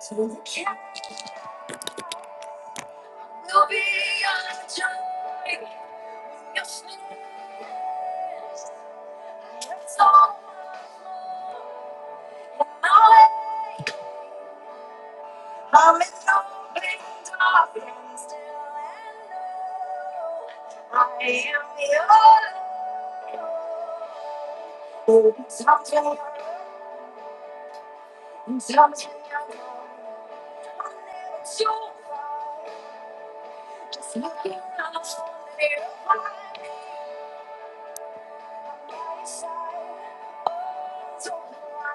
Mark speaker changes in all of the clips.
Speaker 1: So the king will be your joy, your strength. It's all I I'm in open darkness still and know I am your Lord. Sometimes you're young, I'm never too far. Just looking out for me, right by my side. so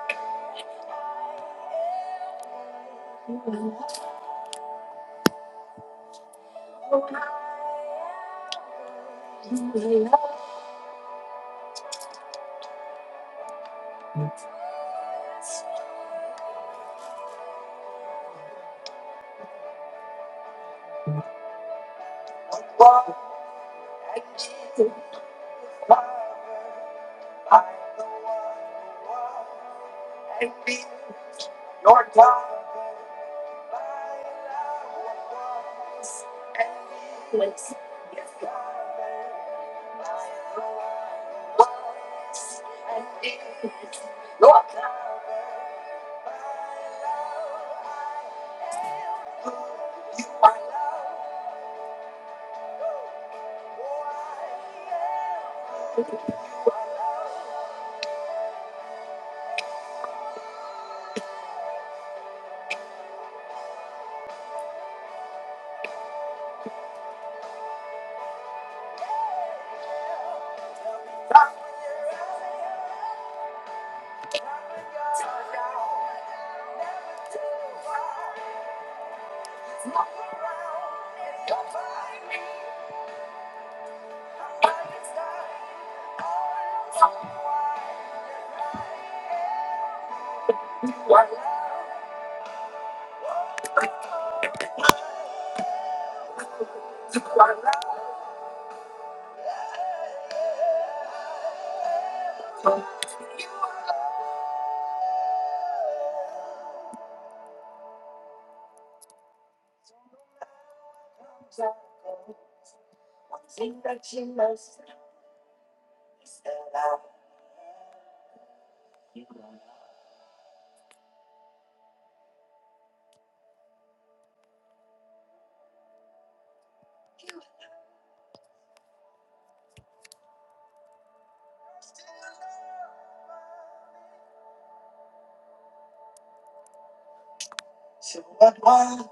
Speaker 1: So what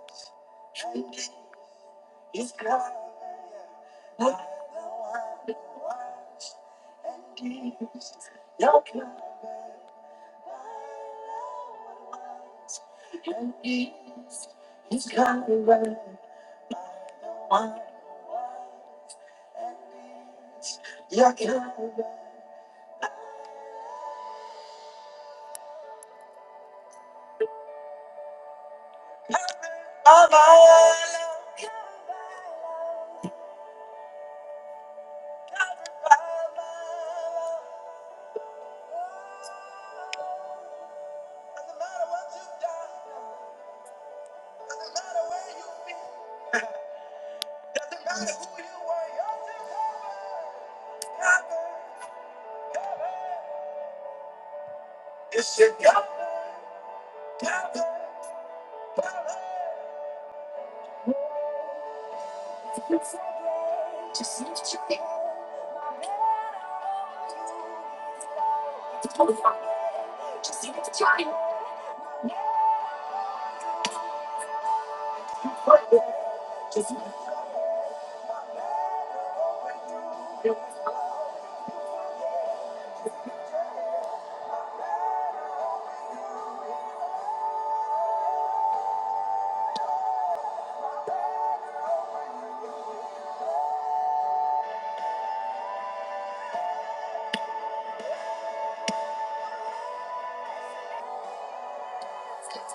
Speaker 1: was? He's God. yeah. I'm the one who washed and gives your cover. And gives He's cover. i the one and gives your cover. All my love, my love. Doesn't matter what you've done. Doesn't matter where you've been. Doesn't matter who you are. You're still covered. Covered. Covered. You should cover. Covered. Covered. Just lift your head. No matter what you do, it's all fine. Just lift your head. Just lift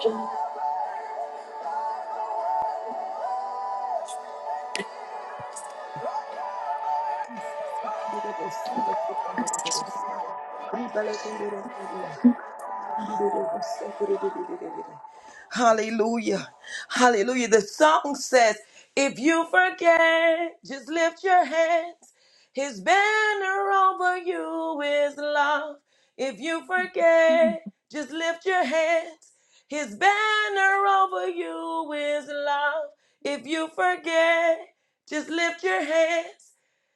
Speaker 1: your head.
Speaker 2: Hallelujah. Hallelujah. The song says, If you forget, just lift your hands. His banner over you is love. If you forget, just lift your hands. His banner over you is love. If you forget, just lift your hands.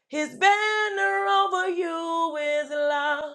Speaker 2: His banner over you is love.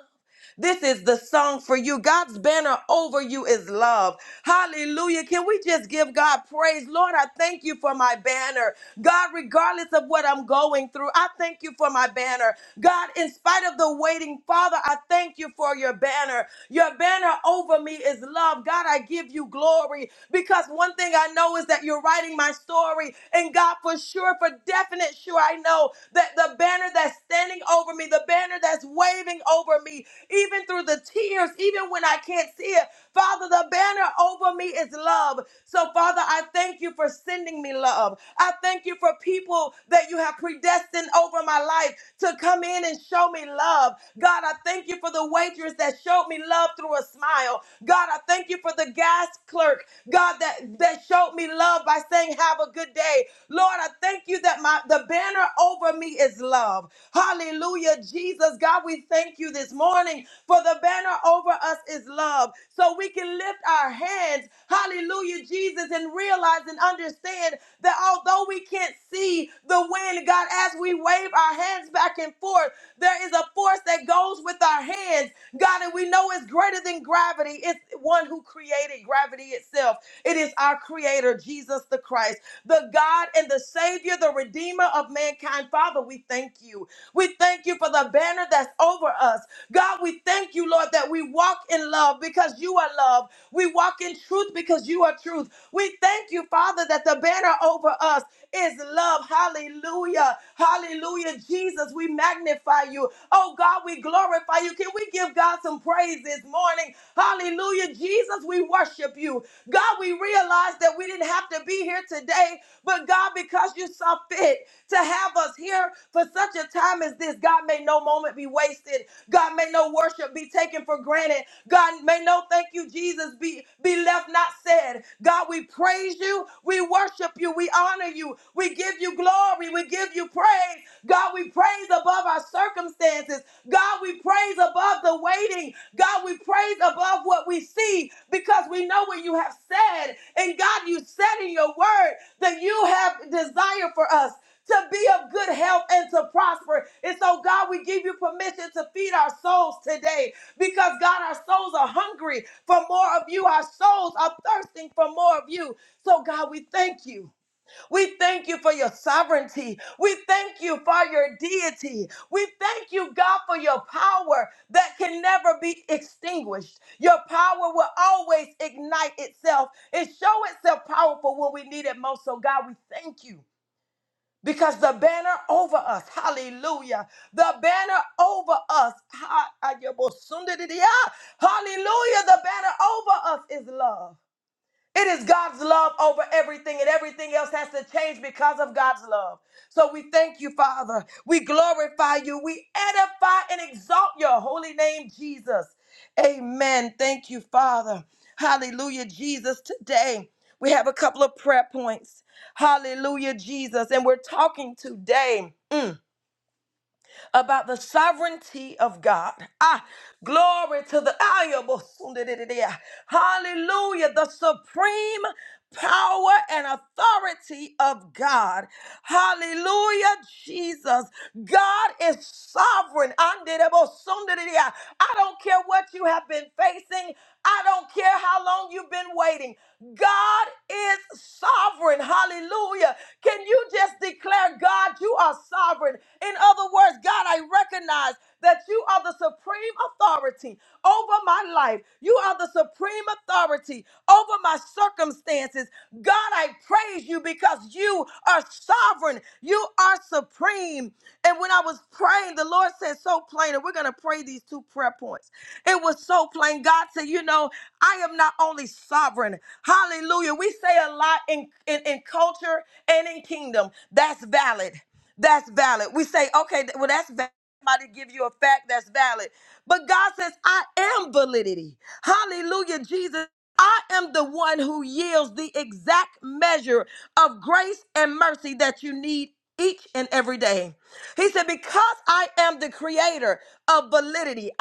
Speaker 2: This is the song for you. God's banner over you is love. Hallelujah. Can we just give God praise? Lord, I thank you for my banner. God, regardless of what I'm going through, I thank you for my banner. God, in spite of the waiting, Father, I thank you for your banner. Your banner over me is love. God, I give you glory because one thing I know is that you're writing my story. And God, for sure, for definite sure, I know that the banner that's standing over me, the banner that's that's waving over me, even through the tears, even when I can't see it. Father, the banner over me is love. So, Father, I thank you for sending me love. I thank you for people that you have predestined over my life to come in and show me love. God, I thank you for the waitress that showed me love through a smile. God, I thank you for the gas clerk, God, that, that showed me love by saying, Have a good day. Lord, I thank you that my the banner over me is love. Hallelujah, Jesus. God, we thank you this morning for the banner over us is love. So we can lift our hands, hallelujah, Jesus, and realize and understand that although we can't see the wind, God, as we wave our hands back and forth, there is a force that goes with our hands, God, and we know it's greater than gravity. It's one who created gravity itself. It is our creator, Jesus the Christ, the God and the Savior, the Redeemer of mankind mankind. Father, we thank you. We thank you for the banner that's over us. God, we thank you, Lord, that we walk in love because you are love. We walk in truth because you are truth. We thank you, Father, that the banner over us is love. Hallelujah. Hallelujah. Jesus, we magnify you. Oh God, we glorify you. Can we give God some praise this morning? Hallelujah. Jesus, we worship you. God, we realize that we didn't have to be here today, but God, because you you saw fit to have us here for such a time as this. God, may no moment be wasted. God, may no worship be taken for granted. God, may no thank you, Jesus, be, be left not said. God, we praise you. We worship you. We honor you. We give you glory. We give you praise. God, we praise above our circumstances. God, we praise above the waiting. God, we praise above what we see because we know what you have said. And God, you said in your word that you have desire for us to be of good health and to prosper. And so, God, we give you permission to feed our souls today because, God, our souls are hungry for more of you. Our souls are thirsting for more of you. So, God, we thank you. We thank you for your sovereignty. We thank you for your deity. We thank you, God, for your power that can never be extinguished. Your power will always ignite itself and show itself powerful when we need it most. So, God, we thank you. Because the banner over us, hallelujah. The banner over us, ha- ah, yeah, bo- sunda di di, ah. hallelujah. The banner over us is love. It is God's love over everything, and everything else has to change because of God's love. So we thank you, Father. We glorify you. We edify and exalt your holy name, Jesus. Amen. Thank you, Father. Hallelujah, Jesus. Today we have a couple of prayer points. Hallelujah, Jesus. And we're talking today. Mm about the sovereignty of God. Ah, glory to the hallelujah, the supreme power and authority of God. Hallelujah, Jesus. God is sovereign. I don't care what you have been facing. I don't care how long you've been waiting. God is sovereign. Hallelujah. Can you just declare, God, you are sovereign? In other words, God, I recognize that you are the supreme authority over my life. You are the supreme authority over my circumstances. God, I praise you because you are sovereign. You are supreme. And when I was praying, the Lord said so plain, and we're going to pray these two prayer points. It was so plain. God said, You know, I am not only sovereign. Hallelujah. We say a lot in, in, in culture and in kingdom. That's valid. That's valid. We say, Okay, th- well, that's valid. Somebody give you a fact that's valid. But God says, I am validity. Hallelujah, Jesus. I am the one who yields the exact measure of grace and mercy that you need each and every day. He said, Because I am the creator of validity.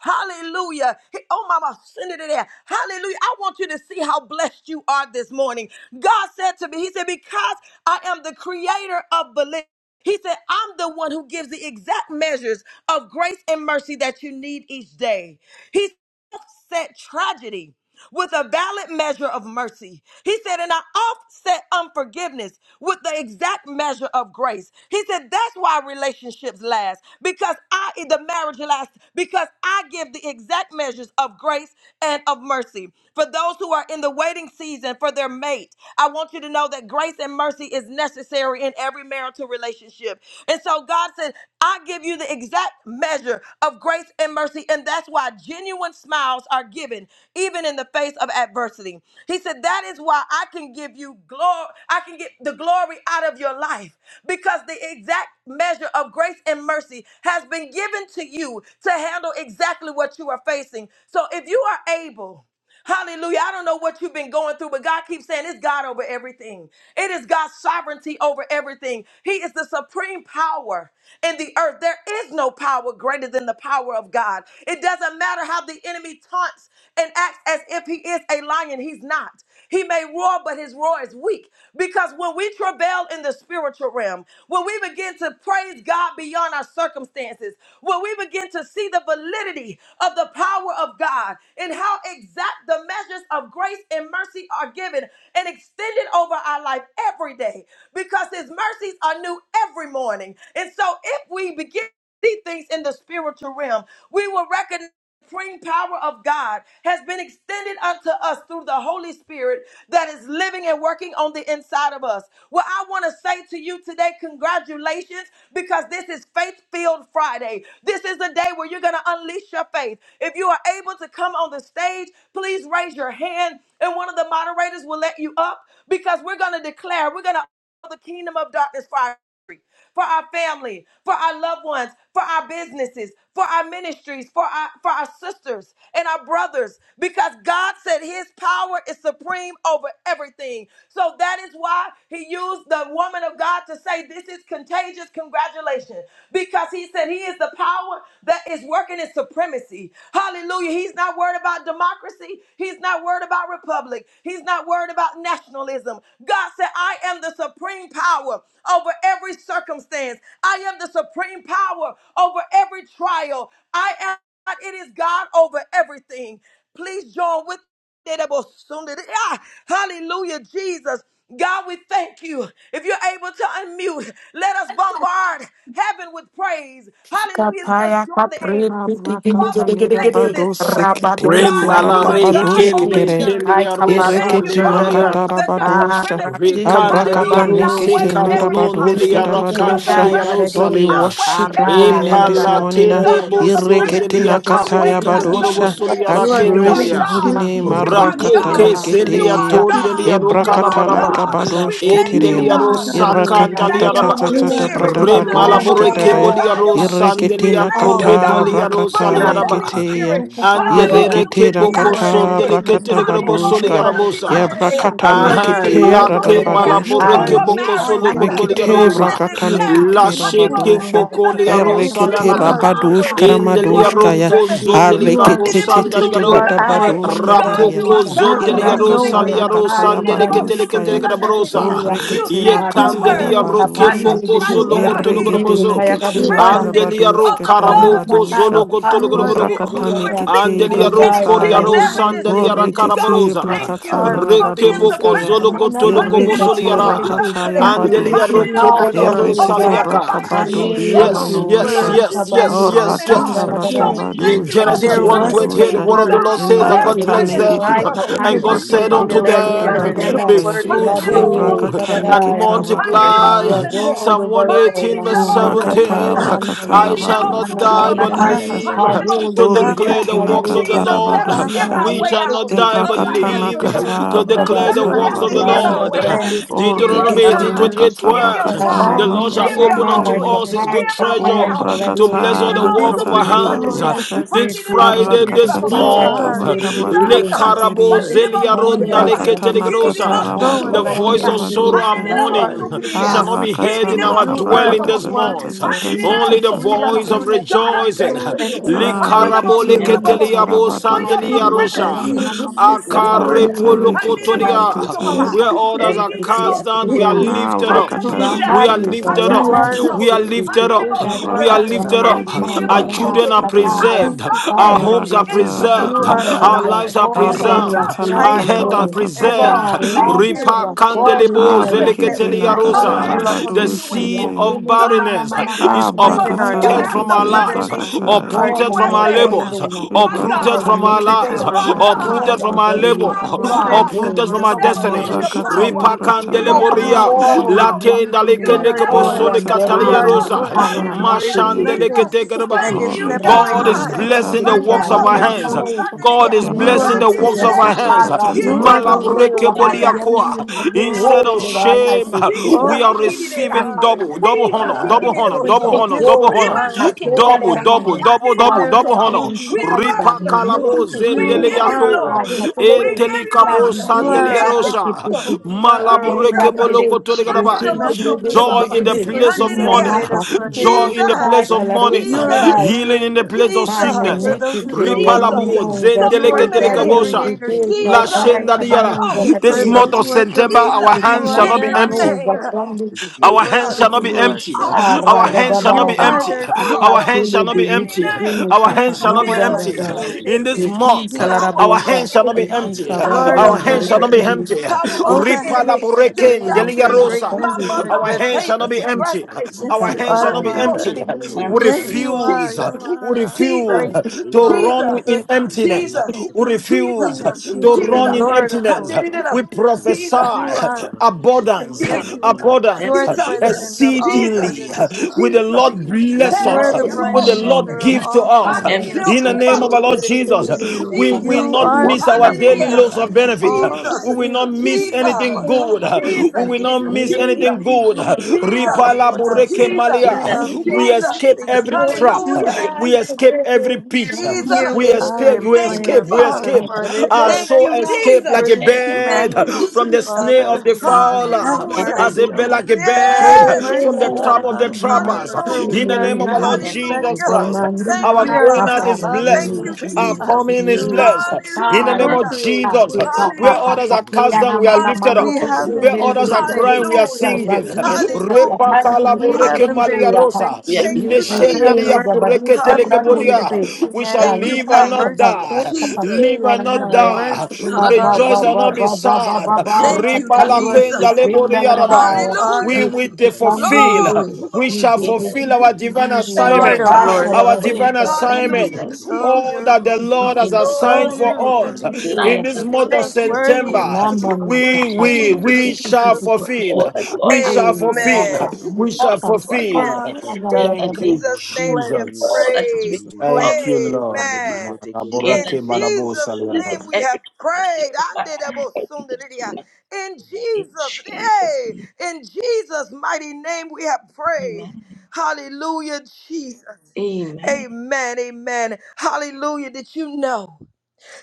Speaker 2: Hallelujah. He- Oh, mama, send it in there. Hallelujah. I want you to see how blessed you are this morning. God said to me, He said, Because I am the creator of validity. He said, I'm the one who gives the exact measures of grace and mercy that you need each day. He offset tragedy with a valid measure of mercy. He said, and I offset unforgiveness with the exact measure of grace. He said, that's why relationships last because I, the marriage lasts because I give the exact measures of grace and of mercy. For those who are in the waiting season for their mate, I want you to know that grace and mercy is necessary in every marital relationship. And so God said, I give you the exact measure of of grace and mercy. And that's why genuine smiles are given, even in the face of adversity. He said, That is why I can give you glory, I can get the glory out of your life because the exact measure of grace and mercy has been given to you to handle exactly what you are facing. So if you are able, Hallelujah. I don't know what you've been going through, but God keeps saying it's God over everything. It is God's sovereignty over everything. He is the supreme power in the earth. There is no power greater than the power of God. It doesn't matter how the enemy taunts and acts as if he is a lion, he's not. He may roar, but his roar is weak. Because when we travail in the spiritual realm, when we begin to praise God beyond our circumstances, when we begin to see the validity of the power of God and how exact the measures of grace and mercy are given and extended over our life every day, because his mercies are new every morning. And so if we begin to see things in the spiritual realm, we will recognize supreme power of God has been extended unto us through the Holy Spirit that is living and working on the inside of us. Well, I want to say to you today, congratulations, because this is Faith Filled Friday. This is the day where you're going to unleash your faith. If you are able to come on the stage, please raise your hand, and one of the moderators will let you up because we're going to declare, we're going to the kingdom of darkness fire country, for our family, for our loved ones, for our businesses, for our ministries, for our, for our sisters and our brothers, because God said his power is supreme over everything. So that is why he used the woman of God to say, This is contagious congratulations, because he said he is the power that is working in supremacy. Hallelujah. He's not worried about democracy, he's not worried about republic, he's not worried about nationalism. God said, I am the supreme power over every circumstance. I am the supreme power over every trial. I am, God. it is God over everything. Please join with Ah, Hallelujah, Jesus. God, we thank you. If you're able to unmute, let us bombard heaven with praise. Hallelujah. Let us
Speaker 1: Kapaya
Speaker 2: join the
Speaker 1: kapri
Speaker 2: angels.
Speaker 1: piti gidi
Speaker 2: Father,
Speaker 1: gidi
Speaker 2: we
Speaker 1: gidi
Speaker 3: Barakatanira
Speaker 2: thank
Speaker 1: gidi.
Speaker 2: you this
Speaker 3: bados
Speaker 2: morning.
Speaker 1: Rabado
Speaker 2: God,
Speaker 3: sekititi
Speaker 2: that
Speaker 1: santi
Speaker 2: you
Speaker 3: brata
Speaker 2: are
Speaker 4: Remalare
Speaker 1: ti
Speaker 3: bados
Speaker 1: ti
Speaker 2: God over
Speaker 1: ti
Speaker 4: kele
Speaker 2: the
Speaker 3: kitere.
Speaker 1: ti
Speaker 2: earth.
Speaker 1: kai
Speaker 4: teliaru
Speaker 2: We thank
Speaker 1: kaparu
Speaker 2: you,
Speaker 3: Irekete
Speaker 2: Father,
Speaker 1: jadada.
Speaker 4: saliboliaka.
Speaker 3: nakatara
Speaker 2: that your
Speaker 3: badosha.
Speaker 2: supremacy,
Speaker 1: Arati
Speaker 3: Abrakata
Speaker 2: hallelujah, it
Speaker 4: Recandeliaru
Speaker 1: kalabando
Speaker 3: nekete
Speaker 2: outweighs
Speaker 4: seca
Speaker 1: zipri
Speaker 2: every
Speaker 1: piti ti
Speaker 3: narabadosh
Speaker 2: democracy.
Speaker 1: ti ti
Speaker 4: bolondeliara
Speaker 1: ti ti
Speaker 2: Your
Speaker 3: karabadosha.
Speaker 1: gai
Speaker 5: Thank
Speaker 4: candeliaru
Speaker 1: dada
Speaker 2: supremacy
Speaker 3: Lord, we
Speaker 1: gidi.
Speaker 4: salia.
Speaker 2: outweighs
Speaker 3: worship your
Speaker 2: every
Speaker 4: E
Speaker 3: holy
Speaker 1: Araya
Speaker 3: name this
Speaker 1: dada da da
Speaker 2: nationalism.
Speaker 3: morning. ah.
Speaker 2: God,
Speaker 4: palatele
Speaker 1: Lord.
Speaker 2: your
Speaker 4: boson
Speaker 1: Yeah,
Speaker 3: Irekete
Speaker 2: supremacy
Speaker 4: delia
Speaker 1: just
Speaker 6: Thank
Speaker 1: so
Speaker 4: carrie
Speaker 3: nakataya
Speaker 2: outweighs our
Speaker 3: badosha.
Speaker 1: flinty.
Speaker 4: cadeborobosulia
Speaker 3: I
Speaker 2: circumstances.
Speaker 7: You are the
Speaker 2: You
Speaker 1: Small,
Speaker 2: are
Speaker 3: praise
Speaker 7: King
Speaker 3: your
Speaker 7: of
Speaker 4: kendalia.
Speaker 3: holy
Speaker 7: Kings.
Speaker 2: God.
Speaker 3: name.
Speaker 1: man,
Speaker 2: You are
Speaker 3: Arakata
Speaker 4: Rapoke
Speaker 2: God.
Speaker 1: you
Speaker 2: You
Speaker 4: Celia
Speaker 3: nekete
Speaker 2: are
Speaker 3: ya.
Speaker 1: God, I think
Speaker 2: God.
Speaker 4: Tondelia
Speaker 1: it's the
Speaker 2: You
Speaker 1: mighty
Speaker 2: are
Speaker 3: Ebrakata
Speaker 1: one,
Speaker 4: Rocalabaraba,
Speaker 1: God.
Speaker 2: God.
Speaker 1: You are
Speaker 2: We
Speaker 3: nakabadosh
Speaker 1: God
Speaker 2: thank
Speaker 3: kitere.
Speaker 7: You
Speaker 3: ya.
Speaker 2: you,
Speaker 4: Endelia
Speaker 1: and
Speaker 7: are
Speaker 2: God,
Speaker 1: very
Speaker 7: God.
Speaker 2: for
Speaker 1: new.
Speaker 2: sending
Speaker 1: Na,
Speaker 3: Irakata
Speaker 2: back
Speaker 4: Rosacandalia
Speaker 1: ne,
Speaker 3: tata
Speaker 2: your
Speaker 1: ne,
Speaker 4: Raba,
Speaker 1: ne, ne,
Speaker 2: Holy
Speaker 7: You are
Speaker 3: tata
Speaker 7: the
Speaker 1: ne.
Speaker 2: Spirit
Speaker 3: brada
Speaker 1: You are
Speaker 7: ruler,
Speaker 2: to live
Speaker 7: and
Speaker 1: God
Speaker 7: you
Speaker 2: on
Speaker 1: over
Speaker 7: are
Speaker 4: Remalabore
Speaker 7: the
Speaker 2: the
Speaker 3: badosh
Speaker 7: creator.
Speaker 1: all.
Speaker 4: Kebolia
Speaker 1: Ra,
Speaker 2: inside of us.
Speaker 1: shi,
Speaker 2: We
Speaker 1: shi,
Speaker 3: Irekete
Speaker 4: Rosandelia
Speaker 1: shi,
Speaker 2: thank
Speaker 1: shi, ra,
Speaker 2: you,
Speaker 7: All,
Speaker 1: ne, ne,
Speaker 3: nakata
Speaker 1: ne,
Speaker 2: God,
Speaker 4: Correpolia
Speaker 1: ne.
Speaker 2: for
Speaker 3: brakata
Speaker 4: Rosalia
Speaker 2: your
Speaker 7: all
Speaker 1: Ra,
Speaker 7: that
Speaker 1: shi,
Speaker 2: Holy
Speaker 4: Raba.
Speaker 1: shi,
Speaker 7: exists.
Speaker 1: shi,
Speaker 3: neketeya.
Speaker 1: shi,
Speaker 2: Spirit.
Speaker 1: shi,
Speaker 7: Lord.
Speaker 1: ra, ya,
Speaker 4: Andele
Speaker 1: ra.
Speaker 3: Irekete
Speaker 1: We
Speaker 4: rekeboko
Speaker 7: You are
Speaker 1: ready
Speaker 7: the
Speaker 3: nakata
Speaker 1: and
Speaker 4: sondele
Speaker 1: see
Speaker 7: present.
Speaker 1: this
Speaker 3: brakata
Speaker 4: ketelegrabo
Speaker 1: morning,
Speaker 7: You
Speaker 1: oh
Speaker 3: badushka.
Speaker 7: are
Speaker 1: God.
Speaker 7: the
Speaker 1: Shi,
Speaker 3: Ya
Speaker 4: soliarabosa.
Speaker 7: King.
Speaker 1: shi, shi, shi, shi, shi,
Speaker 3: brakata
Speaker 7: You are the
Speaker 1: shi,
Speaker 4: Aha,
Speaker 1: shi,
Speaker 3: neketeya
Speaker 1: ra,
Speaker 4: la
Speaker 7: creator.
Speaker 1: ya, ra, ra, ra.
Speaker 7: You
Speaker 1: Ah,
Speaker 4: kemalabore
Speaker 1: we
Speaker 7: are
Speaker 3: radabadushka
Speaker 2: Over
Speaker 7: the
Speaker 1: pray,
Speaker 4: boko
Speaker 1: God,
Speaker 4: solo
Speaker 2: marriages,
Speaker 1: thank
Speaker 7: Alpha
Speaker 1: you,
Speaker 7: and
Speaker 1: re,
Speaker 7: the
Speaker 1: re, re,
Speaker 3: Rekete
Speaker 1: re,
Speaker 2: God
Speaker 1: re.
Speaker 2: said,
Speaker 4: gotoliarosa.
Speaker 7: Omega.
Speaker 1: We
Speaker 3: brakatane
Speaker 1: pray,
Speaker 2: declare
Speaker 4: La
Speaker 3: kute
Speaker 1: shi, shi, shi, shi,
Speaker 7: You
Speaker 1: ra,
Speaker 7: are.
Speaker 3: rabadosha.
Speaker 1: ra, ra,
Speaker 4: shekemboko
Speaker 1: ra, ra, ra,
Speaker 7: Yes,
Speaker 4: liarosa
Speaker 7: you
Speaker 2: you
Speaker 3: Erekete
Speaker 1: ra,
Speaker 2: are
Speaker 4: lagada.
Speaker 1: ra.
Speaker 7: are. You are the
Speaker 3: rabadosh
Speaker 1: Ma,
Speaker 2: sovereign,
Speaker 1: ma,
Speaker 7: beginning and
Speaker 2: you
Speaker 1: re,
Speaker 7: the
Speaker 1: re,
Speaker 2: are
Speaker 3: karamadoshka
Speaker 1: re,
Speaker 7: end.
Speaker 3: ya.
Speaker 1: ra,
Speaker 4: Roko
Speaker 1: re, re,
Speaker 2: supremacy.
Speaker 1: re, re.
Speaker 7: You
Speaker 4: zondelika
Speaker 7: are
Speaker 4: bo
Speaker 3: Arekete
Speaker 7: my
Speaker 3: te
Speaker 1: We
Speaker 3: te
Speaker 7: King.
Speaker 1: pray,
Speaker 3: te
Speaker 1: shi,
Speaker 7: You
Speaker 4: sandaligado.
Speaker 1: shi,
Speaker 7: are
Speaker 1: ra,
Speaker 7: our King.
Speaker 3: bradabadoshka
Speaker 1: ra,
Speaker 2: God,
Speaker 1: ra, ra,
Speaker 3: teria.
Speaker 2: you
Speaker 4: Rapoko
Speaker 2: are
Speaker 1: ra.
Speaker 7: There
Speaker 2: God
Speaker 7: is
Speaker 2: over the
Speaker 4: zondeligado
Speaker 7: no one
Speaker 2: sickness.
Speaker 3: Irakatana
Speaker 1: Radini
Speaker 4: saliaro
Speaker 7: like
Speaker 1: Kai
Speaker 2: He
Speaker 3: kataya
Speaker 7: you.
Speaker 2: did the
Speaker 4: sandelike
Speaker 2: most soon
Speaker 4: teleke
Speaker 1: Habanusi
Speaker 2: to
Speaker 3: badoshka
Speaker 2: keep
Speaker 3: ya.
Speaker 4: teleke da
Speaker 7: King
Speaker 2: on
Speaker 7: of
Speaker 1: Pikapikia
Speaker 4: brosa.
Speaker 3: O
Speaker 2: it.
Speaker 7: Kings.
Speaker 1: Atidu
Speaker 2: You
Speaker 3: brekete
Speaker 4: Ye
Speaker 3: na
Speaker 2: said in your
Speaker 7: King of
Speaker 3: kataya
Speaker 4: candelia
Speaker 2: word,
Speaker 4: roke
Speaker 2: by
Speaker 1: Kapandi
Speaker 7: Kings.
Speaker 2: your
Speaker 3: badosha.
Speaker 1: Digi
Speaker 4: mboko
Speaker 2: stripes
Speaker 7: You
Speaker 4: solo
Speaker 2: we
Speaker 7: are the
Speaker 2: are
Speaker 4: gotolo
Speaker 7: King.
Speaker 2: healed
Speaker 3: Eregede
Speaker 1: Ridi
Speaker 3: na
Speaker 4: goroboso.
Speaker 3: kete
Speaker 7: You
Speaker 3: na
Speaker 6: you.
Speaker 7: are the
Speaker 2: supremacy
Speaker 4: Andelia
Speaker 7: ruler
Speaker 4: ro
Speaker 2: of
Speaker 7: of
Speaker 3: tarabadoshka
Speaker 2: the
Speaker 7: the
Speaker 3: taya
Speaker 1: Rabbi,
Speaker 2: blood
Speaker 7: land.
Speaker 2: of
Speaker 4: karaboko
Speaker 3: badosha.
Speaker 6: Ikataka
Speaker 4: solo
Speaker 2: Jesus
Speaker 4: gotolo
Speaker 2: Christ.
Speaker 7: You are the
Speaker 2: It
Speaker 4: gorobo.
Speaker 3: Brakatane
Speaker 7: owner of this
Speaker 3: kete
Speaker 2: supersedes
Speaker 4: Andelia ro
Speaker 7: home.
Speaker 2: and
Speaker 3: brakataya.
Speaker 2: exceeds
Speaker 4: koriaro
Speaker 2: every
Speaker 7: Father,
Speaker 4: sandelia
Speaker 2: disease.
Speaker 4: ra
Speaker 2: God, we
Speaker 3: Borikiti
Speaker 4: karaborosa.
Speaker 2: thank
Speaker 7: you
Speaker 2: you
Speaker 7: are
Speaker 3: brakatana
Speaker 2: for
Speaker 7: Father
Speaker 2: being
Speaker 7: Jesus
Speaker 4: Rekeboko
Speaker 3: rabadushkaya.
Speaker 4: zolo
Speaker 2: supremacy.
Speaker 7: Christ.
Speaker 4: gotolo
Speaker 2: one
Speaker 7: And we
Speaker 3: Irikiti
Speaker 4: gobosoliara.
Speaker 3: rakataya
Speaker 7: thank you for
Speaker 4: Andelia ro
Speaker 3: badusha.
Speaker 2: hundred
Speaker 7: being
Speaker 4: kebolia
Speaker 2: also
Speaker 7: our
Speaker 4: ro
Speaker 2: Over
Speaker 3: Irititi
Speaker 2: every
Speaker 7: Father, our
Speaker 4: saliaka.
Speaker 2: financial
Speaker 7: Creator,
Speaker 3: bratabadusha
Speaker 4: Yes,
Speaker 2: struggle.
Speaker 7: our
Speaker 4: yes,
Speaker 2: God,
Speaker 3: manusha.
Speaker 7: Word.
Speaker 4: yes,
Speaker 2: you said
Speaker 4: yes,
Speaker 2: you own
Speaker 4: yes,
Speaker 2: it
Speaker 7: In the
Speaker 3: Oratata
Speaker 4: yes.
Speaker 2: all. So we
Speaker 7: beginning,
Speaker 2: thank
Speaker 4: In
Speaker 2: you for
Speaker 4: Genesis
Speaker 7: there
Speaker 3: bratabadushkataya
Speaker 7: was
Speaker 2: supremacy.
Speaker 7: the
Speaker 4: 1:28, the
Speaker 3: badusha.
Speaker 4: word of the
Speaker 7: Word,
Speaker 2: God,
Speaker 4: Lord
Speaker 2: over
Speaker 4: says, And
Speaker 7: Father.
Speaker 2: every
Speaker 4: God blessed
Speaker 3: Inakatani
Speaker 2: financial
Speaker 4: them,
Speaker 2: struggle.
Speaker 7: In
Speaker 3: didikiti
Speaker 4: and
Speaker 7: the
Speaker 4: God
Speaker 2: one
Speaker 4: said
Speaker 7: beginning,
Speaker 4: unto
Speaker 7: there was the
Speaker 4: them,
Speaker 3: bratabadushkata
Speaker 7: Word,
Speaker 2: hundred
Speaker 7: and the
Speaker 4: Be
Speaker 3: badushkaya.
Speaker 7: Word is you,
Speaker 2: also
Speaker 4: fruitful
Speaker 7: Jesus.
Speaker 3: Ebrakatani
Speaker 4: and
Speaker 3: kita
Speaker 7: The Word is
Speaker 4: multiply.
Speaker 1: you are
Speaker 3: brakata.
Speaker 7: you,
Speaker 1: God
Speaker 7: Jesus.
Speaker 4: Psalm
Speaker 1: over all.
Speaker 4: 118, verse
Speaker 1: Amen.
Speaker 3: Umakata
Speaker 4: 17.
Speaker 1: Amen. Amen.
Speaker 4: I
Speaker 3: brakatara
Speaker 4: shall
Speaker 1: Yes.
Speaker 4: not
Speaker 3: badushkata
Speaker 4: die but
Speaker 7: Abba,
Speaker 3: badusha.
Speaker 6: liba
Speaker 4: live
Speaker 6: jenika,
Speaker 4: to
Speaker 7: Abba,
Speaker 4: declare the
Speaker 3: Urikitina
Speaker 4: works of the
Speaker 2: Jesus,
Speaker 3: katara
Speaker 2: let
Speaker 4: Lord.
Speaker 2: us give
Speaker 7: Abba.
Speaker 3: badusha.
Speaker 7: Father.
Speaker 2: our
Speaker 4: We
Speaker 2: way
Speaker 4: shall not
Speaker 2: out
Speaker 4: die
Speaker 2: of
Speaker 4: but
Speaker 7: You
Speaker 6: Zhekete
Speaker 7: are
Speaker 3: Ebrakatana
Speaker 7: the
Speaker 2: financial
Speaker 6: kelipa
Speaker 2: debt.
Speaker 4: live
Speaker 7: ruler,
Speaker 6: shotokoto.
Speaker 3: katha
Speaker 4: to
Speaker 7: Father.
Speaker 4: declare the
Speaker 2: Sometimes
Speaker 7: You
Speaker 2: we
Speaker 7: are
Speaker 3: brakatara
Speaker 7: the
Speaker 4: works
Speaker 2: have
Speaker 6: Ikashakali
Speaker 4: of
Speaker 2: to
Speaker 4: the
Speaker 6: kala
Speaker 7: ruler
Speaker 2: give
Speaker 3: badusha.
Speaker 7: of
Speaker 2: our
Speaker 6: zakata
Speaker 7: the
Speaker 4: Lord.
Speaker 2: way
Speaker 6: kali
Speaker 7: land.
Speaker 2: out.
Speaker 6: posokondo
Speaker 3: O
Speaker 2: Give
Speaker 6: kala
Speaker 2: your
Speaker 4: Deuteronomy
Speaker 7: this
Speaker 6: shakata
Speaker 4: 18
Speaker 3: reketina
Speaker 6: kata.
Speaker 2: time,
Speaker 7: earth
Speaker 4: 28
Speaker 3: katha
Speaker 2: give your
Speaker 7: and
Speaker 6: Shakata
Speaker 4: 12.
Speaker 3: brakatara
Speaker 4: The
Speaker 2: tithe,
Speaker 6: ngodi
Speaker 4: Lord
Speaker 7: all
Speaker 6: bolo
Speaker 4: shall
Speaker 7: that
Speaker 2: give
Speaker 3: badusha
Speaker 2: your
Speaker 6: shekete
Speaker 4: open
Speaker 6: kete
Speaker 4: unto
Speaker 7: occurs
Speaker 2: offering,
Speaker 7: in
Speaker 3: keteya.
Speaker 4: us
Speaker 7: it
Speaker 6: kila
Speaker 4: his
Speaker 7: is
Speaker 4: good
Speaker 2: give
Speaker 6: shakata.
Speaker 2: our
Speaker 7: yours.
Speaker 2: way
Speaker 4: treasure
Speaker 3: O
Speaker 2: out.
Speaker 6: Ikala
Speaker 4: to
Speaker 6: shakata
Speaker 4: bless
Speaker 6: kala
Speaker 4: all the
Speaker 3: brakatana
Speaker 7: This
Speaker 4: work
Speaker 6: posokoto
Speaker 4: of our
Speaker 7: is
Speaker 5: you.
Speaker 6: kelipa
Speaker 3: katana
Speaker 6: sheke.
Speaker 7: all
Speaker 4: hands
Speaker 3: badusha.
Speaker 7: yours.
Speaker 4: this
Speaker 6: Ikale
Speaker 4: Friday,
Speaker 5: and
Speaker 6: impa
Speaker 4: this
Speaker 6: a
Speaker 7: You
Speaker 5: that
Speaker 6: kali
Speaker 3: Irrakatatatata
Speaker 4: month.
Speaker 7: are
Speaker 6: gozo
Speaker 7: the
Speaker 3: brata
Speaker 6: tori
Speaker 7: ruler,
Speaker 6: hala
Speaker 4: Le
Speaker 2: Jesus.
Speaker 3: badush
Speaker 6: shakata
Speaker 7: Father,
Speaker 6: ngodi
Speaker 7: and
Speaker 6: bolo.
Speaker 4: carabo
Speaker 3: keteya.
Speaker 7: there is
Speaker 5: later
Speaker 4: zelia
Speaker 7: no one
Speaker 4: ronda
Speaker 7: like
Speaker 4: le
Speaker 2: Handidibosukuribaba.
Speaker 7: you.
Speaker 3: Brakatana
Speaker 6: Shetekete
Speaker 3: katara
Speaker 6: kete
Speaker 7: No
Speaker 4: ketelegrosa.
Speaker 7: one
Speaker 4: The
Speaker 6: kelipa
Speaker 3: badush
Speaker 7: like
Speaker 4: voice
Speaker 2: Yididibosukuribabosya.
Speaker 6: shotokoto
Speaker 3: kata
Speaker 7: you.
Speaker 4: of
Speaker 6: koto ni
Speaker 4: sorrow and
Speaker 3: badusha
Speaker 6: kuyo
Speaker 7: You
Speaker 5: latter
Speaker 7: are
Speaker 4: mourning
Speaker 6: sukuma
Speaker 7: the
Speaker 3: tabadusha.
Speaker 6: siyo
Speaker 2: Handididabosukuriya.
Speaker 5: is
Speaker 4: shall
Speaker 7: unity.
Speaker 4: not be
Speaker 6: kuyo so.
Speaker 4: heard
Speaker 5: taken
Speaker 4: in
Speaker 3: Arakatana
Speaker 4: our
Speaker 7: You
Speaker 6: Because
Speaker 5: and
Speaker 7: are
Speaker 4: dwelling
Speaker 7: the
Speaker 6: every
Speaker 4: this
Speaker 5: here
Speaker 2: Yididibosukuribababosi.
Speaker 6: issue is
Speaker 7: one.
Speaker 4: month.
Speaker 1: In the name of
Speaker 4: Only the
Speaker 3: kabratatatatatatatatatata
Speaker 7: We
Speaker 2: Handididabosukuriba.
Speaker 7: are
Speaker 4: voice
Speaker 3: brakata.
Speaker 4: of
Speaker 6: happy.
Speaker 1: Jesus,
Speaker 5: and
Speaker 6: We
Speaker 7: unity
Speaker 2: God, I
Speaker 6: have
Speaker 7: in
Speaker 6: been
Speaker 4: rejoicing.
Speaker 2: thank
Speaker 7: you,
Speaker 6: very
Speaker 7: and
Speaker 6: happy.
Speaker 2: you
Speaker 5: she
Speaker 7: we
Speaker 4: Le
Speaker 7: are
Speaker 1: Jesus.
Speaker 7: one
Speaker 4: carabo
Speaker 7: in
Speaker 4: le
Speaker 7: you,
Speaker 5: and
Speaker 6: We
Speaker 3: Arreketina
Speaker 6: are so
Speaker 7: Father.
Speaker 5: here
Speaker 2: Handidibosukuribabosi,
Speaker 3: katara
Speaker 6: strong,
Speaker 4: keteliabo
Speaker 6: Lord.
Speaker 2: for your
Speaker 3: badushka
Speaker 7: It
Speaker 4: sandelia
Speaker 7: is that
Speaker 4: rosha.
Speaker 2: supremacy
Speaker 7: we
Speaker 3: tabadusha.
Speaker 6: Kata shotokoto.
Speaker 5: we
Speaker 7: exist
Speaker 5: are
Speaker 7: for
Speaker 2: children.
Speaker 5: and
Speaker 7: you.
Speaker 3: Ebrakatane
Speaker 2: I
Speaker 6: Ikajekete
Speaker 2: need
Speaker 6: kali
Speaker 2: them all
Speaker 3: ketina
Speaker 2: soon,
Speaker 4: Arepolokotoria.
Speaker 6: posokoto ni
Speaker 3: kataya.
Speaker 7: It,
Speaker 6: pada
Speaker 4: Where
Speaker 2: Mama. You
Speaker 4: others are
Speaker 2: need them
Speaker 4: cast
Speaker 5: here
Speaker 2: all soon,
Speaker 5: to
Speaker 4: down, we
Speaker 7: it
Speaker 4: are
Speaker 5: this
Speaker 2: yeah.
Speaker 7: is
Speaker 5: and
Speaker 4: lifted
Speaker 2: I
Speaker 7: the
Speaker 4: up.
Speaker 2: am
Speaker 3: Irakatane
Speaker 7: truth.
Speaker 2: needed.
Speaker 4: We are
Speaker 6: Eshetekeri
Speaker 2: I
Speaker 6: balu
Speaker 4: lifted
Speaker 7: You
Speaker 4: up.
Speaker 7: are the
Speaker 4: We
Speaker 2: follow.
Speaker 4: are
Speaker 5: happen and
Speaker 7: truth.
Speaker 6: shotundiri
Speaker 2: I
Speaker 4: lifted
Speaker 2: need them
Speaker 5: here
Speaker 4: up.
Speaker 2: all
Speaker 6: kalaja
Speaker 7: You
Speaker 2: soon,
Speaker 4: We
Speaker 7: are
Speaker 4: are
Speaker 2: Mama.
Speaker 7: our
Speaker 6: katakatandiri
Speaker 4: lifted up.
Speaker 2: I
Speaker 6: balu.
Speaker 5: take
Speaker 2: need
Speaker 5: and
Speaker 7: salvation.
Speaker 2: them
Speaker 4: Our
Speaker 5: here
Speaker 2: all
Speaker 6: E
Speaker 2: soon,
Speaker 4: children
Speaker 2: Mama.
Speaker 4: are
Speaker 2: Out of
Speaker 4: preserved.
Speaker 7: Thank you,
Speaker 4: Our
Speaker 2: darkness
Speaker 7: Father.
Speaker 4: homes are
Speaker 2: into the
Speaker 5: to here
Speaker 7: You
Speaker 4: preserved.
Speaker 7: are
Speaker 2: marvelous
Speaker 4: Our
Speaker 7: our
Speaker 2: light.
Speaker 4: lives
Speaker 6: kalaja
Speaker 4: are
Speaker 6: katandiri
Speaker 2: Jesus, he
Speaker 4: preserved.
Speaker 2: can
Speaker 4: Our
Speaker 2: need
Speaker 7: highness,
Speaker 2: them
Speaker 4: health
Speaker 2: all
Speaker 4: are
Speaker 3: brata
Speaker 7: and
Speaker 1: Over
Speaker 2: God,
Speaker 4: preserved.
Speaker 1: our
Speaker 2: I thank
Speaker 3: badushketeria.
Speaker 1: lives, you
Speaker 2: you
Speaker 4: Ripa
Speaker 1: are
Speaker 2: for
Speaker 1: God
Speaker 7: everything
Speaker 4: candelebo
Speaker 1: alone.
Speaker 7: that
Speaker 2: supremacy
Speaker 7: we
Speaker 4: zeleketelia
Speaker 1: La
Speaker 7: are
Speaker 2: over
Speaker 1: knowledge
Speaker 4: rosa.
Speaker 1: is
Speaker 2: every
Speaker 7: belongs
Speaker 4: The
Speaker 1: mama,
Speaker 7: to you.
Speaker 4: seed
Speaker 2: situation.
Speaker 4: of
Speaker 2: God, I
Speaker 4: barrenness
Speaker 2: thank you
Speaker 4: is
Speaker 2: for
Speaker 1: Yeah.
Speaker 7: Even
Speaker 2: some,
Speaker 7: our
Speaker 1: For
Speaker 2: you
Speaker 4: uprooted
Speaker 2: have
Speaker 7: lungs,
Speaker 1: everything
Speaker 4: from
Speaker 1: that
Speaker 4: our lives,
Speaker 1: concerns
Speaker 7: even
Speaker 1: us,
Speaker 2: supremacy,
Speaker 1: we
Speaker 7: our
Speaker 1: are
Speaker 7: heart,
Speaker 3: Iratatana
Speaker 1: God
Speaker 4: uprooted
Speaker 1: and we
Speaker 4: from
Speaker 1: are
Speaker 4: our
Speaker 7: even
Speaker 1: God in
Speaker 4: labor
Speaker 2: USA
Speaker 7: our
Speaker 1: the
Speaker 4: doors,
Speaker 1: land.
Speaker 6: lika
Speaker 2: are
Speaker 1: We
Speaker 7: spirit,
Speaker 1: want to
Speaker 4: uprooted
Speaker 3: tabrata
Speaker 4: from
Speaker 2: God.
Speaker 1: be
Speaker 6: katakali
Speaker 4: our
Speaker 7: even
Speaker 2: You
Speaker 4: lives,
Speaker 1: expected,
Speaker 7: our
Speaker 2: are
Speaker 1: we are
Speaker 7: eyes,
Speaker 6: potokuri
Speaker 4: uprooted
Speaker 2: God.
Speaker 1: God
Speaker 4: from
Speaker 1: and
Speaker 4: our
Speaker 1: God
Speaker 2: You
Speaker 1: in
Speaker 4: labor,
Speaker 1: you.
Speaker 2: are
Speaker 1: Over our
Speaker 7: even
Speaker 2: God.
Speaker 4: uprooted
Speaker 1: home,
Speaker 4: from
Speaker 2: You
Speaker 1: over
Speaker 4: our
Speaker 5: in
Speaker 1: our
Speaker 2: never
Speaker 5: the
Speaker 4: destiny.
Speaker 7: ourselves.
Speaker 2: lose
Speaker 5: name
Speaker 1: marriage,
Speaker 2: your
Speaker 1: over our
Speaker 6: batetetekeli
Speaker 2: power.
Speaker 1: situation,
Speaker 6: basho.
Speaker 2: You
Speaker 7: We
Speaker 1: over
Speaker 5: of
Speaker 6: Obi
Speaker 1: this
Speaker 5: the
Speaker 2: never
Speaker 4: Ripakandeleboria,
Speaker 7: all
Speaker 6: basho
Speaker 2: lose your
Speaker 7: belong to
Speaker 1: world
Speaker 7: you.
Speaker 1: we
Speaker 3: badushaya.
Speaker 5: in
Speaker 1: live
Speaker 2: power.
Speaker 5: the
Speaker 1: in,
Speaker 5: name
Speaker 2: You
Speaker 1: we
Speaker 7: We
Speaker 1: are
Speaker 7: are
Speaker 2: never
Speaker 1: God
Speaker 7: yours.
Speaker 2: lose
Speaker 1: and
Speaker 2: your
Speaker 1: God
Speaker 7: We are
Speaker 1: alone.
Speaker 2: power.
Speaker 4: lakendalekelekebosolekataliyerosa,
Speaker 7: yours,
Speaker 5: of
Speaker 1: And
Speaker 7: and
Speaker 1: I'm
Speaker 7: there
Speaker 1: not
Speaker 2: Hallelujah,
Speaker 7: is
Speaker 1: with it. it, it,
Speaker 7: nothing
Speaker 2: Jesus.
Speaker 1: it, it,
Speaker 7: that
Speaker 1: it.
Speaker 4: mashandeleketekereba.
Speaker 5: The work of my hands in the name of Jesus.
Speaker 2: Thank
Speaker 3: O
Speaker 7: can
Speaker 2: you,
Speaker 1: Rabbi,
Speaker 3: rekete
Speaker 4: God
Speaker 7: separate us
Speaker 1: we
Speaker 4: is
Speaker 3: na
Speaker 2: God.
Speaker 1: can do it,
Speaker 7: from
Speaker 3: kata
Speaker 1: we
Speaker 4: blessing the
Speaker 1: can
Speaker 7: you
Speaker 2: Hande
Speaker 3: brata
Speaker 7: and
Speaker 1: buy.
Speaker 4: works
Speaker 2: bo
Speaker 1: you
Speaker 4: of
Speaker 7: from
Speaker 4: our
Speaker 1: know,
Speaker 7: your
Speaker 1: the
Speaker 2: sondo
Speaker 4: hands.
Speaker 3: badosha.
Speaker 1: matter
Speaker 2: ki
Speaker 7: truth.
Speaker 1: is, we
Speaker 4: God is
Speaker 1: can do it,
Speaker 3: Yara
Speaker 7: You
Speaker 1: we can do it,
Speaker 4: blessing
Speaker 7: are
Speaker 3: ta
Speaker 7: the
Speaker 4: the
Speaker 3: ta
Speaker 1: we can do
Speaker 4: works
Speaker 7: King
Speaker 1: it.
Speaker 3: ta
Speaker 7: of
Speaker 4: of
Speaker 3: ta
Speaker 4: our
Speaker 7: Kings.
Speaker 3: ta
Speaker 4: hands.
Speaker 3: ta
Speaker 1: Arabi,
Speaker 3: ta
Speaker 7: You
Speaker 3: ta
Speaker 1: we
Speaker 7: are the
Speaker 1: declare
Speaker 3: ta
Speaker 7: Lord of
Speaker 1: the happy
Speaker 7: Lords.
Speaker 4: Malaborekeboliakoa.
Speaker 1: ending has no
Speaker 6: katakala
Speaker 7: Oh,
Speaker 4: Instead
Speaker 6: basho.
Speaker 4: of
Speaker 1: word of our
Speaker 7: Holy
Speaker 1: lives.
Speaker 4: shame,
Speaker 7: Father.
Speaker 5: The work
Speaker 4: we
Speaker 2: Jesus,
Speaker 7: Oh,
Speaker 4: are
Speaker 5: of my
Speaker 2: iki
Speaker 7: Holy
Speaker 5: hands
Speaker 4: receiving
Speaker 7: Father.
Speaker 4: double,
Speaker 7: Yes,
Speaker 4: double
Speaker 7: you
Speaker 2: Jesus,
Speaker 4: honor,
Speaker 7: are.
Speaker 4: double
Speaker 5: is in the
Speaker 4: honor,
Speaker 5: name
Speaker 1: We
Speaker 4: double
Speaker 2: Ikiniboso.
Speaker 4: honor
Speaker 5: of
Speaker 4: honor,
Speaker 7: Yes,
Speaker 4: double
Speaker 5: Jesus.
Speaker 6: Ibatetetekeli
Speaker 1: declare
Speaker 7: you
Speaker 4: honor,
Speaker 1: that
Speaker 7: are
Speaker 2: Ribando
Speaker 1: our
Speaker 7: our
Speaker 1: children,
Speaker 4: double,
Speaker 7: Creator.
Speaker 2: Sukunidea.
Speaker 4: double, double,
Speaker 7: And
Speaker 1: our children, our
Speaker 4: double,
Speaker 7: there
Speaker 1: children,
Speaker 2: Andiniboso.
Speaker 4: double
Speaker 7: is
Speaker 1: our children,
Speaker 4: honor.
Speaker 7: only
Speaker 2: we
Speaker 1: our
Speaker 6: basho
Speaker 7: you.
Speaker 4: Ripa
Speaker 2: worship you.
Speaker 4: calabo
Speaker 6: katakala basho
Speaker 2: We
Speaker 5: The
Speaker 7: You
Speaker 5: work
Speaker 2: give you
Speaker 5: of
Speaker 7: are
Speaker 5: my
Speaker 6: katakala
Speaker 4: zendeliato,
Speaker 6: basho.
Speaker 7: our
Speaker 2: glory.
Speaker 5: hands
Speaker 2: We
Speaker 1: children,
Speaker 7: Savior.
Speaker 2: give you
Speaker 6: Eshetekeri
Speaker 4: etelikabo
Speaker 5: in
Speaker 6: basho
Speaker 2: honor.
Speaker 5: the
Speaker 7: You
Speaker 5: name of
Speaker 7: are our
Speaker 4: sandeliarosha,
Speaker 7: Alpha.
Speaker 6: katakala
Speaker 2: Yadiso.
Speaker 6: basho
Speaker 7: You
Speaker 6: katakala
Speaker 7: are our
Speaker 6: basho.
Speaker 5: Jesus.
Speaker 2: Jesus.
Speaker 7: Omega.
Speaker 4: malaburekebolo
Speaker 5: Holy shake
Speaker 7: And
Speaker 5: the
Speaker 4: kotorigaraba.
Speaker 5: egg
Speaker 2: Andiniboso
Speaker 7: nothing
Speaker 5: and
Speaker 4: Joy in
Speaker 2: kunibababa.
Speaker 6: that
Speaker 5: the
Speaker 4: the
Speaker 7: is
Speaker 6: you are
Speaker 5: fear
Speaker 7: going
Speaker 4: place
Speaker 7: to
Speaker 6: aware
Speaker 4: of
Speaker 6: of
Speaker 5: the
Speaker 2: Andinidea.
Speaker 4: mourning,
Speaker 6: heaven,
Speaker 7: separate
Speaker 5: spirit
Speaker 7: us
Speaker 6: never the
Speaker 7: from
Speaker 6: fear
Speaker 4: joy
Speaker 7: you.
Speaker 6: that
Speaker 4: in
Speaker 6: that
Speaker 4: the
Speaker 6: that
Speaker 2: Jesus.
Speaker 6: that
Speaker 4: place
Speaker 5: now
Speaker 4: of
Speaker 6: that
Speaker 1: our
Speaker 6: that.
Speaker 5: out of
Speaker 4: mourning,
Speaker 7: You are
Speaker 6: All
Speaker 5: this
Speaker 7: our
Speaker 2: Jesus.
Speaker 6: in
Speaker 1: children,
Speaker 6: the name
Speaker 4: healing in
Speaker 6: of
Speaker 4: the
Speaker 7: Creator.
Speaker 6: Jesus,
Speaker 4: place of
Speaker 6: I decree
Speaker 7: And
Speaker 2: Jesus.
Speaker 5: and
Speaker 6: that
Speaker 4: sickness.
Speaker 7: for
Speaker 6: it
Speaker 7: those
Speaker 1: Manoniki
Speaker 6: was
Speaker 7: who
Speaker 6: the
Speaker 4: Ripa
Speaker 7: don't
Speaker 6: king
Speaker 7: know
Speaker 6: that
Speaker 2: Jesus.
Speaker 4: labo
Speaker 6: he
Speaker 7: you,
Speaker 6: was the
Speaker 1: Yamanuza
Speaker 7: you
Speaker 6: king,
Speaker 7: are
Speaker 6: he was
Speaker 1: Tuza
Speaker 7: their
Speaker 6: the
Speaker 2: Supremacy.
Speaker 6: king.
Speaker 1: Duzi
Speaker 4: zendeleketelekabosha.
Speaker 7: Creator
Speaker 6: He
Speaker 5: the
Speaker 6: was the
Speaker 7: too,
Speaker 1: Kita
Speaker 4: La
Speaker 6: one
Speaker 2: Jesus,
Speaker 6: and
Speaker 5: oil
Speaker 6: you
Speaker 1: Nai
Speaker 7: Father.
Speaker 5: of
Speaker 4: shenda
Speaker 6: reign
Speaker 5: that
Speaker 4: diara.
Speaker 6: over
Speaker 1: Kabanuza
Speaker 6: the
Speaker 7: And
Speaker 6: earth,
Speaker 4: This
Speaker 7: for
Speaker 6: you
Speaker 2: authority.
Speaker 1: Katiza
Speaker 4: month
Speaker 7: those
Speaker 4: of
Speaker 7: who
Speaker 6: reign
Speaker 7: are
Speaker 6: over the
Speaker 4: September,
Speaker 6: whole earth.
Speaker 4: our
Speaker 7: confused,
Speaker 2: Jesus,
Speaker 7: you
Speaker 4: hands shall
Speaker 7: are
Speaker 2: in
Speaker 5: in
Speaker 4: not be
Speaker 5: the
Speaker 7: their
Speaker 5: name
Speaker 2: your
Speaker 4: empty.
Speaker 1: Ipanamanuza
Speaker 5: of
Speaker 2: name.
Speaker 7: Creator.
Speaker 6: And
Speaker 1: Tondiki
Speaker 7: And
Speaker 4: Our
Speaker 7: for
Speaker 6: Jesus
Speaker 4: hands
Speaker 5: Jesus.
Speaker 2: Jesus,
Speaker 6: of
Speaker 4: shall
Speaker 7: those
Speaker 4: not
Speaker 6: our
Speaker 4: be
Speaker 7: who
Speaker 6: lives,
Speaker 1: Kitibi
Speaker 7: are
Speaker 4: empty.
Speaker 7: self
Speaker 6: Jesus
Speaker 2: all
Speaker 6: of our
Speaker 4: Our
Speaker 2: power,
Speaker 4: hands
Speaker 6: families,
Speaker 7: destructing,
Speaker 4: shall not
Speaker 6: Jesus
Speaker 7: you
Speaker 4: be
Speaker 1: Aradadabara
Speaker 7: are
Speaker 4: empty.
Speaker 2: all
Speaker 6: of
Speaker 7: their
Speaker 6: our
Speaker 4: Our
Speaker 7: creator.
Speaker 6: children,
Speaker 2: power
Speaker 6: Jesus
Speaker 4: hands shall
Speaker 1: Akapile
Speaker 4: not be
Speaker 2: is in
Speaker 6: of our
Speaker 4: empty.
Speaker 1: Biniki
Speaker 5: Neither
Speaker 2: your
Speaker 6: children.
Speaker 2: name.
Speaker 5: deep
Speaker 1: Inu
Speaker 4: Our
Speaker 7: There
Speaker 4: hands
Speaker 7: is
Speaker 4: shall
Speaker 7: no
Speaker 4: not
Speaker 6: Jesus
Speaker 4: be
Speaker 6: of
Speaker 7: one
Speaker 1: Kapanuza
Speaker 6: our
Speaker 2: Unbeatable,
Speaker 7: like
Speaker 4: empty.
Speaker 2: so good
Speaker 5: black
Speaker 6: finances
Speaker 1: Dadai
Speaker 7: you,
Speaker 2: it
Speaker 6: in the
Speaker 4: In
Speaker 2: is
Speaker 6: name
Speaker 4: this
Speaker 5: nor
Speaker 6: of Jesus
Speaker 1: Niki
Speaker 4: month,
Speaker 6: and
Speaker 5: thick
Speaker 6: you
Speaker 7: King of
Speaker 5: black,
Speaker 2: power
Speaker 4: our
Speaker 6: generosity
Speaker 2: over
Speaker 6: of
Speaker 2: the
Speaker 7: kings,
Speaker 6: God,
Speaker 4: hands
Speaker 1: Kalarabusha
Speaker 4: shall not
Speaker 6: one
Speaker 4: be
Speaker 2: enemy,
Speaker 5: and
Speaker 6: who
Speaker 5: the
Speaker 1: Tiki
Speaker 6: needs
Speaker 4: empty.
Speaker 5: pair
Speaker 6: eternal
Speaker 2: power
Speaker 5: of
Speaker 7: Lord
Speaker 6: life,
Speaker 4: Our
Speaker 7: of
Speaker 6: that
Speaker 2: over
Speaker 6: I
Speaker 2: the
Speaker 6: can
Speaker 4: hands shall
Speaker 6: take it
Speaker 4: not
Speaker 7: lords.
Speaker 4: be
Speaker 6: away,
Speaker 5: foxes
Speaker 2: enemy,
Speaker 6: and then
Speaker 1: Kiti
Speaker 4: empty.
Speaker 6: in this has
Speaker 2: power over
Speaker 7: All
Speaker 6: everything.
Speaker 2: the
Speaker 7: the
Speaker 4: Ripala
Speaker 2: enemy.
Speaker 7: heavens
Speaker 2: This
Speaker 4: boreken
Speaker 5: are
Speaker 7: rejoice
Speaker 2: shall
Speaker 7: in your
Speaker 2: be
Speaker 1: Masuza
Speaker 2: my
Speaker 7: greatness
Speaker 5: distinctly
Speaker 7: and
Speaker 4: deligarosa.
Speaker 2: month
Speaker 1: Tondiki
Speaker 7: your
Speaker 5: different
Speaker 2: of
Speaker 4: Our hands
Speaker 7: goodness.
Speaker 4: shall not
Speaker 2: contagious
Speaker 5: in
Speaker 4: be empty.
Speaker 6: But you
Speaker 2: congratulations.
Speaker 4: Our
Speaker 7: Yes, you
Speaker 6: win,
Speaker 5: appearance.
Speaker 4: hands shall
Speaker 7: are,
Speaker 4: not be
Speaker 1: Kapadudu
Speaker 4: empty.
Speaker 6: you
Speaker 7: Father.
Speaker 6: win,
Speaker 5: One
Speaker 2: Hallelujah.
Speaker 4: We
Speaker 6: you
Speaker 7: Yes,
Speaker 5: has
Speaker 6: win in
Speaker 7: you
Speaker 5: a
Speaker 7: are.
Speaker 4: refuse.
Speaker 6: every
Speaker 2: Jesus,
Speaker 7: You are
Speaker 4: We
Speaker 7: our
Speaker 6: aspect of
Speaker 2: Jesus,
Speaker 6: life.
Speaker 4: refuse
Speaker 5: colourful
Speaker 7: greatness.
Speaker 6: You
Speaker 7: You
Speaker 4: to
Speaker 7: are our
Speaker 4: run
Speaker 2: Jesus,
Speaker 5: shell,
Speaker 4: in
Speaker 7: goodness.
Speaker 5: one has
Speaker 4: emptiness.
Speaker 6: win
Speaker 2: Jesus,
Speaker 5: an
Speaker 6: every
Speaker 4: We
Speaker 6: aspect of our
Speaker 4: refuse
Speaker 7: King
Speaker 2: Jesus,
Speaker 6: life.
Speaker 7: of
Speaker 6: We
Speaker 4: to
Speaker 1: Biniki
Speaker 7: kings
Speaker 6: should not
Speaker 7: and
Speaker 4: run
Speaker 6: just.
Speaker 4: in
Speaker 2: Jesus,
Speaker 5: excellent
Speaker 7: Lord of
Speaker 4: emptiness.
Speaker 7: lords.
Speaker 4: We
Speaker 2: Hallelujah. Jesus,
Speaker 4: prophesy
Speaker 5: one,
Speaker 7: You
Speaker 6: We
Speaker 4: supply
Speaker 6: should
Speaker 7: are.
Speaker 6: not just
Speaker 4: abundance,
Speaker 6: because
Speaker 2: Jesus.
Speaker 7: Yes,
Speaker 6: we
Speaker 7: you are.
Speaker 6: win
Speaker 7: You
Speaker 5: and
Speaker 4: abundance,
Speaker 6: because
Speaker 7: are the
Speaker 5: the
Speaker 6: we
Speaker 2: Jesus,
Speaker 6: win
Speaker 7: president of
Speaker 6: because we
Speaker 5: skin
Speaker 7: all
Speaker 5: is
Speaker 2: Jesus,
Speaker 6: win.
Speaker 4: exceedingly.
Speaker 7: presidents,
Speaker 4: With
Speaker 7: Father.
Speaker 4: the
Speaker 6: We
Speaker 2: Jesus.
Speaker 5: consistent,
Speaker 6: should
Speaker 4: Lord
Speaker 6: take it.
Speaker 5: like
Speaker 4: bless
Speaker 7: You
Speaker 5: that
Speaker 4: us,
Speaker 7: are
Speaker 5: of
Speaker 2: Hey,
Speaker 7: the
Speaker 2: I'm
Speaker 5: the
Speaker 4: with
Speaker 7: prime
Speaker 4: the
Speaker 2: almost
Speaker 5: sheep.
Speaker 2: under
Speaker 4: Lord
Speaker 7: minister of
Speaker 2: here.
Speaker 4: give to
Speaker 7: all
Speaker 4: us.
Speaker 7: prime
Speaker 2: Handed
Speaker 1: Para
Speaker 5: And
Speaker 2: it
Speaker 5: the
Speaker 2: all
Speaker 4: In
Speaker 5: skin
Speaker 4: the
Speaker 7: ministers.
Speaker 2: come
Speaker 5: is
Speaker 4: name
Speaker 2: back
Speaker 4: of our
Speaker 2: under
Speaker 4: Lord
Speaker 5: always
Speaker 2: Handidiokumbasundere.
Speaker 4: Jesus,
Speaker 6: Yes, Lord,
Speaker 4: we
Speaker 6: we seek
Speaker 4: will
Speaker 2: Jesus,
Speaker 7: You
Speaker 5: We
Speaker 6: the
Speaker 4: not
Speaker 7: are the
Speaker 6: Lord,
Speaker 5: walk
Speaker 4: miss
Speaker 6: we
Speaker 5: in
Speaker 4: our
Speaker 6: seek
Speaker 2: handed
Speaker 6: the
Speaker 2: it
Speaker 1: You
Speaker 4: daily
Speaker 6: Lord,
Speaker 7: creator
Speaker 4: loads
Speaker 2: Handidia.
Speaker 5: abundance in
Speaker 7: of
Speaker 4: of
Speaker 5: the
Speaker 6: we seek
Speaker 4: benefit.
Speaker 5: name
Speaker 6: the Lord. We seek the
Speaker 7: all
Speaker 5: of
Speaker 6: Lord for
Speaker 7: that
Speaker 2: Jesus,
Speaker 4: We
Speaker 6: all
Speaker 4: will
Speaker 6: of
Speaker 5: Jesus.
Speaker 7: is.
Speaker 4: not miss
Speaker 6: you in
Speaker 1: are
Speaker 6: the
Speaker 4: anything
Speaker 2: Jesus,
Speaker 6: name of
Speaker 1: so
Speaker 5: abundance.
Speaker 4: good.
Speaker 6: Jesus
Speaker 5: In
Speaker 1: good,
Speaker 6: Christ.
Speaker 4: We
Speaker 2: Jesus,
Speaker 5: the
Speaker 4: will
Speaker 5: name
Speaker 4: not
Speaker 6: We
Speaker 5: of
Speaker 4: miss
Speaker 6: need
Speaker 2: Jesus,
Speaker 4: anything
Speaker 5: Jesus,
Speaker 6: to
Speaker 4: good.
Speaker 5: your
Speaker 6: fight in our
Speaker 5: grace
Speaker 6: life this
Speaker 2: Jesus,
Speaker 7: Father, we
Speaker 6: weekend
Speaker 7: love
Speaker 6: Lord,
Speaker 5: abundance.
Speaker 1: Jesus.
Speaker 4: Ripalabureke
Speaker 6: because
Speaker 7: you.
Speaker 2: Jesus,
Speaker 5: In
Speaker 7: We
Speaker 4: malia.
Speaker 5: the
Speaker 7: love
Speaker 1: You
Speaker 7: you.
Speaker 5: name
Speaker 1: are
Speaker 4: We
Speaker 7: Father.
Speaker 5: of
Speaker 2: Jesus.
Speaker 6: set
Speaker 4: escape
Speaker 1: my
Speaker 6: to
Speaker 7: Thank
Speaker 6: do
Speaker 5: Jesus,
Speaker 7: you
Speaker 4: every
Speaker 6: for
Speaker 1: joy,
Speaker 5: Lord,
Speaker 7: for
Speaker 6: us in
Speaker 4: trap.
Speaker 6: this
Speaker 5: my
Speaker 1: and
Speaker 2: Hallelujah.
Speaker 6: family,
Speaker 7: choosing
Speaker 6: in
Speaker 7: us.
Speaker 1: I
Speaker 4: We
Speaker 6: our
Speaker 5: life.
Speaker 4: escape every
Speaker 1: will
Speaker 4: pit.
Speaker 6: in our
Speaker 7: Here
Speaker 6: lives.
Speaker 4: We
Speaker 7: we
Speaker 6: That
Speaker 2: Jesus.
Speaker 1: praise
Speaker 6: later
Speaker 7: are
Speaker 4: escape.
Speaker 7: in
Speaker 6: looks
Speaker 4: We
Speaker 6: what
Speaker 2: Thank
Speaker 5: in
Speaker 6: you
Speaker 1: you.
Speaker 2: you,
Speaker 6: could
Speaker 4: escape.
Speaker 7: prayer,
Speaker 5: the
Speaker 6: do.
Speaker 4: We
Speaker 5: name of
Speaker 7: Father,
Speaker 2: Father.
Speaker 4: escape.
Speaker 7: for
Speaker 1: Thank
Speaker 5: Jesus,
Speaker 7: this
Speaker 4: Our
Speaker 5: we
Speaker 7: earth,
Speaker 2: Thank
Speaker 4: soul
Speaker 2: you,
Speaker 5: pray.
Speaker 4: escaped like
Speaker 7: for
Speaker 4: a
Speaker 2: Jesus.
Speaker 7: this
Speaker 5: and
Speaker 4: bird
Speaker 5: we
Speaker 2: Thank
Speaker 6: Ishete
Speaker 2: you,
Speaker 4: from
Speaker 7: humanity,
Speaker 4: the
Speaker 2: Jesus.
Speaker 4: snare
Speaker 5: so
Speaker 4: of
Speaker 7: Father.
Speaker 4: the
Speaker 6: ikala
Speaker 4: fowler,
Speaker 6: shata
Speaker 7: Have
Speaker 5: in
Speaker 6: kambe
Speaker 5: the
Speaker 2: Hallelujah.
Speaker 4: as a
Speaker 6: yuko
Speaker 7: mercy
Speaker 5: name
Speaker 4: bird
Speaker 7: on us.
Speaker 6: dogo
Speaker 4: like a
Speaker 6: shete kete
Speaker 7: Have
Speaker 4: bird
Speaker 6: kete.
Speaker 2: Yes,
Speaker 4: from the
Speaker 7: mercy
Speaker 2: Jesus.
Speaker 7: of
Speaker 4: trap
Speaker 6: Ikala
Speaker 4: of the
Speaker 7: us,
Speaker 5: of
Speaker 6: shata yuko
Speaker 4: trappers.
Speaker 7: Father,
Speaker 6: zoko
Speaker 7: for
Speaker 2: Hallelujah.
Speaker 6: liba
Speaker 4: In
Speaker 5: Jesus,
Speaker 7: we
Speaker 4: the
Speaker 7: are
Speaker 4: name
Speaker 6: shete
Speaker 4: of our
Speaker 7: not
Speaker 6: kete
Speaker 4: Lord
Speaker 5: and
Speaker 6: kete liba
Speaker 4: Jesus
Speaker 6: zoko
Speaker 2: Hallelujah.
Speaker 7: respectful.
Speaker 4: Christ,
Speaker 6: toko toko liba
Speaker 2: Thank
Speaker 4: our
Speaker 2: you,
Speaker 7: We
Speaker 6: shaka
Speaker 7: are
Speaker 4: going out
Speaker 7: not
Speaker 2: Father.
Speaker 6: takaraba.
Speaker 4: is blessed,
Speaker 2: Thank
Speaker 6: In
Speaker 2: you,
Speaker 7: loving
Speaker 5: blood
Speaker 6: the
Speaker 4: our
Speaker 5: of
Speaker 6: name
Speaker 7: of
Speaker 6: of
Speaker 2: Jesus.
Speaker 4: coming is
Speaker 6: Jesus,
Speaker 5: Jesus,
Speaker 7: you,
Speaker 6: Lasha,
Speaker 4: blessed. In the name
Speaker 6: Pakatala
Speaker 7: your
Speaker 5: and
Speaker 4: of
Speaker 2: Hallelujah.
Speaker 6: Balaba, your
Speaker 7: creation.
Speaker 5: blood
Speaker 4: Jesus,
Speaker 6: word
Speaker 5: of
Speaker 6: for
Speaker 4: where
Speaker 5: Jesus,
Speaker 2: Hallelujah.
Speaker 4: others
Speaker 6: expressions
Speaker 4: are
Speaker 6: in our
Speaker 4: cast down,
Speaker 6: life
Speaker 4: we are
Speaker 6: this
Speaker 4: lifted
Speaker 6: weekend.
Speaker 4: up.
Speaker 7: We
Speaker 2: Hallelujah.
Speaker 6: Ika
Speaker 4: Where
Speaker 7: haven't been
Speaker 4: others are crying,
Speaker 7: respecting
Speaker 4: we
Speaker 7: your
Speaker 4: are
Speaker 2: Hallelujah.
Speaker 6: shaka
Speaker 4: singing.
Speaker 7: creator.
Speaker 5: and
Speaker 6: takalebede.
Speaker 5: we are
Speaker 4: Repa
Speaker 6: Isha
Speaker 2: Hallelujah.
Speaker 7: We
Speaker 4: kalaboreke
Speaker 7: haven't
Speaker 6: takatakatela
Speaker 7: been
Speaker 4: malia
Speaker 6: bashuko
Speaker 4: rosa,
Speaker 6: toko
Speaker 5: we
Speaker 2: Hallelujah.
Speaker 5: are
Speaker 6: toko
Speaker 7: respecting
Speaker 2: Thank
Speaker 7: you,
Speaker 2: you,
Speaker 5: blessed on
Speaker 7: Father. Have
Speaker 5: all
Speaker 4: leshendelia
Speaker 7: mercy.
Speaker 2: Jesus.
Speaker 5: sides.
Speaker 4: kureke
Speaker 7: Have
Speaker 4: teleke
Speaker 7: mercy as
Speaker 2: Hallelujah.
Speaker 1: you
Speaker 7: of
Speaker 5: of
Speaker 4: We shall
Speaker 1: na
Speaker 2: Thank
Speaker 5: this
Speaker 7: humanity.
Speaker 2: you,
Speaker 5: of
Speaker 4: live
Speaker 7: Have
Speaker 4: and
Speaker 1: nikai
Speaker 5: this
Speaker 4: not
Speaker 2: God.
Speaker 4: die not
Speaker 6: be
Speaker 7: mercy
Speaker 6: afraid
Speaker 7: of
Speaker 1: kapapos
Speaker 4: die.
Speaker 6: there's
Speaker 7: us.
Speaker 6: a
Speaker 2: Jesus.
Speaker 6: lifting
Speaker 1: kapate
Speaker 6: up
Speaker 4: Live and
Speaker 6: because
Speaker 4: not
Speaker 6: you
Speaker 7: Have
Speaker 5: name
Speaker 6: work
Speaker 1: yaranaya
Speaker 5: of
Speaker 6: with
Speaker 4: die.
Speaker 7: mercy
Speaker 5: Jesus
Speaker 6: me.
Speaker 7: of
Speaker 1: ra ba
Speaker 6: She
Speaker 1: ba
Speaker 6: take a
Speaker 7: us,
Speaker 1: ba
Speaker 4: Rejoice
Speaker 6: take
Speaker 4: and
Speaker 7: Father.
Speaker 6: a
Speaker 1: ba
Speaker 4: not
Speaker 6: little
Speaker 2: Hallelujah.
Speaker 4: be
Speaker 6: bit
Speaker 1: ba
Speaker 6: of
Speaker 1: ba
Speaker 6: photo
Speaker 4: sad.
Speaker 1: ba
Speaker 5: we
Speaker 6: photo
Speaker 7: We
Speaker 5: are
Speaker 1: ba
Speaker 6: deba.
Speaker 2: Thank
Speaker 5: blessed
Speaker 7: love
Speaker 2: you,
Speaker 7: you.
Speaker 4: Ripa
Speaker 5: and
Speaker 4: la
Speaker 7: You
Speaker 6: She
Speaker 1: satsandu
Speaker 7: are
Speaker 6: take a
Speaker 4: kenda
Speaker 7: the
Speaker 2: Jesus.
Speaker 6: take
Speaker 7: King
Speaker 6: a
Speaker 7: of-
Speaker 1: kipinda
Speaker 4: lebori
Speaker 6: little bit of deba.
Speaker 7: you
Speaker 6: Na
Speaker 1: lagadaya
Speaker 4: yaraba.
Speaker 6: kasha
Speaker 7: are
Speaker 4: We
Speaker 1: ni
Speaker 2: Hallelujah.
Speaker 6: kata
Speaker 7: the
Speaker 5: blessed
Speaker 4: will
Speaker 6: kata
Speaker 4: de-
Speaker 5: on
Speaker 6: kare
Speaker 5: earth
Speaker 1: kipambe
Speaker 6: kasha photo
Speaker 1: ligidi
Speaker 4: fulfill.
Speaker 6: photo deba.
Speaker 4: We
Speaker 1: ni
Speaker 4: shall
Speaker 6: She
Speaker 5: in
Speaker 2: Glory.
Speaker 5: the
Speaker 6: kata
Speaker 4: fulfill our
Speaker 6: kare
Speaker 5: name of
Speaker 6: kasha
Speaker 4: divine
Speaker 6: photo kare
Speaker 1: kipindi
Speaker 2: Thank
Speaker 5: Jesus
Speaker 2: you,
Speaker 7: Lord
Speaker 6: kasha
Speaker 4: assignment.
Speaker 7: of
Speaker 6: photo
Speaker 1: yakai
Speaker 6: photo
Speaker 5: lives
Speaker 7: Lords.
Speaker 5: are
Speaker 2: Father.
Speaker 6: kare
Speaker 4: Our
Speaker 6: kasha
Speaker 1: karararu
Speaker 5: falling
Speaker 4: divine
Speaker 6: take a
Speaker 5: for
Speaker 6: take
Speaker 5: us
Speaker 6: a
Speaker 4: assignment.
Speaker 6: kare
Speaker 1: dasandi
Speaker 2: Hallelujah,
Speaker 6: kasha
Speaker 7: Oh,
Speaker 2: Jesus.
Speaker 4: All
Speaker 7: your
Speaker 5: blessed
Speaker 4: that the Lord
Speaker 7: holiness.
Speaker 5: in
Speaker 4: has
Speaker 5: the
Speaker 7: Oh,
Speaker 5: name
Speaker 4: assigned
Speaker 5: of
Speaker 2: Glory.
Speaker 7: your
Speaker 4: for us
Speaker 7: holiness
Speaker 5: Jesus,
Speaker 4: in
Speaker 5: lives
Speaker 4: this
Speaker 5: are
Speaker 7: makes
Speaker 4: month of
Speaker 5: falling
Speaker 7: us
Speaker 2: Thank you,
Speaker 5: for us
Speaker 6: all that
Speaker 7: worthy.
Speaker 2: Jesus.
Speaker 6: pertains
Speaker 4: September.
Speaker 6: to life
Speaker 1: nama
Speaker 6: and
Speaker 1: na
Speaker 7: Your
Speaker 4: We
Speaker 6: godliness have
Speaker 5: In
Speaker 4: we
Speaker 1: sapati
Speaker 6: been
Speaker 5: the
Speaker 2: Jesus.
Speaker 7: holiness
Speaker 4: we
Speaker 5: name
Speaker 6: released
Speaker 7: makes
Speaker 5: of
Speaker 4: shall
Speaker 6: unto us.
Speaker 7: us
Speaker 5: Jesus,
Speaker 6: We
Speaker 7: worthy,
Speaker 5: all
Speaker 4: fulfill.
Speaker 6: shall
Speaker 5: that
Speaker 6: get
Speaker 7: Father.
Speaker 5: God
Speaker 4: We
Speaker 5: has
Speaker 6: I
Speaker 4: shall
Speaker 6: will
Speaker 5: done
Speaker 6: fulfill
Speaker 5: for
Speaker 4: fulfill.
Speaker 5: us
Speaker 1: rasa
Speaker 2: Amen.
Speaker 6: destiny, to
Speaker 4: We shall
Speaker 5: and
Speaker 6: fulfill
Speaker 1: apa
Speaker 5: family to our
Speaker 6: destiny.
Speaker 5: life.
Speaker 2: Yes.
Speaker 4: fulfill.
Speaker 5: And
Speaker 6: I
Speaker 7: Father,
Speaker 1: apa
Speaker 6: am the
Speaker 5: In
Speaker 2: In
Speaker 5: the
Speaker 1: apa
Speaker 6: children
Speaker 4: Thank
Speaker 6: that
Speaker 5: name
Speaker 6: the
Speaker 4: you,
Speaker 5: of
Speaker 6: Lord
Speaker 2: Jesus'
Speaker 6: has
Speaker 2: name
Speaker 6: given
Speaker 2: we
Speaker 5: Jesus,
Speaker 6: to
Speaker 2: have
Speaker 7: cleanse
Speaker 6: me are
Speaker 4: Jesus.
Speaker 5: all
Speaker 7: us.
Speaker 6: for
Speaker 5: that is
Speaker 6: signs
Speaker 2: prayed.
Speaker 5: written
Speaker 6: and wonders.
Speaker 5: about
Speaker 4: Thank
Speaker 7: Cleanse
Speaker 5: us.
Speaker 4: you,
Speaker 7: us.
Speaker 5: is
Speaker 6: Eba
Speaker 4: Lord.
Speaker 7: Have
Speaker 6: shete
Speaker 7: mercy.
Speaker 2: Amen.
Speaker 6: kete
Speaker 5: written.
Speaker 6: kere ba
Speaker 5: In
Speaker 2: In
Speaker 4: Maraborake
Speaker 5: the
Speaker 6: shoko
Speaker 5: name
Speaker 6: toko
Speaker 5: of
Speaker 6: toko ba
Speaker 4: marabosa
Speaker 2: Jesus'
Speaker 6: shoko
Speaker 4: liaba.
Speaker 2: name
Speaker 5: Jesus,
Speaker 6: toko
Speaker 2: we
Speaker 6: ba.
Speaker 5: every
Speaker 2: have
Speaker 5: prophecy
Speaker 2: prayed.
Speaker 5: over our head begins to
Speaker 2: Andedabosundadidia.
Speaker 5: man.
Speaker 2: In
Speaker 6: Amen.
Speaker 5: In
Speaker 2: Jesus'
Speaker 5: Jesus'
Speaker 2: name,
Speaker 5: name.
Speaker 2: in Jesus' mighty name we have prayed.
Speaker 5: Amen.
Speaker 2: Hallelujah, Jesus.
Speaker 5: Amen.
Speaker 2: Amen, amen. Hallelujah. Did you know?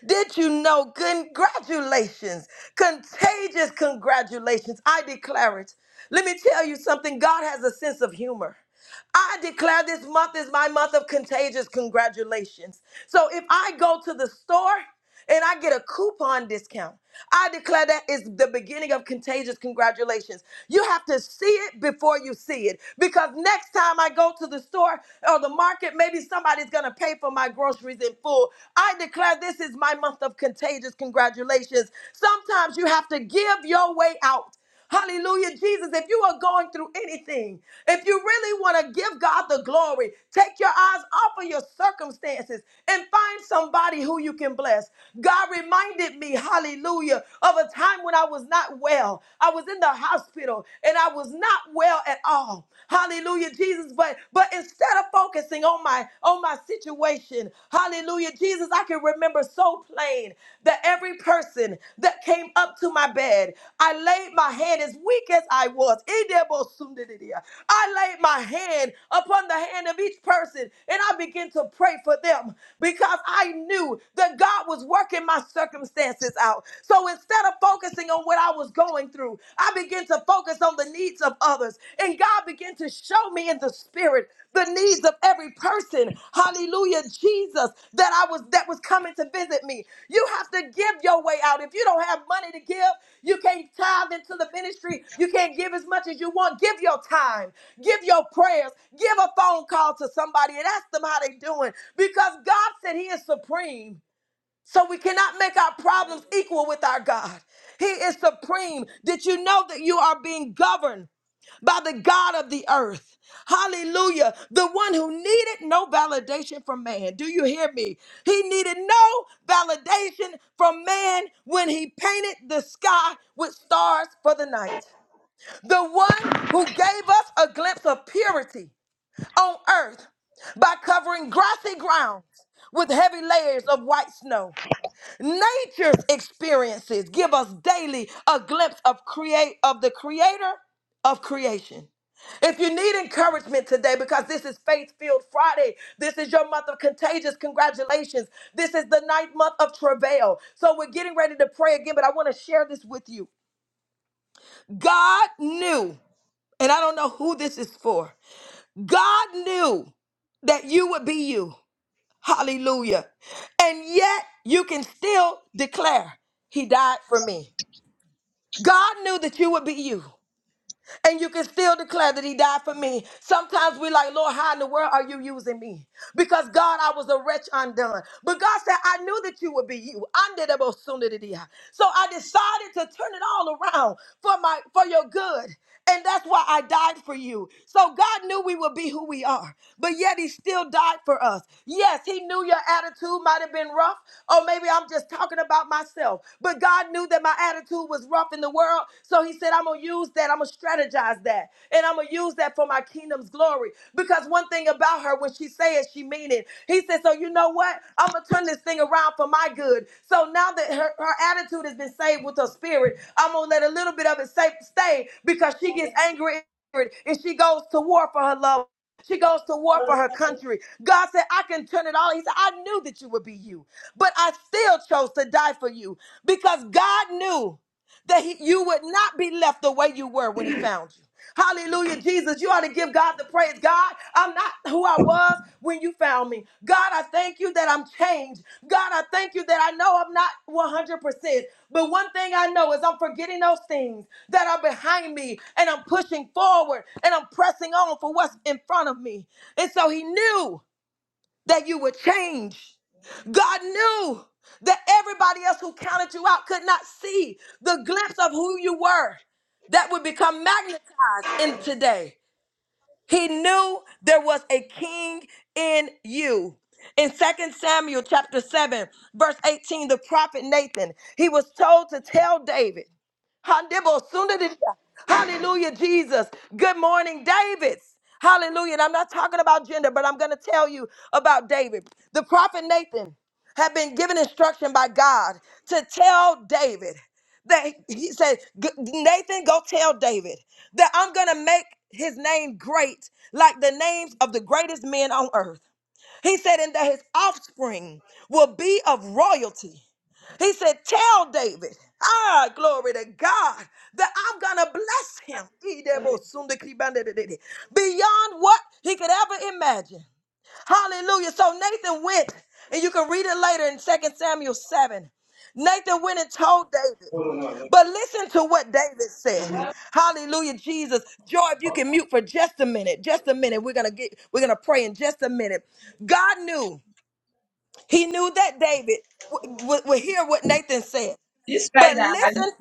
Speaker 2: Did you know? Congratulations. Contagious congratulations. I declare it. Let me tell you something God has a sense of humor. I declare this month is my month of contagious congratulations. So if I go to the store and I get a coupon discount, I declare that is the beginning of contagious congratulations. You have to see it before you see it because next time I go to the store or the market, maybe somebody's going to pay for my groceries in full. I declare this is my month of contagious congratulations. Sometimes you have to give your way out. Hallelujah, Jesus. If you are going through anything, if you really want to give God the glory, take your eyes off of your circumstances and find somebody who you can bless. God reminded me, hallelujah, of a time when I was not well. I was in the hospital and I was not well at all. Hallelujah, Jesus. But but instead of focusing on my on my situation, Hallelujah. Jesus, I can remember so plain that every person that came up to my bed, I laid my hand as weak as I was. I laid my hand upon the hand of each person and I began to pray for them because I knew that God was working my circumstances out. So instead of focusing on what I was going through, I began to focus on the needs of others. And God began to show me in the spirit the needs of every person. Hallelujah, Jesus, that I was that was coming to visit me. You have to give your way out. If you don't have money to give, you can't tithe into the ministry. You can't give as much as you want. Give your time. Give your prayers. Give a phone call to somebody and ask them how they are doing because God said he is supreme. So we cannot make our problems equal with our God. He is supreme. Did you know that you are being governed? by the God of the earth. Hallelujah. The one who needed no validation from man. Do you hear me? He needed no validation from man when he painted the sky with stars for the night. The one who gave us a glimpse of purity on earth by covering grassy grounds with heavy layers of white snow. Nature's experiences give us daily a glimpse of create of the creator of creation. If you need encouragement today, because this is Faith Filled Friday, this is your month of contagious congratulations. This is the ninth month of travail. So we're getting ready to pray again, but I want to share this with you. God knew, and I don't know who this is for, God knew that you would be you. Hallelujah. And yet you can still declare, He died for me. God knew that you would be you and you can still declare that he died for me. Sometimes we like, Lord, how in the world are you using me? Because God, I was a wretch undone. But God said, I knew that you would be you. Andedabosundedidia. So I decided to turn it all around for my for your good. And that's why I died for you. So God knew we would be who we are, but yet He still died for us. Yes, He knew your attitude might have been been rough, or maybe I'm just talking about myself. But God knew that my attitude was rough in the world, so He said, I'm gonna use that, I'm gonna strategize that, and I'm gonna use that for my kingdom's glory. Because one thing about her, when she says she mean it. He said, So you know what? I'm gonna turn this thing around for my good. So now that her, her attitude has been saved with her spirit, I'm gonna let a little bit of it sa- stay because she gets angry and she goes to war for her love. She goes to war for her country. God said, I can turn it all. He said, I knew that you would be you but I still chose to die for you because God knew that he- you would not be left the way you were when he found you. Hallelujah, Jesus. You ought to give God the praise. God, I'm not who I was when you found me. God, I thank you that I'm changed. God, I thank you that I know I'm not 100%. But one thing I know is I'm forgetting those things that are behind me and I'm pushing forward and I'm pressing on for what's in front of me. And so he knew that you would change. God knew that everybody else who counted you out could not see the glimpse of who you were that would become magnetized in today. He knew there was a king in you. In Second Samuel chapter 7, verse 18, the prophet Nathan, he was told to tell David. Hallelujah, Jesus. Good morning, David. Hallelujah. And I'm not talking about gender, but I'm going to tell you about David. The prophet Nathan had been given instruction by God to tell David that he said, "G- Nathan, go tell David that I'm going to make his name great like the names of the greatest men on earth. He said, and that his offspring will be of royalty. He said, Tell David, ah, glory to God, that I'm going to bless him beyond what he could ever imagine. Hallelujah. So Nathan went, and you can read it later in Second Samuel 7. Nathan went and told David. But listen to what David said. Hallelujah, Jesus. Joy, if you can mute for just a minute, just a minute. We're gonna get we're gonna pray in just a minute. God knew, he knew that David w- w- would hear what Nathan said. But listen,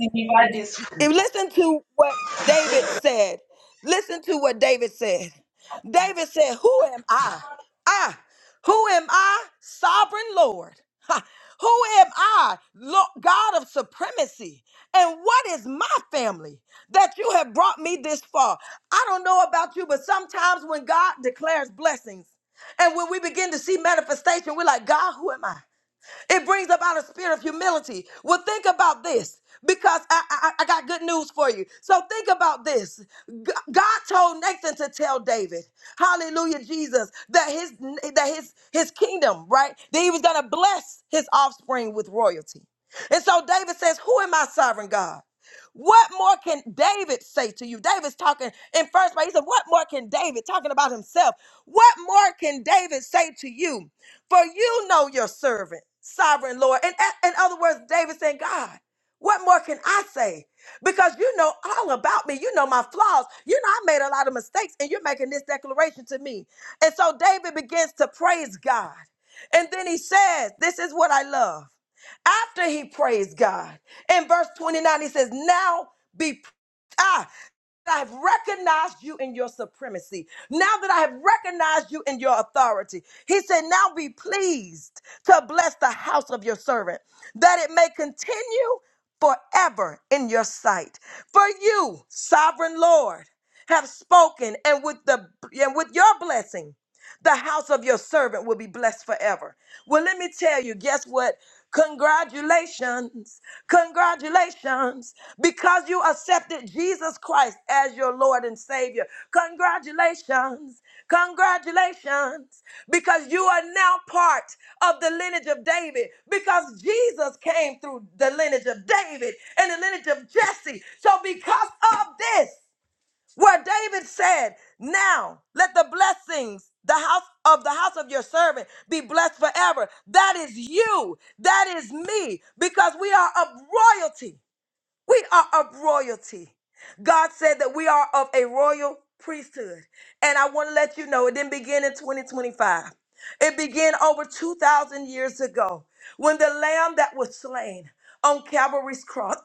Speaker 2: if- listen to what David said. Listen to what David said. David said, Who am I? I. Who am I? Sovereign Lord. Ha. Who am I? Lo- God of supremacy. And what is my family that you have brought me this far? I don't know about you, but sometimes when God declares blessings and when we begin to see manifestation, we're like, God, who am I? It brings about a spirit of humility. Well, think about this because I, I, I got good news for you. So think about this. G- God told Nathan to tell David, hallelujah, Jesus, that his that his his kingdom, right? That he was gonna bless his offspring with royalty. And so David says, Who am I, sovereign God? What more can David say to you? David's talking in first place. He said, What more can David talking about himself? What more can David say to you? For you know your servant, sovereign Lord. And in other words, David saying, God, what more can I say? Because you know all about me. You know my flaws. You know I made a lot of mistakes, and you're making this declaration to me. And so David begins to praise God. And then he says, This is what I love. After he praised God, in verse 29, he says, Now be. Ah, I have recognized you in your supremacy, now that I have recognized you in your authority, he said, Now be pleased to bless the house of your servant, that it may continue forever in your sight. For you, sovereign Lord, have spoken, and with the and with your blessing. The house of your servant will be blessed forever. Well, let me tell you, guess what? Congratulations. Congratulations. Because you accepted Jesus Christ as your Lord and Savior. Congratulations. Congratulations. Because you are now part of the lineage of David. Because Jesus came through the lineage of David and the lineage of Jesse. So because of this, where David said, Now let the blessings, the house of the house of your servant, be blessed forever. That is you. That is me, because we are of royalty. We are of royalty. God said that we are of a royal priesthood. And I want to let you know it didn't begin in 2025. It began over 2,000 years ago when the lamb that was slain on Calvary's cross,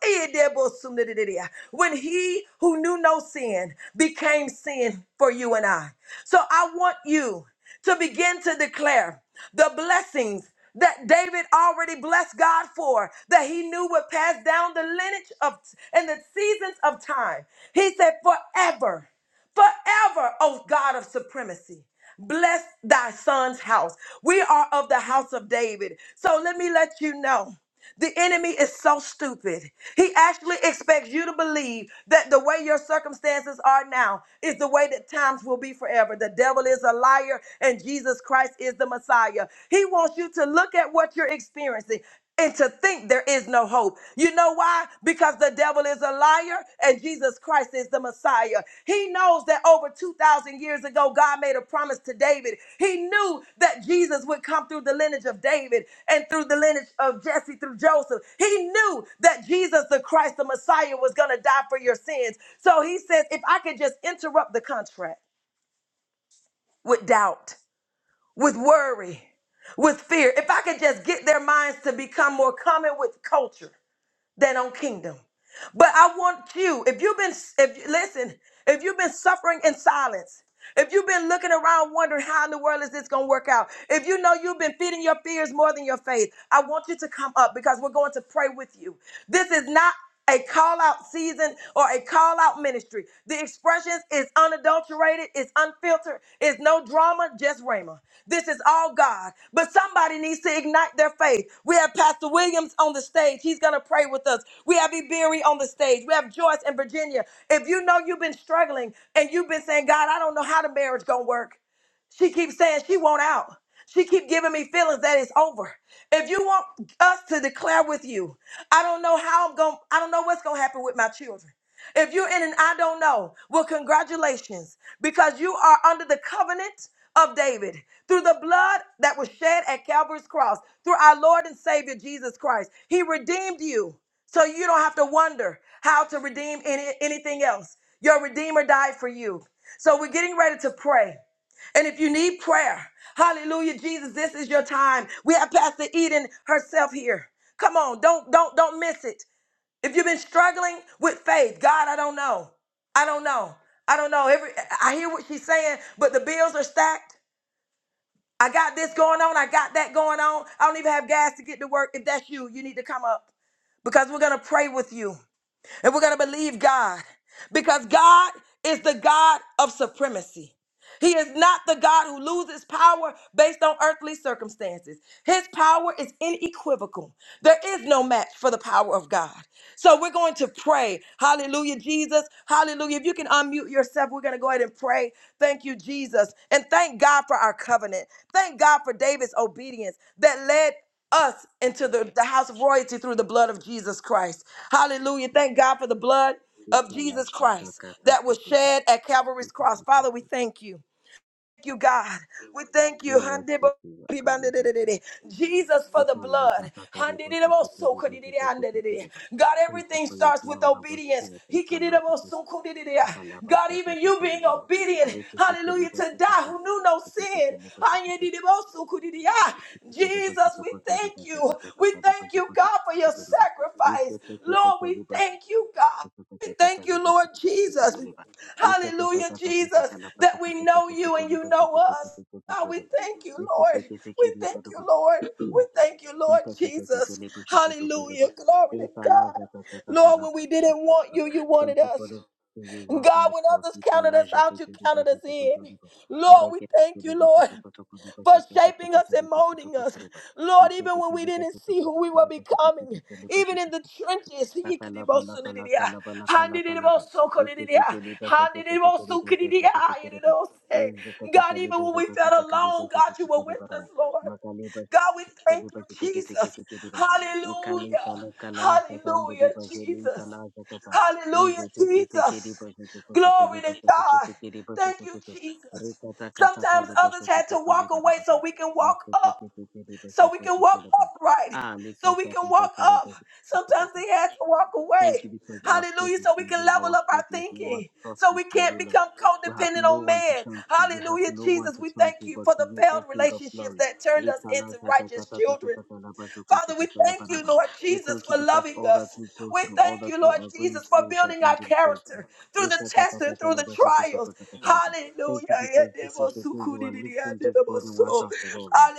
Speaker 2: when he who knew no sin became sin for you and I. So I want you to begin to declare the blessings that David already blessed God for, that he knew would pass down the lineage of and the seasons of time. He said, forever forever, O God of supremacy. Bless thy son's house. We are of the house of David. So let me let you know. The enemy is so stupid. He actually expects you to believe that the way your circumstances are now is the way that times will be forever. The devil is a liar and Jesus Christ is the Messiah. He wants you to look at what you're experiencing and to think there is no hope. You know why? Because the devil is a liar and Jesus Christ is the Messiah. He knows that over 2,000 years ago, God made a promise to David. He knew that Jesus would come through the lineage of David and through the lineage of Jesse, through Joseph. He knew that Jesus the Christ, the Messiah, was going to die for your sins. So he says, if I could just interrupt the contract with doubt, with worry, with fear, if I could just get their minds to become more common with culture than on kingdom. But I want you, if you've been, if listen, if you've been suffering in silence, if you've been looking around wondering how in the world is this going to work out, if you know you've been feeding your fears more than your faith, I want you to come up because we're going to pray with you. This is not a call out season or a call out ministry. The expressions is unadulterated, it's unfiltered, it's no drama, just Rhema. This is all God. But somebody needs to ignite their faith. We have Pastor Williams on the stage. He's going to pray with us. We have Iberi on the stage. We have Joyce and Virginia. If you know you've been struggling and you've been saying, God, I don't know how the marriage going to work. She keeps saying she won't out. She keep giving me feelings that it's over. If you want us to declare with you, I don't know how I'm going. I don't know what's going to happen with my children. If you're in an I don't know, well, congratulations, because you are under the covenant of David through the blood that was shed at Calvary's cross, through our Lord and Savior Jesus Christ. He redeemed you, so you don't have to wonder how to redeem any, anything else. Your Redeemer died for you. So we're getting ready to pray. And if you need prayer, hallelujah, Jesus, this is your time. We have Pastor Eden herself here. Come on, don't don't don't miss it. If you've been struggling with faith, God, I don't know. I don't know. I don't know. Every I hear what she's saying, but the bills are stacked. I got this going on, I got that going on. I don't even have gas to get to work. If that's you, you need to come up because we're going to pray with you and we're going to believe God because God is the God of supremacy. He is not the God who loses power based on earthly circumstances. His power is inequivocal. There is no match for the power of God. So we're going to pray. Hallelujah, Jesus. Hallelujah. If you can unmute yourself, we're going to go ahead and pray. Thank you, Jesus. And thank God for our covenant. Thank God for David's obedience that led us into the, the house of royalty through the blood of Jesus Christ. Hallelujah. Thank God for the blood of
Speaker 6: Eka la
Speaker 2: Jesus
Speaker 6: shaka
Speaker 2: Christ
Speaker 6: kata
Speaker 2: that
Speaker 6: ka
Speaker 2: was
Speaker 6: eba
Speaker 2: shed at Calvary's
Speaker 6: eba
Speaker 2: cross.
Speaker 6: la
Speaker 2: Father, we
Speaker 6: shaka.
Speaker 2: thank you you, God. We thank you.
Speaker 6: We
Speaker 2: Handebo-
Speaker 6: worship you, Akaliba
Speaker 2: Jesus for the
Speaker 6: Ita laza
Speaker 2: blood.
Speaker 6: kakaribo soto koriba
Speaker 2: Handedebosokodidide,
Speaker 6: zete teke tereba.
Speaker 2: God,
Speaker 6: Thank you
Speaker 2: everything
Speaker 6: for your
Speaker 2: starts with
Speaker 6: blood that was
Speaker 2: obedience.
Speaker 6: shed.
Speaker 2: Hikididebosokodidide. God, even you being obedient, hallelujah, to die who knew no sin. Handedebosokodidide. Jesus, we thank you. We thank you, God, for your sacrifice. Lord, we thank you, God. We thank you, Lord Jesus. Hallelujah, Jesus, that we know you and you know us. God, we thank you, Lord. We thank you,
Speaker 6: Thank
Speaker 2: Lord.
Speaker 6: you.
Speaker 2: We thank you,
Speaker 6: Thank
Speaker 2: Lord
Speaker 6: you for
Speaker 2: Jesus. Hallelujah. Glory to God. Lord, when we didn't want you, you wanted us.
Speaker 6: the for your work on
Speaker 2: God,
Speaker 6: the
Speaker 2: when
Speaker 6: cross.
Speaker 2: others
Speaker 6: We can
Speaker 2: counted
Speaker 6: laugh
Speaker 2: us
Speaker 6: at
Speaker 2: out,
Speaker 6: the
Speaker 2: you
Speaker 6: daily
Speaker 2: counted
Speaker 6: basis
Speaker 2: us
Speaker 6: of
Speaker 2: in.
Speaker 6: the river.
Speaker 2: Lord,
Speaker 6: We
Speaker 2: we
Speaker 6: can
Speaker 2: thank
Speaker 6: the daily
Speaker 2: you,
Speaker 6: basis
Speaker 2: Lord
Speaker 6: of the river. We
Speaker 2: for
Speaker 6: can
Speaker 2: shaping
Speaker 6: the
Speaker 2: us and
Speaker 6: daily basis of
Speaker 2: molding us.
Speaker 6: the river.
Speaker 2: Lord,
Speaker 6: We can
Speaker 2: even
Speaker 6: the
Speaker 2: when we
Speaker 6: daily basis of the river. We can the
Speaker 2: didn't see who we were
Speaker 6: daily
Speaker 2: becoming,
Speaker 6: basis of the
Speaker 2: even in
Speaker 6: river.
Speaker 2: the trenches,
Speaker 6: Takalaba laka laka
Speaker 2: Yikidibosunididia,
Speaker 6: laba laka laka laba. Ike teke
Speaker 2: Handidibosokodididia,
Speaker 6: liba zoko toko ko liba zoko toko
Speaker 2: Handidibosukodididia,
Speaker 6: ko liba. Iri zoko taka
Speaker 2: God,
Speaker 6: liba
Speaker 2: even when
Speaker 6: zoko
Speaker 2: we
Speaker 6: taka
Speaker 2: felt
Speaker 6: taka liba
Speaker 2: alone, God,
Speaker 6: zoko
Speaker 2: you
Speaker 6: toko
Speaker 2: were
Speaker 6: liba
Speaker 2: with us,
Speaker 6: raba.
Speaker 2: Lord.
Speaker 6: Maka liba
Speaker 2: God, we
Speaker 6: zoko
Speaker 2: thank
Speaker 6: liba
Speaker 2: you,
Speaker 6: zoko teke teke
Speaker 2: Jesus.
Speaker 6: teke liba. Ika li ka
Speaker 2: Hallelujah.
Speaker 6: li ka la asa ta mbe
Speaker 2: Hallelujah,
Speaker 6: liba zoli ika
Speaker 2: Jesus.
Speaker 6: la asa ta ta. Iri
Speaker 2: Hallelujah,
Speaker 6: zo teke teke
Speaker 2: Jesus.
Speaker 6: liba zoko toko toko
Speaker 2: Glory
Speaker 6: liba
Speaker 2: to
Speaker 6: zoko teke
Speaker 2: God.
Speaker 6: teke liba
Speaker 2: Thank
Speaker 6: zoko
Speaker 2: you,
Speaker 6: toko.
Speaker 2: Jesus.
Speaker 6: Rika taka taka
Speaker 2: Sometimes
Speaker 6: liba
Speaker 2: others
Speaker 6: zoko
Speaker 2: had
Speaker 6: toko
Speaker 2: to
Speaker 6: toko
Speaker 2: walk
Speaker 6: liba
Speaker 2: away
Speaker 6: raba
Speaker 2: so
Speaker 6: raba.
Speaker 2: we can walk
Speaker 6: Maso
Speaker 2: up
Speaker 6: teke teke liba
Speaker 2: so we
Speaker 6: zoko
Speaker 2: can
Speaker 6: toko
Speaker 2: walk
Speaker 6: liba.
Speaker 2: upright,
Speaker 6: Ah, nika
Speaker 2: so we
Speaker 6: saka
Speaker 2: can walk
Speaker 6: taka liba
Speaker 2: up.
Speaker 6: zoko toko.
Speaker 2: Sometimes they had to walk
Speaker 6: Thank you
Speaker 2: away.
Speaker 6: because our faith
Speaker 2: Hallelujah.
Speaker 6: is
Speaker 2: So we
Speaker 6: in
Speaker 2: can
Speaker 6: you,
Speaker 2: level
Speaker 6: our
Speaker 2: up our
Speaker 6: faith is in you, our
Speaker 2: thinking.
Speaker 6: trust
Speaker 2: So
Speaker 6: is
Speaker 2: we
Speaker 6: in
Speaker 2: can't
Speaker 6: you, Lord.
Speaker 2: become
Speaker 6: We have
Speaker 2: codependent
Speaker 6: no
Speaker 2: on
Speaker 6: one to
Speaker 2: man.
Speaker 6: turn to, we have
Speaker 2: Hallelujah.
Speaker 6: no one
Speaker 2: Jesus,
Speaker 6: to
Speaker 2: we
Speaker 6: turn
Speaker 2: thank
Speaker 6: to
Speaker 2: you
Speaker 6: but
Speaker 2: for the
Speaker 6: you,
Speaker 2: failed
Speaker 6: O King of
Speaker 2: relationships
Speaker 6: glory.
Speaker 2: that turned
Speaker 6: We
Speaker 2: us into
Speaker 6: thank
Speaker 2: righteous children. Father, we thank you, Lord Jesus,
Speaker 6: you
Speaker 2: for
Speaker 6: because
Speaker 2: loving
Speaker 6: all that
Speaker 2: us.
Speaker 6: we go
Speaker 2: We
Speaker 6: through, all
Speaker 2: thank
Speaker 6: that
Speaker 2: you,
Speaker 6: we
Speaker 2: Lord
Speaker 6: are going
Speaker 2: Jesus, for
Speaker 6: through shall
Speaker 2: building our
Speaker 6: end in praise. Lord.
Speaker 2: character through the tests and through the trials.
Speaker 6: Thank you because
Speaker 2: Hallelujah.
Speaker 6: this is the day you are lifting this burden once and for all, Lord.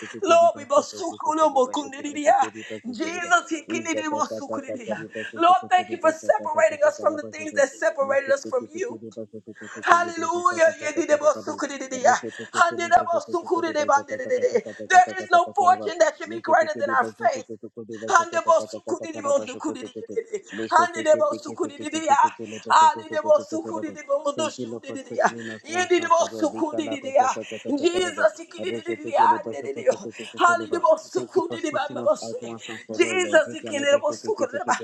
Speaker 6: Thank you,
Speaker 2: Lord, we
Speaker 6: Lord,
Speaker 2: bosukulo mokundidia. Jesus, he kinidi bosukulidia. Lord, thank you for separating us from the things that separated us from you. Hallelujah. Yedidebosukudididea. Handidabosukudidibandidididi. There is no fortune that should be greater than our faith. Handibosukudidibondukudidididi. Handidebosukudididea.
Speaker 6: for
Speaker 2: Handidebosukudidibondusudididea.
Speaker 6: settling us once and for all.
Speaker 2: Yedidebosukudididea.
Speaker 6: Rikalabashakatakatarabu.
Speaker 2: Jesus.
Speaker 6: Thank you
Speaker 2: ikididididea. Handidididea.
Speaker 6: for sorting us out
Speaker 2: Handidebosukudidibambabose.
Speaker 6: once and for all, Lord.
Speaker 2: Jesus. ikididebosukudidaba.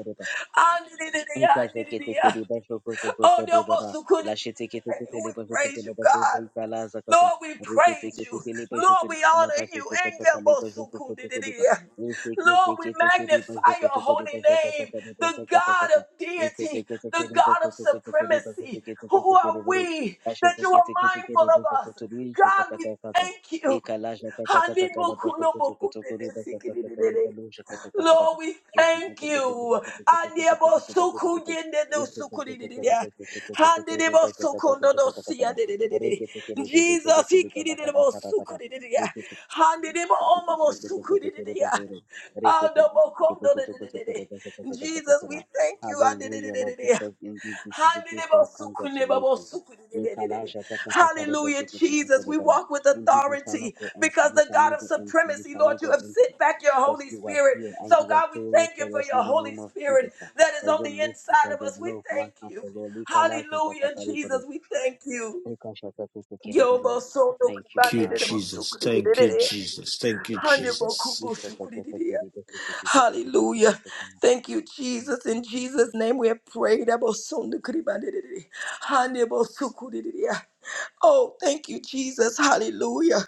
Speaker 2: Handidididea.
Speaker 6: Rikasha kete
Speaker 2: Handidididea.
Speaker 6: kiri basho koto
Speaker 2: Oh,
Speaker 6: koto
Speaker 2: there was
Speaker 6: debara.
Speaker 2: who could
Speaker 6: Lashete kete kete le
Speaker 2: we
Speaker 6: basho koto
Speaker 2: praise
Speaker 6: le
Speaker 2: you,
Speaker 6: basho
Speaker 2: God.
Speaker 6: dei kala zakata.
Speaker 2: Lord, we
Speaker 6: Rikete
Speaker 2: praise you.
Speaker 6: kete kiri basho
Speaker 2: Lord,
Speaker 6: to
Speaker 2: we
Speaker 6: la
Speaker 2: honor
Speaker 6: basho
Speaker 2: you.
Speaker 6: koto koto le basho koto koto koto ba.
Speaker 2: Engemosukundididia.
Speaker 6: Ese
Speaker 2: Lord,
Speaker 6: kete
Speaker 2: we
Speaker 6: kete kiri basho
Speaker 2: magnify your
Speaker 6: koto liba shoko to koto
Speaker 2: holy
Speaker 6: basho kata
Speaker 2: name,
Speaker 6: kata
Speaker 2: the
Speaker 6: basho kata
Speaker 2: God
Speaker 6: kata.
Speaker 2: of
Speaker 6: Ese kete
Speaker 2: deity,
Speaker 6: kete
Speaker 2: the
Speaker 6: kiri
Speaker 2: God
Speaker 6: basho
Speaker 2: of
Speaker 6: koto koto koto basho
Speaker 2: supremacy.
Speaker 6: kete kete
Speaker 2: Who are
Speaker 6: kiri baro.
Speaker 2: we
Speaker 6: Basho
Speaker 2: that you are
Speaker 6: kete kete
Speaker 2: mindful
Speaker 6: kiri basho
Speaker 2: of us?
Speaker 6: koto le shota
Speaker 2: God, we
Speaker 6: kata kata.
Speaker 2: thank you.
Speaker 6: Eka lasha kata kata kala basho koto koto koto basho kata kata
Speaker 2: Hanibukulobokundidisikididididi.
Speaker 6: basho kata kata
Speaker 2: Lord, we thank
Speaker 6: Rekete kere
Speaker 2: you. Andiabosukuyendedosukudidididea. Handidibosukundodosiyadididididi.
Speaker 6: de jeto do
Speaker 2: Jesus,
Speaker 6: kuli bala kada kada kada.
Speaker 2: ikidididibosukudidididea. Handidiboomomosukudididia. Aldobokondodididididi. Jesus, we thank you.
Speaker 6: Hallelujah, Lord,
Speaker 2: Andidididididea.
Speaker 6: because indeed this is a day for congratulations. Indeed,
Speaker 2: Hallelujah, Jesus. We walk with
Speaker 6: we shall
Speaker 2: authority
Speaker 6: not go empty,
Speaker 2: because
Speaker 6: we
Speaker 2: the
Speaker 6: shall
Speaker 2: God
Speaker 6: not
Speaker 2: of
Speaker 6: go empty, we
Speaker 2: supremacy,
Speaker 6: shall
Speaker 2: Lord,
Speaker 6: not go
Speaker 2: you have
Speaker 6: empty.
Speaker 2: sent back your
Speaker 6: Because
Speaker 2: Holy
Speaker 6: you are
Speaker 2: Spirit.
Speaker 6: here and
Speaker 2: So,
Speaker 6: you are
Speaker 2: God, we
Speaker 6: doing it
Speaker 2: thank you
Speaker 6: for
Speaker 2: for
Speaker 6: us
Speaker 2: your
Speaker 6: in the
Speaker 2: Holy
Speaker 6: name of
Speaker 2: Spirit
Speaker 6: Jesus.
Speaker 2: that is
Speaker 6: By
Speaker 2: on
Speaker 6: your
Speaker 2: the
Speaker 6: mercy, by
Speaker 2: inside of
Speaker 6: your
Speaker 2: us. We
Speaker 6: love,
Speaker 2: thank
Speaker 6: one and
Speaker 2: you.
Speaker 6: for all.
Speaker 2: Hallelujah, Jesus. We thank you. Yo, bo, so, do, ki,
Speaker 6: Thank you,
Speaker 2: ba,
Speaker 4: Thank you,
Speaker 2: ni,
Speaker 6: Father.
Speaker 2: di, di, bo, su,
Speaker 4: Jesus.
Speaker 2: ki, di, di, di,
Speaker 4: Thank
Speaker 2: di.
Speaker 4: you,
Speaker 2: di.
Speaker 4: Jesus. Thank you, Jesus.
Speaker 2: Hallelujah.
Speaker 6: Thank
Speaker 2: Thank you, Jesus. In
Speaker 6: you.
Speaker 2: Jesus' name we have prayed. Abosundukudibandididi. Oh, thank you, Jesus. Hallelujah.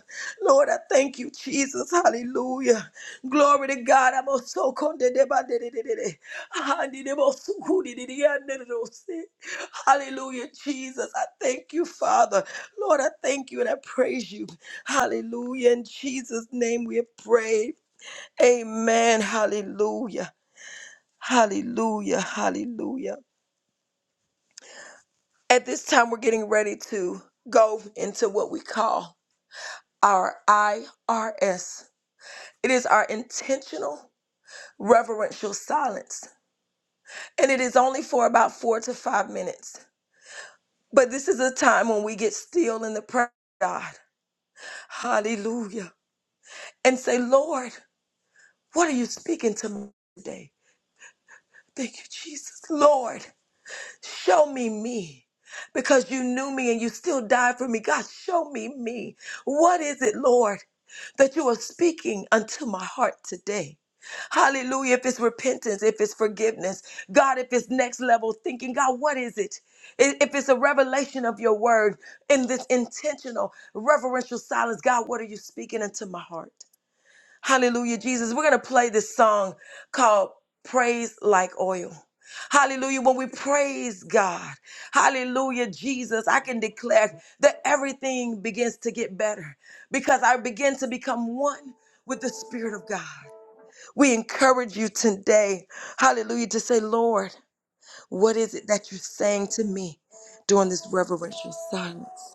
Speaker 2: Lord, I thank you, Jesus. Hallelujah. Glory to God. Hallelujah, Jesus. I thank you, Father. Lord, I thank you and I praise you. Hallelujah. In Jesus' name we have prayed. Amen. Hallelujah. Hallelujah. Hallelujah. At this time, we're getting ready to go into what we call our IRS. It is our intentional reverential silence, and it is only for about four to five minutes. But this is a time when we get still in the prayer, of God. Hallelujah. And say, Lord, what are you speaking to me today? Thank you, Jesus. Lord, Show me me. Because you knew me and you still died for me. God, show me me. What is it, Lord, that you are speaking unto my heart today? Hallelujah. If it's repentance, if it's forgiveness, God, if it's next level thinking, God, what is it? I- If it's a revelation of your word in this intentional, reverential silence, God, what are you speaking into my heart? Hallelujah, Jesus. We're going to play this song called Praise Like Oil. Hallelujah. When we praise God, hallelujah, Jesus, I can declare that everything begins to get better because I begin to become one with the Spirit of God. We encourage you today, hallelujah, to say, Lord, what is it that you're saying to me during this reverential silence?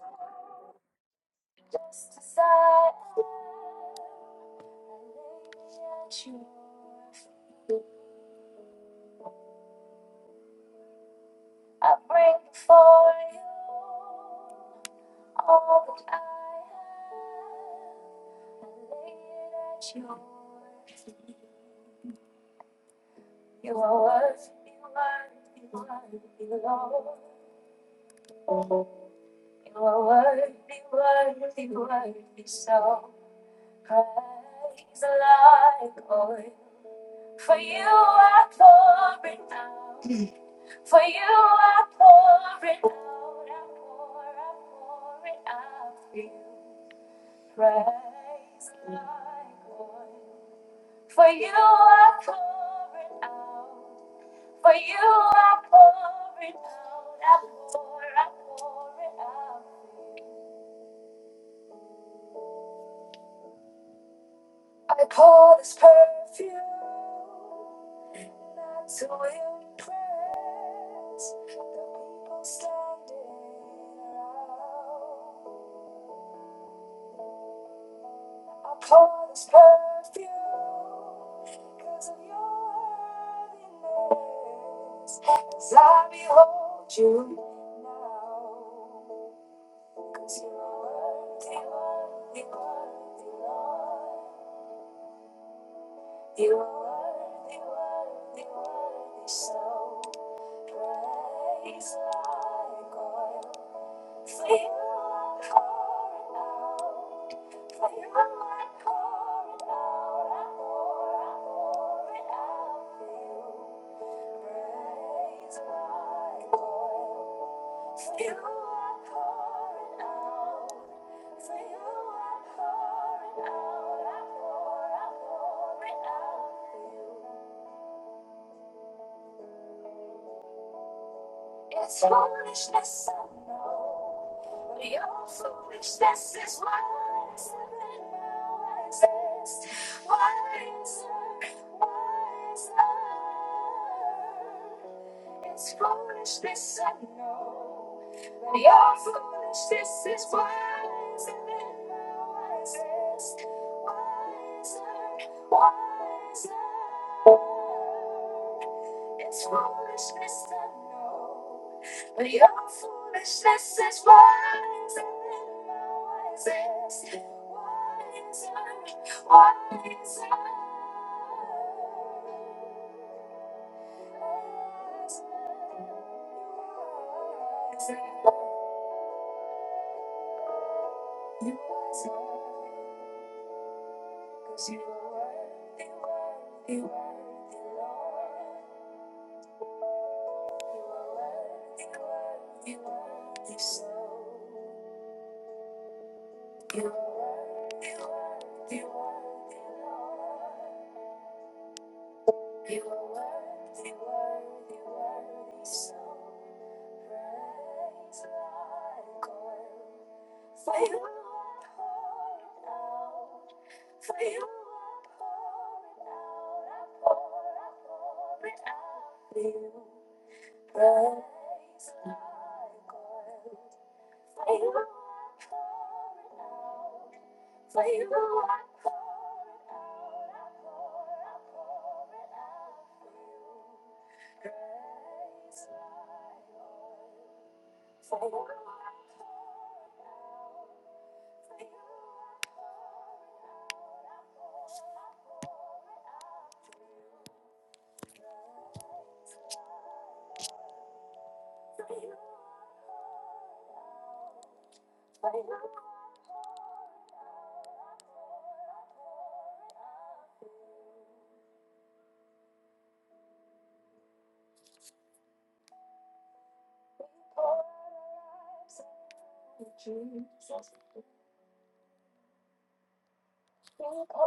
Speaker 1: apa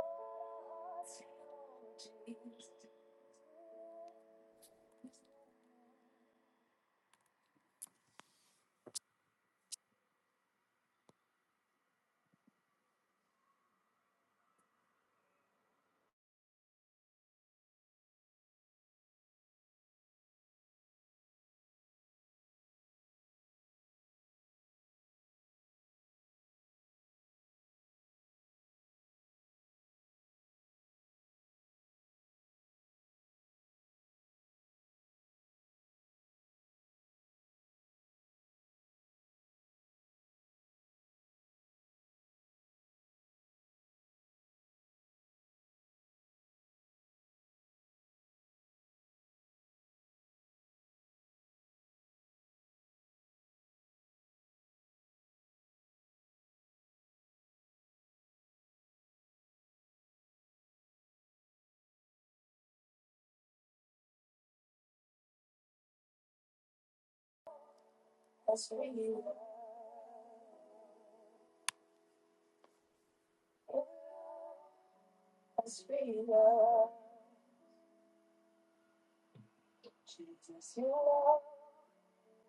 Speaker 1: Jesus, you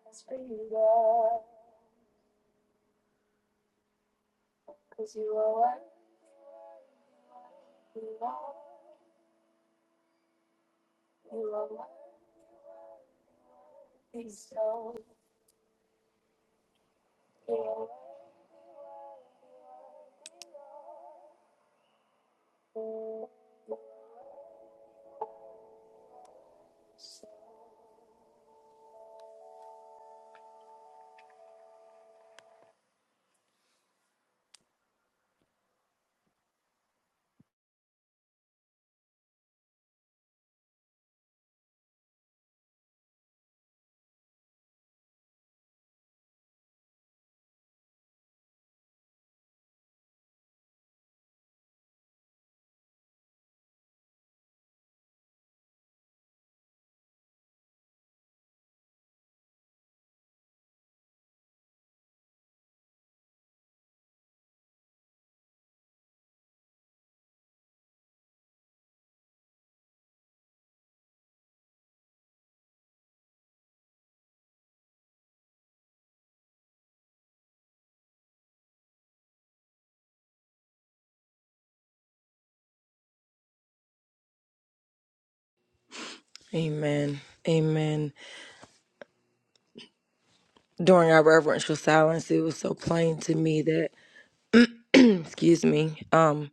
Speaker 1: are freedom.
Speaker 2: Amen. Amen. During our reverential silence, it was so plain to me that. excuse me um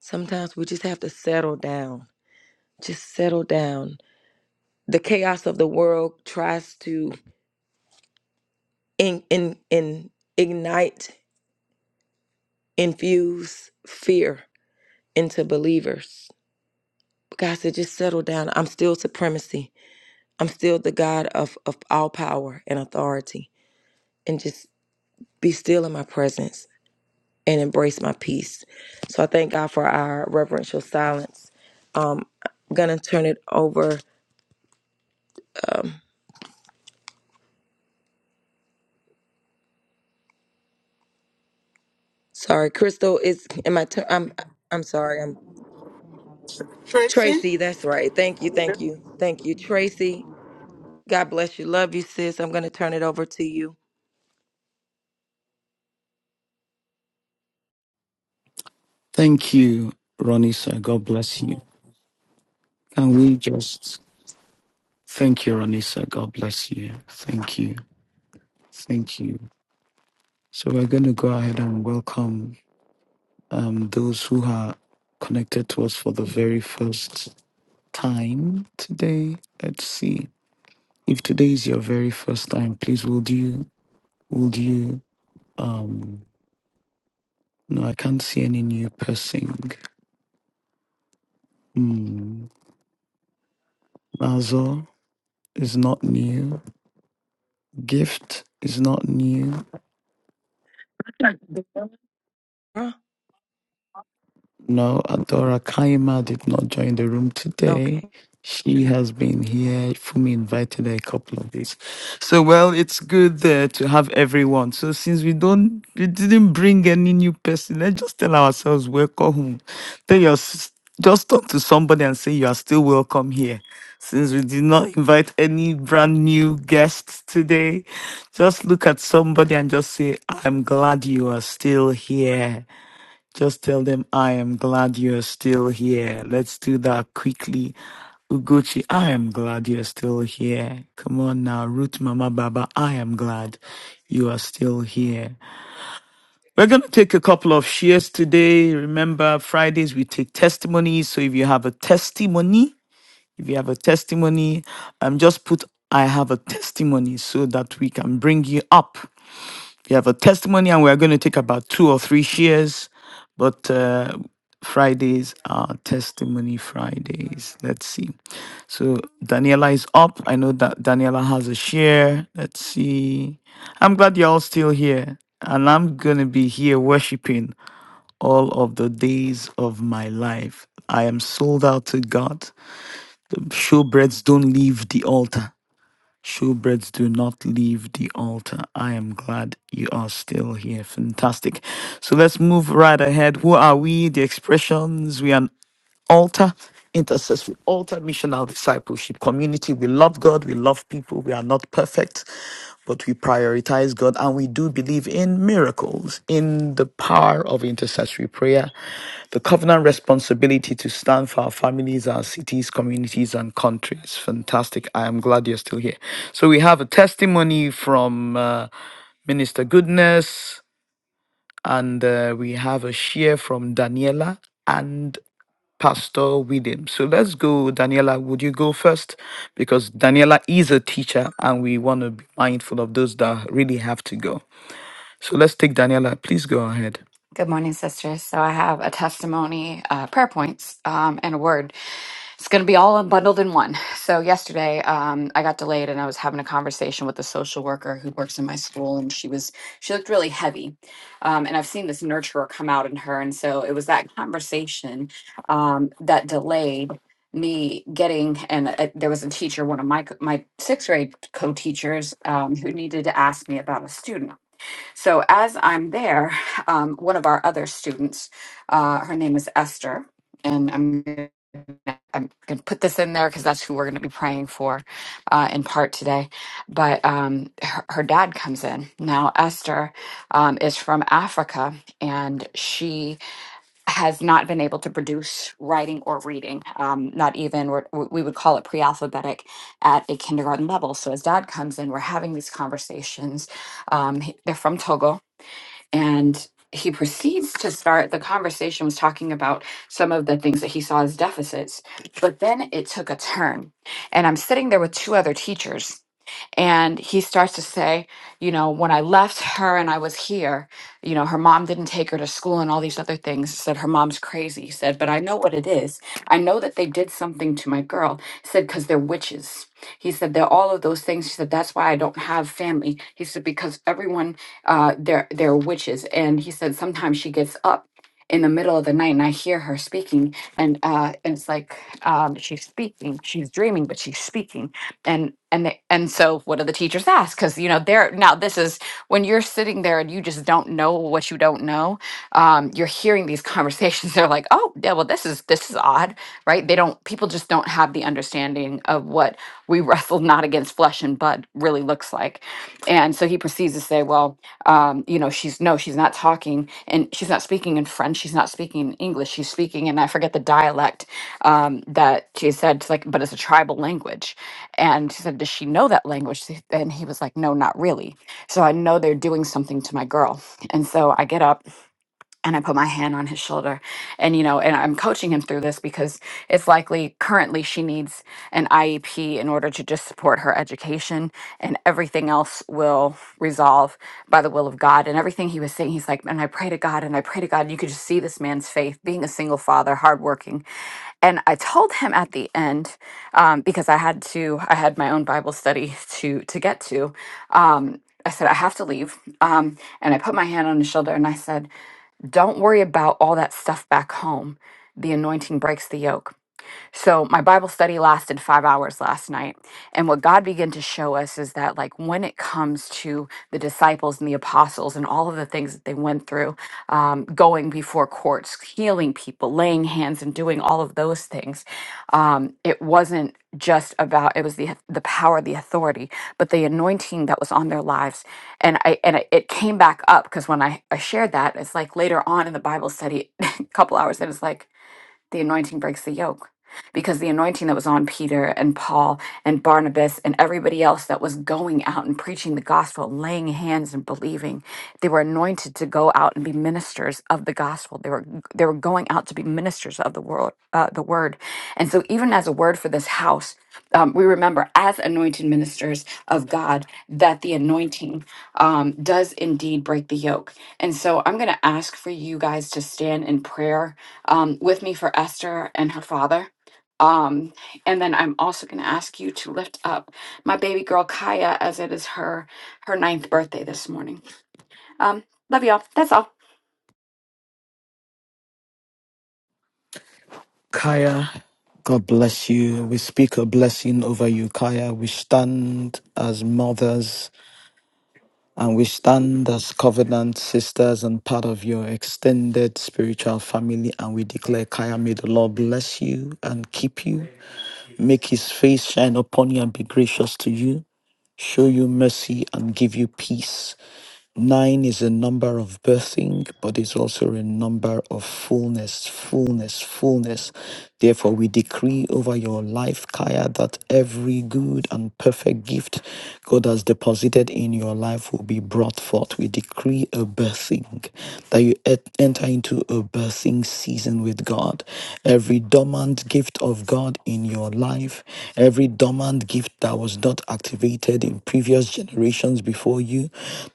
Speaker 2: sometimes we just have to settle down just settle down the chaos of the world tries to in in, in ignite infuse fear into believers but god said just settle down i'm still supremacy i'm still the god of of all power and authority and just be still in my presence and embrace my peace so i thank god for our reverential silence um i'm gonna turn it over Sorry, Crystal. It's in my turn. I'm I'm sorry. I'm
Speaker 8: Tracy?
Speaker 2: Tracy. That's right. Thank you. Thank you. Thank you, Tracy. God bless you. Love you, sis. I'm gonna turn it over to you.
Speaker 9: Thank you, Ronisa. God bless you. Can we just thank you, Ronisa? God bless you. Thank you. Thank you. So we're going to go ahead and welcome um, those who are connected to us for the very first time today. Let's see. If today is your very first time, please would you would you um no I can't see any new person. Hmm. Mazo is not new. Gift is not new.
Speaker 2: Huh?
Speaker 9: No, Adora Kaima did not join the room today.
Speaker 2: Okay.
Speaker 9: She has been here. Fumi invited her a couple of days. So, well, it's good uh, to have everyone. So, since we don't, we didn't bring any new person, let's just tell ourselves welcome home. Tell your, s- just talk to somebody and say you are still welcome here. Since we did not invite any brand new guests today, just look at somebody and just say, I'm glad you are still here. Just tell them I am glad you're still here. Let's do that quickly. Ugochi, I am glad you're still here. Come on now, Root Mama Baba, I am glad you are still here. We're going to take a couple of shares today. Remember, Fridays we take testimonies. So if you have a testimony, if you have a testimony, um, just put I have a testimony so that we can bring you up. We have a testimony, and we're going to take about two or three shares. But uh, Fridays are testimony Fridays. Let's see. So Daniela is up. I know that Daniela has a share. Let's see. I'm glad you're all still here. And I'm going to be here worshiping all of the days of my life. I am sold out to God. The showbreads don't leave the altar. Showbreads do not leave the altar. I am glad you are still here. Fantastic. So let's move right ahead. Who are we? The expressions. We are. an altar, intercessory altar, missional discipleship community. We love God, we love people, we are not perfect, but we prioritize God and we do believe in miracles, in the power of intercessory prayer, the covenant responsibility to stand for our families, our cities, communities, and countries. Fantastic. I am glad you're still here. So we have a testimony from uh, Minister Goodness, and uh, we have a share from Daniela. and. Pastor William. So let's go, Daniela. Would you go first? Because Daniela is a teacher and we want to be mindful of those that really have to go. So let's take Daniela. Please go ahead.
Speaker 10: Good morning, sisters. So I have a testimony, uh, prayer points, um, and a word. It's going to be all bundled in one. So yesterday, um, I got delayed, and I was having a conversation with a social worker who works in my school, and she was she looked really heavy, um, and I've seen this nurturer come out in her, and so it was that conversation um, that delayed me getting and uh, there was a teacher one of my co- my sixth grade co-teachers um, who needed to ask me about a student so as I'm there, um, one of our other students, uh, her name is Esther, and I'm gonna- I'm going to put this in there because that's who we're going to be praying for uh, in part today. But um, her, her dad comes in now. Esther um, is from Africa, and she has not been able to produce writing or reading, um, not even what we would call it pre-alphabetic at a kindergarten level. So as dad comes in, we're having these conversations. Um, he- they're from Togo, and he proceeds to start the conversation was talking about some of the things that he saw as deficits, but then it took a turn. And I'm sitting there with two other teachers and he starts to say, you know, when I left her and I was here, you know, her mom didn't take her to school and all these other things. He said, her mom's crazy. He said, but I know what it is. I know that they did something to my girl. He said, because they're witches. He said, they're all of those things. He said, that's why I don't have family. He said, because everyone, uh, they're, they're witches. And he said, sometimes she gets up in the middle of the night and I hear her speaking and, uh, and it's like, um, she's speaking, she's dreaming, but she's speaking and and they, and so what do the teachers ask because you know they're now this is when you're sitting there and you just don't know what you don't know um, you're hearing these conversations they're like oh yeah well this is this is odd right they don't people just don't have the understanding of what we wrestle not against flesh and blood really looks like and so he proceeds to say well um, you know she's no she's not talking and she's not speaking in french she's not speaking in english she's speaking and i forget the dialect um, that she said it's like but it's a tribal language and she said, Does she know that language? And he was like, No, not really. So I know they're doing something to my girl. And so I get up and I put my hand on his shoulder. And, you know, and I'm coaching him through this because it's likely currently she needs an IEP in order to just support her education and everything else will resolve by the will of God. And everything he was saying, he's like, and I pray to God and I pray to God. And You could just see this man's faith, being a single father, hardworking. And I told him at the end, um, because I had to, I had my own Bible study to to get to. Um, I said, I have to leave. Um, and I put my hand on his shoulder and I said, don't worry about all that stuff back home. The anointing breaks the yoke. So my Bible study lasted five hours last night. And what God began to show us is that, like, when it comes to the disciples and the apostles and all of the things that they went through, um, going before courts, healing people, laying hands, and doing all of those things, um, it wasn't just about it was the the power the authority but the anointing that was on their lives and i and it it came back up because when I, I shared that it's like later on in the bible study a couple hours and it's like the anointing breaks the yoke because the anointing that was on Peter and Paul and Barnabas and everybody else that was going out and preaching the gospel, laying hands and believing, they were anointed to go out and be ministers of the gospel. They were they were going out to be ministers of the world, uh, the word. And so, even as a word for this house, um, we remember as anointed ministers of God that the anointing um, does indeed break the yoke. And so, I'm going to ask for you guys to stand in prayer um, with me for Esther and her father. Um, and then I'm also going to ask you to lift up my baby girl Kaya as it is her her ninth birthday this morning. Um, love y'all. That's all.
Speaker 9: Kaya, God bless you. We speak a blessing over you, Kaya. We stand as mothers and we stand as covenant sisters and part of your extended spiritual family. And we declare, Kaya, may the Lord bless you and keep you, make his face shine upon you and be gracious to you. show you mercy and give you peace. Nine is a number of birthing, but it's also a number of fullness, fullness, fullness. Therefore, we decree over your life, Kaya, that every good and perfect gift God has deposited in your life will be brought forth. We decree a birthing, that you et- enter into a birthing season with God. Every dormant gift of God in your life. Every dormant gift that was not activated in previous generations before you,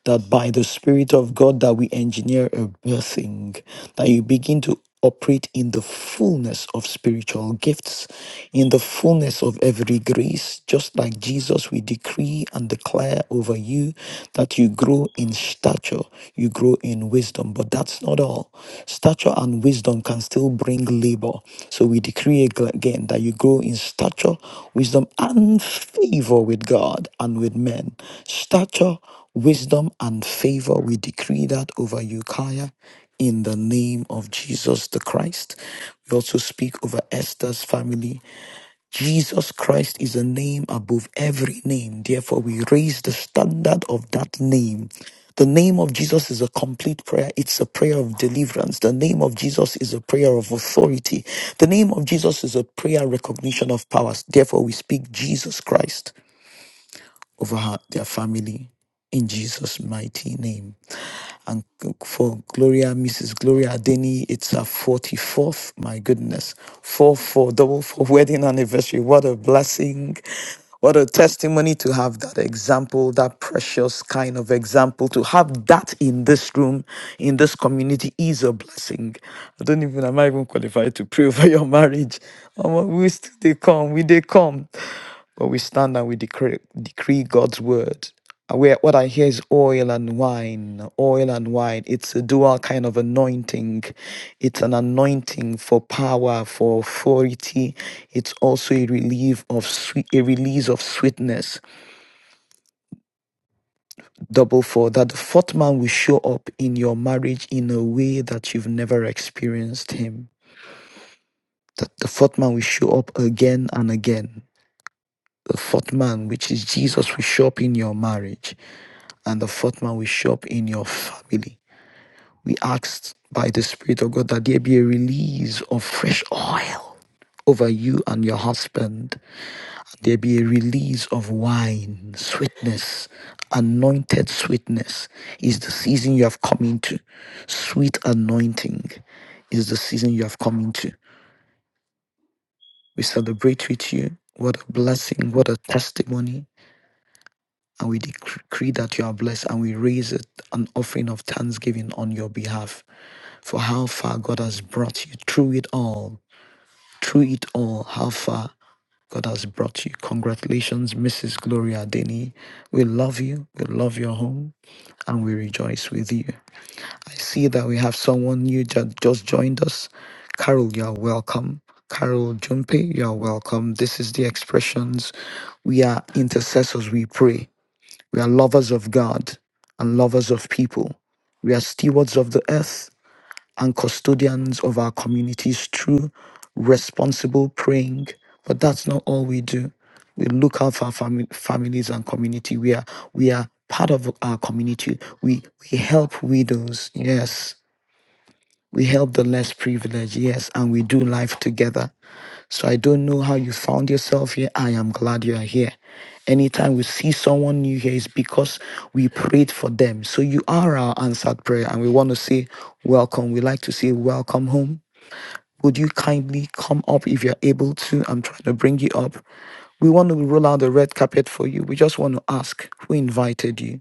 Speaker 9: that by the Spirit of God that we engineer a birthing, that you begin to operate in the fullness of spiritual gifts, in the fullness of every grace. Just like Jesus, we decree and declare over you that you grow in stature stature, you grow in wisdom. But that's not all. Stature and wisdom can still bring labor. So we decree ag- again that you grow in stature, wisdom, and favor with God and with men. Stature, wisdom, and favor. We decree that over you, Kaya in the name of Jesus the Christ. We also speak over Esther's family. Jesus Christ is a name above every name. Therefore, we raise the standard of that name. The name of Jesus is a complete prayer. It's a prayer of deliverance. The name of Jesus is a prayer of authority. The name of Jesus is a prayer recognition of powers. Therefore, we speak Jesus Christ over her, their family in Jesus' mighty name. And for Gloria, Mrs. Gloria Adeni, it's her 44th. My goodness. Four, four, double four wedding anniversary. What a blessing. What a testimony to have that example, that precious kind of example. To have that in this room, in this community is a blessing. I don't even, am I even qualified to pray for your marriage? Omo, We still they come, we they come. But we stand and we decree, decree God's word. Uh, Where what I hear is oil and wine, oil and wine. It's a dual kind of anointing. It's an anointing for power, for authority. It's also a relief of sweet, a release of sweetness. Double for that the fourth man will show up in your marriage in a way that you've never experienced him. That the fourth man will show up again and again. The fourth man, which is Jesus, will show up in your marriage and the fourth man will show up in your family. We asked by the Spirit of God that there be a release of fresh oil over you and your husband. There be a release of wine, sweetness, anointed sweetness is the season you have come into. Sweet anointing is the season you have come into. We celebrate with you. What a blessing, what a testimony. And we decree that you are blessed and we raise it an offering of thanksgiving on your behalf. for how far God has brought you through it all. Through it all, how far God has brought you. Congratulations, Mrs. Gloria Denny. We love you. We love your home and we rejoice with you. I see that we have someone new that just joined us. Carol, you're welcome. Carol Jumpe, you're welcome. This is the expressions. We are intercessors, we pray. We are lovers of God and lovers of people. We are stewards of the earth and custodians of our communities through responsible praying. But that's not all we do. We look out for our fami- families and community. We are we are part of our community. We we help widows. Yes. We help the less privileged, yes, and we do life together. So I don't know how you found yourself here. I am glad you are here. Anytime we see someone new here, it's because we prayed for them. So you are our answered prayer, and we want to say welcome. We like to say welcome home. Would you kindly come up if you're able to? I'm trying to bring you up. We want to roll out the red carpet for you. We just want to ask who invited you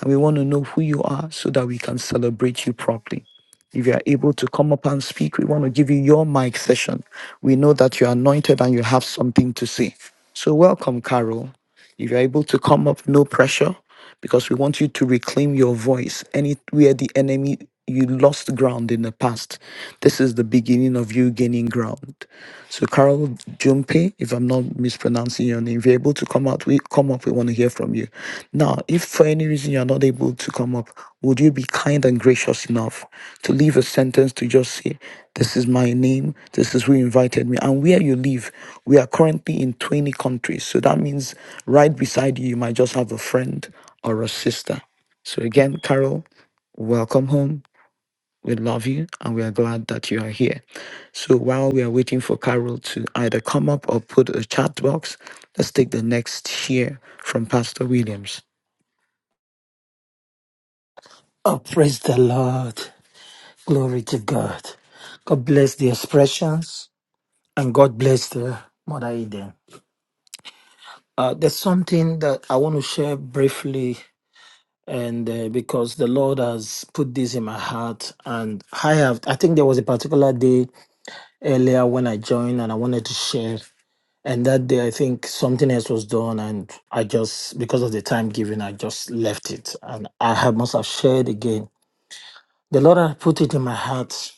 Speaker 9: and we want to know who you are so that we can celebrate you properly. If you are able to come up and speak, we want to give you your mic session. We know that you're anointed and you have something to say. So, welcome, Carol. If you're able to come up, no pressure, because we want you to reclaim your voice. Anywhere the enemy, you lost ground in the past. This is the beginning of you gaining ground. So Carol Jumpe, if I'm not mispronouncing your name, if you're able to come out, we come up, we want to hear from you. Now, if for any reason you're not able to come up, would you be kind and gracious enough to leave a sentence to just say, This is my name, this is who invited me, and where you live? We are currently in 20 countries. So that means right beside you, you might just have a friend or a sister. So again, Carol, welcome home. We love you and we are glad that you are here. So while we are waiting for Carol to either come up or put a chat box, let's take the next share from Pastor Williams.
Speaker 4: Oh, praise the Lord. Glory to God. God bless the expressions and God bless the Mother Eden. Uh, there's something that I want to share briefly, and uh, because the Lord has put this in my heart, and I have, I think there was a particular day earlier when I joined and I wanted to share. And that day, I think something else was done, and I just, because of the time given, I just left it. And I have, must have shared again. The Lord had put it in my heart.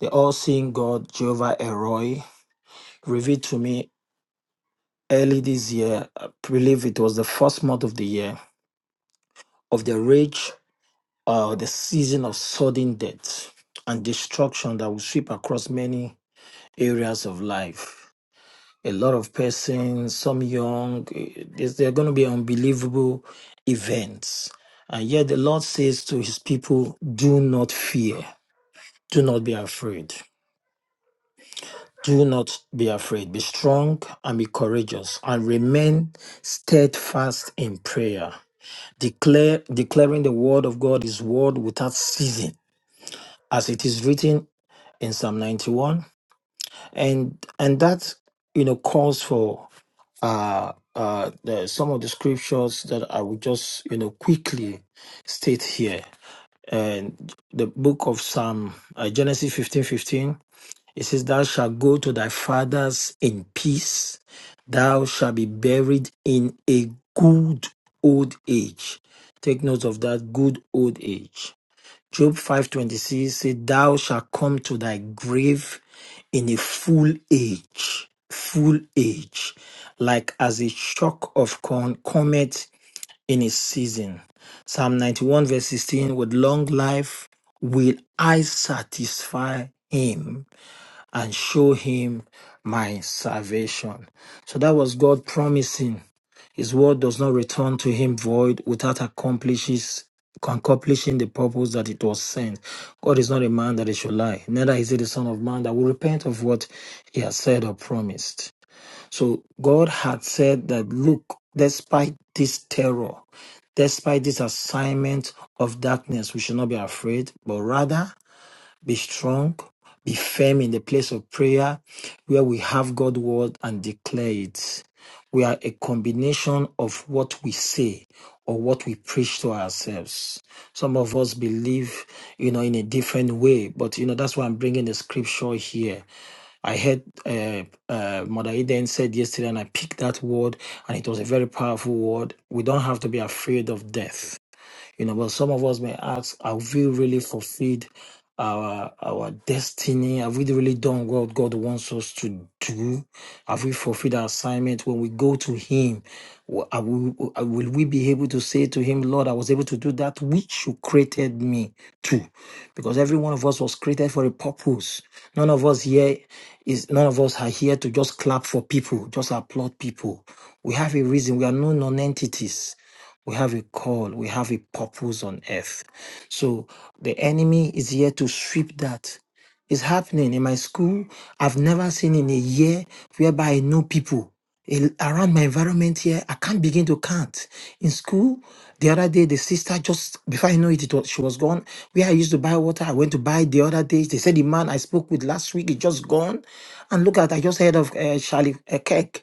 Speaker 4: The all seeing God, Jehovah Eroi, revealed to me early this year. I believe it was the first month of the year of the rage, uh, the season of sudden death and destruction that will sweep across many areas of life. a lot of persons, some young. eh, There's, there are going to be unbelievable events. And yet the Lord says to his people, do not fear, do not be afraid. Do not be afraid. Be strong and be courageous and remain steadfast in prayer. Declare declaring the word of God is word without ceasing, as it is written in Psalm 91. And and that you know calls for uh, uh, the, some of the scriptures that I will just you know quickly state here. And the book of Psalm uh, Genesis fifteen fifteen it says, "Thou shalt go to thy fathers in peace; thou shalt be buried in a good old age." Take note of that good old age. Job 5:26 said, Thou shalt come to thy grave in a full age, full age, like as a shock of corn comet in its season. Psalm 91, verse 16, with long life will I satisfy him and show him my salvation. So that was God promising. His word does not return to him void without accomplishes accomplishing the purpose that it was sent. God is not a man that he should lie, neither is he the son of man that will repent of what he has said or promised. So God had said that look, despite this terror, despite this assignment of darkness, we should not be afraid, but rather be strong, be firm in the place of prayer where we have God's word and declare it. We are a combination of what we say or what we preach to ourselves. Some of us believe, you know, in a different way, but, you know, that's why I'm bringing the scripture here. I heard uh, uh, Mother Eden said yesterday, and I picked that word, and it was a very powerful word. We don't have to be afraid of death you know, but some of us may ask, have we really fulfilled our our destiny? Have we really done what God wants us to do? Have we fulfilled our assignment? When we go to Him, will are we- will we be able to say to Him, Lord, I was able to do that which you created me to? Because every one of us was created for a purpose. None of us here is none of us are here to just clap for people, just applaud people. We have a reason. We are no non-entities. We have a call, we have a purpose on earth. So the enemy is here to sweep that. It's happening in my school. I've never seen in a year whereby I know people a- around my environment here. I can't begin to count. In school, the other day, the sister just before I know it, it was, she was gone. Where I used to buy water, I went to buy the other day. They said the man I spoke with last week is just gone. And look at, I just heard of uh, Charlie uh, Kirk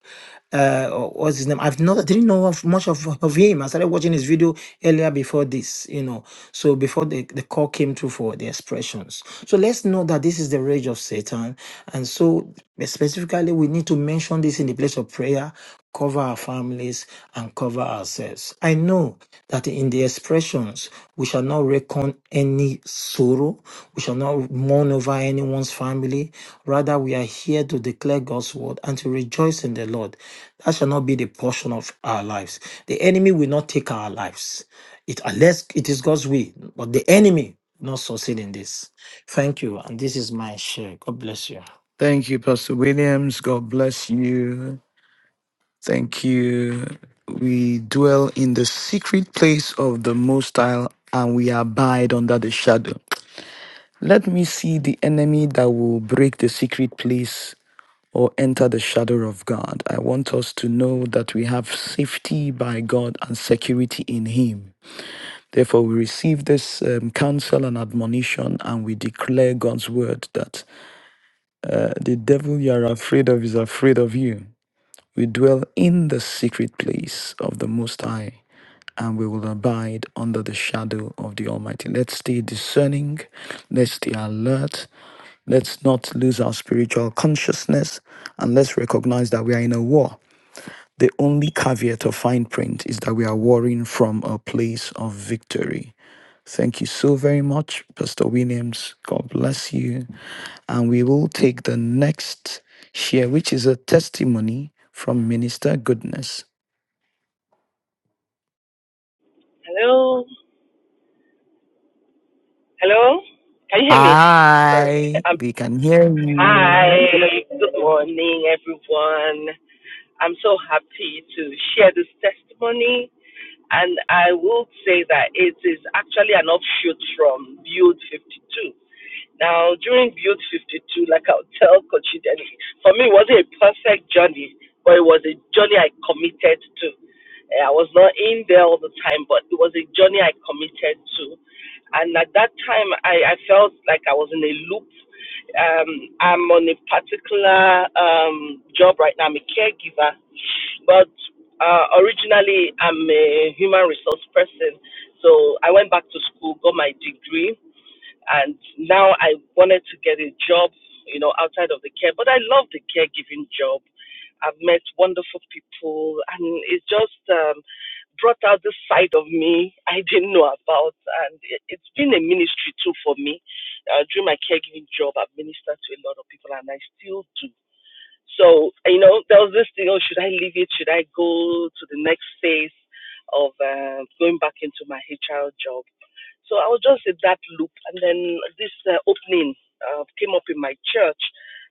Speaker 4: uh what's his name i've not I didn't know of much of, of him i started watching his video earlier before this you know so before the, the call came through for the expressions so let's know that this is the rage of satan and so specifically we need to mention this in the place of prayer cover our families, and cover ourselves. I know that in the expressions, we shall not reckon any sorrow, we shall not mourn over anyone's family. Rather, we are here to declare God's word and to rejoice in the Lord. That shall not be the portion of our lives. The enemy will not take our lives. It unless it is God's will, but the enemy will not succeed in this. Thank you. And this is my share. God bless you.
Speaker 9: Thank you, Pastor Williams. God bless you. Thank you. We dwell in the secret place of the Most High and we abide under the shadow. Let me see the enemy that will break the secret place or enter the shadow of God. I want us to know that we have safety by God and security in Him. Therefore, we receive this um, counsel and admonition, and we declare God's word that uh, the devil you are afraid of is afraid of you. We dwell in the secret place of the Most High, and we will abide under the shadow of the Almighty. Let's stay discerning, let's stay alert, let's not lose our spiritual consciousness, and let's recognize that we are in a war. The only caveat of fine print is that we are warring from a place of victory. Thank you so very much, Pastor Williams. God bless you. And we will take the next share, which is a testimony from Minister Goodness.
Speaker 11: Hello? Hello? Can you hear me? Sorry.
Speaker 9: Hi,
Speaker 11: I'm,
Speaker 9: we can hear you.
Speaker 11: hi. Good morning, everyone. I'm so happy to share this testimony. And I will say that it is actually an offshoot from Build 52. Now, during Build 52, like I'll tell Coach Denny, for me, it wasn't a perfect journey, but it was a journey I committed to. Eh, I was not in there all the time, but it was a journey I committed to. And at that time, I, I felt like I was in a loop. Um, I'm on a particular um, job right now, I'm a caregiver, but uh, originally, I'm a human resource person. So I went back to school, got my degree and now I wanted to get a job, you know, outside of the care. But I love the caregiving job. I've met wonderful people, and it just um, brought out this side of me I didn't know about. And it, it's been a ministry too for me. Uh, during my caregiving job, I've ministered to a lot of people, and I still do. So, you know, there was this thing oh, should I leave it? Should I go to the next phase of um going back into my HR job? So I was just in that loop, and then this uh, opening uh, came up in my church.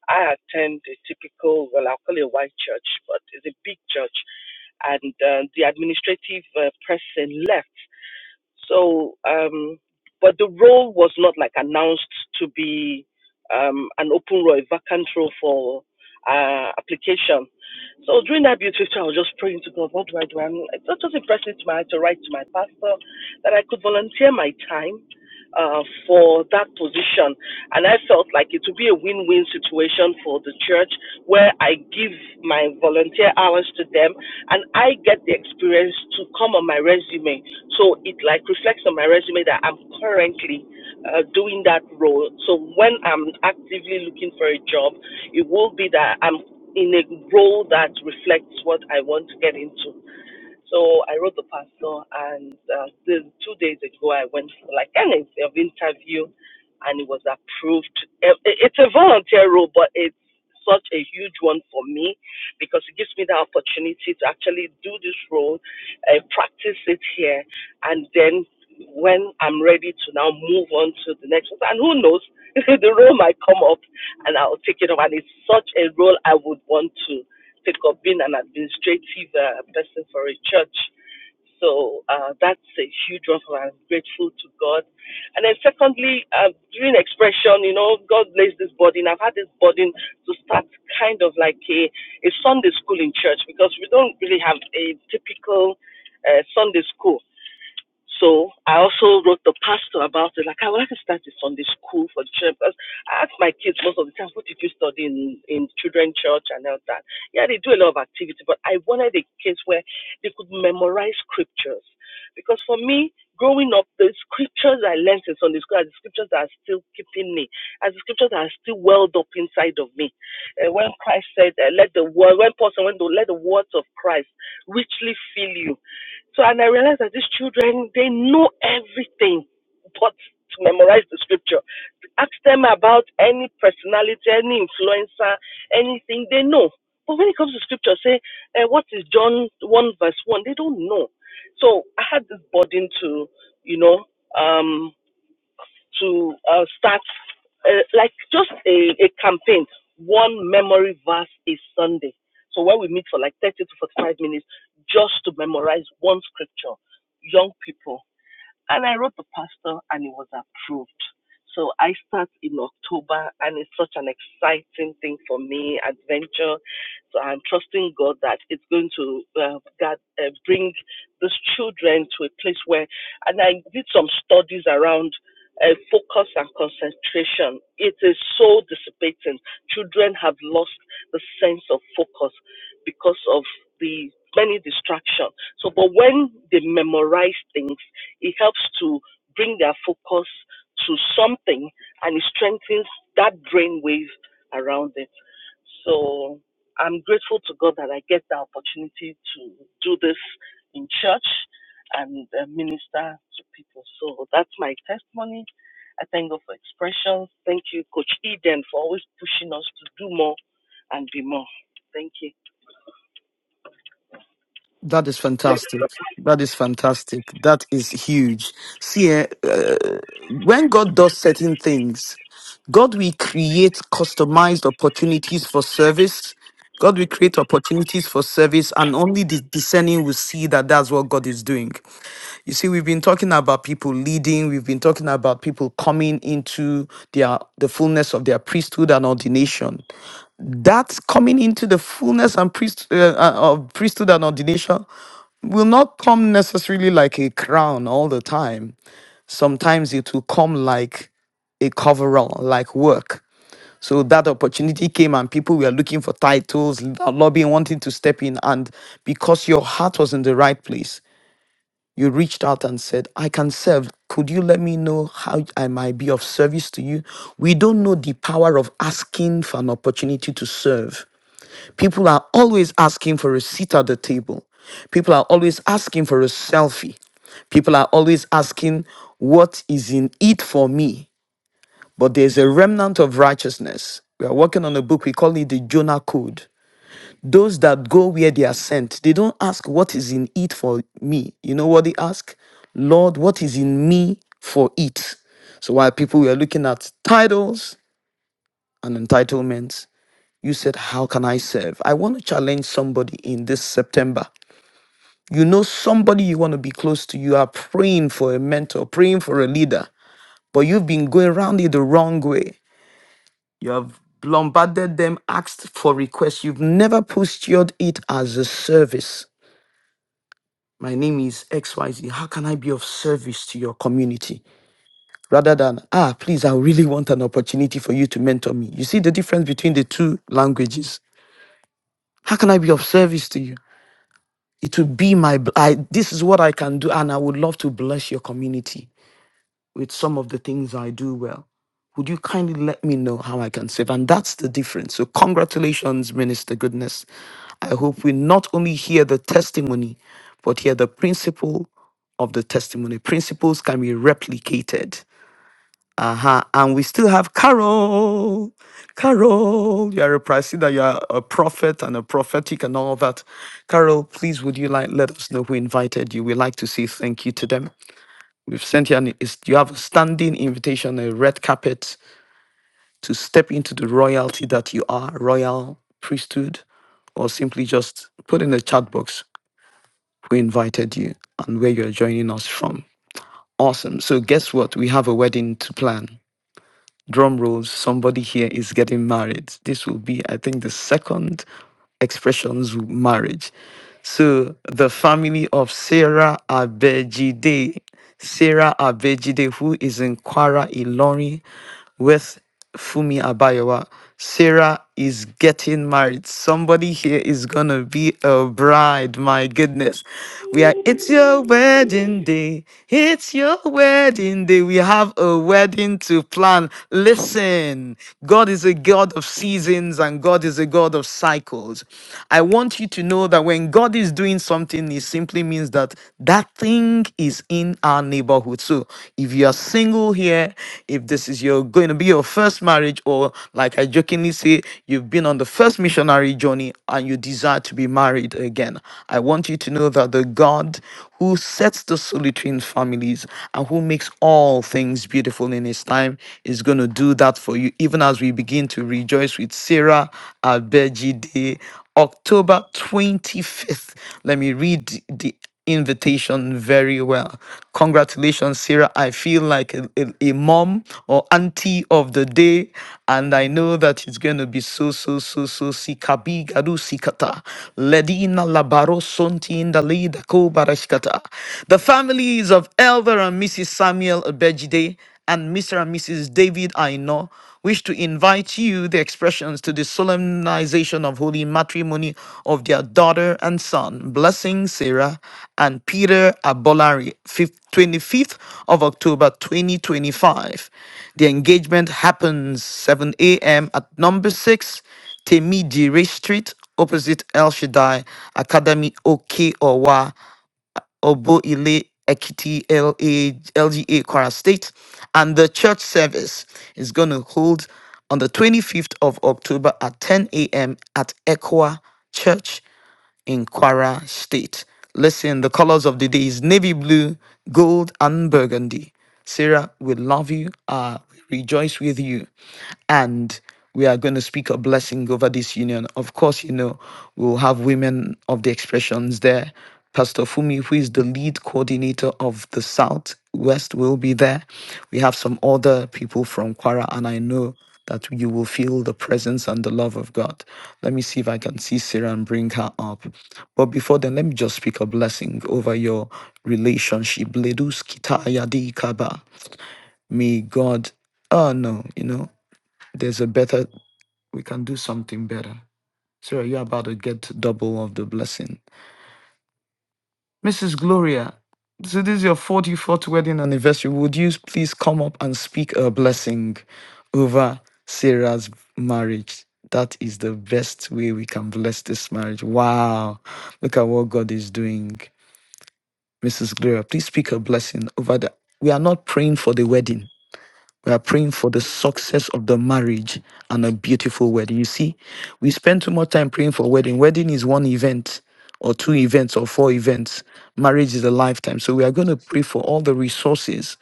Speaker 11: I attend a typical, well, I'll call it a white church, but it's a big church. And uh, the administrative uh, person left. So, um, but the role was not like announced to be um, an open role, a vacant role for uh, application. So during that beauty time, I was just praying to God, what do I do? And I was just impressed to my heart to write to my pastor that I could volunteer my time uh, for that position. And I felt like it would be a win-win situation for the church where I give my volunteer hours to them and I get the experience to come on my resume so it like reflects on my resume that I'm currently uh, doing that role. So when I'm actively looking for a job, it will be that I'm in a role that reflects what I want to get into. So I wrote the pastor, and uh, the, two days ago I went for like an in- of interview, and it was approved. Eh, eh, It's a volunteer role, but it's such a huge one for me because it gives me the opportunity to actually do this role, uh, practice it here, and then when I'm ready to now move on to the next one. And who knows, the role might come up and I'll take it up. And it's such a role I would want to pick up being an administrative uh, person for a church. So uh, that's a huge one for me. I'm grateful to God. And then secondly, uh, during expression, you know, God placed this burden. I've had this burden to start kind of like a, a Sunday school in church because we don't really have a typical uh, Sunday school. So I also wrote the pastor about it. Like I would like to start a Sunday school for the children because I ask my kids most of the time, what did you study in, in children church and all that? Yeah, they do a lot of activity, but I wanted a case where they could memorize scriptures. Because for me, growing up, the scriptures I learned in Sunday school are the scriptures that are still keeping me, As the scriptures that are still welled up inside of me. Uh, when Christ said, uh, let the word, when Paul said, when the, let the words of Christ richly fill you so and I realized that these children they know everything but to memorize the scripture. Ask them about any personality, any influencer, anything they know. But when it comes to scripture, say eh, what is John one verse one, they don't know. So I had this burden to, you know, um to uh, start uh, like just a, a campaign. One memory verse is Sunday. So when we meet for like 30 to 45 minutes, just to memorize one scripture, young people and I wrote the pastor and it was approved. So I start in October and it's such an exciting thing for me, adventure. So I'm trusting God that it's going to uh, God, uh, bring these children to a place where, and I did some studies around uh, focus and concentration. It is so dissipating. Children have lost the sense of focus because of the many distractions. So, but when they memorize things, it helps to bring their focus to something and it strengthens that brain wave around it. So I'm grateful to God that I get the opportunity to do this in church and uh, minister to people. So that's my testimony. I thank God for expressions. Thank you, Coach Eden, for always pushing us to do more and be more. Thank you.
Speaker 9: That is fantastic. That is fantastic. That is huge. See, eh, uh, when God does certain things, God will create customized opportunities for service. God will create opportunities for service, and only the discerning will see that that's what God is doing. You see, we've been talking about people leading, we've been talking about people coming into their the fullness of their priesthood and ordination that coming into the fullness and priest, uh, uh, of priesthood and ordination will not come necessarily like a crown all the time. Sometimes it will come like a coverall, like work. So that opportunity came, and people were looking for titles, lobbying, wanting to step in. And because your heart was in the right place, you reached out and said, I can serve. Could you let me know how I might be of service to you? We don't know the power of asking for an opportunity to serve. People are always asking for a seat at the table. People are always asking for a selfie. People are always asking, What is in it for me? But there's a remnant of righteousness. We are working on a book, we call it the Jonah Code. Those that go where they are sent, they don't ask, What is in it for me? You know what they ask? Lord, what is in me for it? So while people were looking at titles and entitlements, you said, How can I serve? I want to challenge somebody in this September. You know, somebody you want to be close to, you are praying for a mentor, praying for a leader, but you've been going around it the wrong way. You have bombarded them, asked for requests. You've never postured it as a service. My name is XYZ. How can I be of service to your community? Rather than, ah, please, I really want an opportunity for you to mentor me. You see the difference between the two languages. How can I be of service to you? It will be my, I, this is what I can do. And I would love to bless your community with some of the things I do well. Would you kindly let me know how I can serve? And that's the difference. So, congratulations, Minister Goodness. I hope we not only hear the testimony, but hear the principle of the testimony. Principles can be replicated uh-huh. And we still have Carol. Carol, you are a Priscilla, you are a prophet and a prophetic and all that. Carol, please would you like let us know who invited you? We like to say thank you to them. We've sent you an is you have a standing invitation, a red carpet to step into the royalty that you are, royal priesthood, or simply just put in the chat box who invited you and where you're joining us from. Awesome. So guess what? We have a wedding to plan. drum rolls, somebody here is getting married. This will be, I think, the second expressions of marriage. So the family of Sarah Abejide, Sarah Abejide, who is in Kwara, Ilorin, with Fumi Abayawa. Sarah is getting married. Somebody here is gonna be a bride. My goodness. We are it's your wedding day. It's your wedding day. We have a wedding to plan. Listen, God is a God of seasons and God is a God of cycles. I want you to know that when God is doing something, it simply means that that thing is in our neighborhood. So if you are single here, if this is your going to be your first marriage, or like I jokingly say, you've been on the first missionary journey and you desire to be married again, I want you to know that the God who sets the solitary in families and who makes all things beautiful in his time is going to do that for you, even as we begin to rejoice with Sarah Abejide. October 25th. Let me read the invitation very well. Congratulations, Sarah. I feel like a, a, a mom or auntie of the day, and I know that it's going to be so, so, so, so, sikabi gadu sikata. Ledina labaro sonti indali dako barashkata. The families of Elder and Mrs. Samuel Abejide and Mr. and Mrs. David Aino wish to invite you, the expressions, to the solemnization of holy matrimony of their daughter and son, Blessing Sarah and Peter Abolari, 5th 25th of October 2025. The engagement happens 7 a.m. at number 6, Temidire Street, opposite El Shaddai Academy, Oke Owa. Obo Ile Ekiti LA, LGA Kwara State. And the church service is going to hold on the 25th of October at 10 a.m. at Equa Church in Kwara State. Listen, the colors of the day is navy blue, gold, and burgundy. Sarah, we love you. Uh, we rejoice with you. And we are going to speak a blessing over this union. Of course, you know, we'll have women of the expressions there. Pastor Fumi, who is the lead coordinator of the South West, will be there. We have some other people from Kwara, and I know that you will feel the presence and the love of God. Let me see if I can see Sarah and bring her up. But before then, let me just speak a blessing over your relationship. Ledus kitaya di kaba. May God, oh no, you know, there's a better, we can do something better. Sarah, you're about to get double of the blessing. Mrs. Gloria, so this is your 44th wedding anniversary. Would you please come up and speak a blessing over Sarah's marriage? That is the best way we can bless this marriage. Wow. Look at what God is doing. Mrs. Gloria, please speak a blessing over the. We are not praying for the wedding. We are praying for the success of the marriage and a beautiful wedding. You see, we spend too much time praying for wedding. Wedding is one event or two events or four events. Marriage is a lifetime. So we are going to pray for all the resources,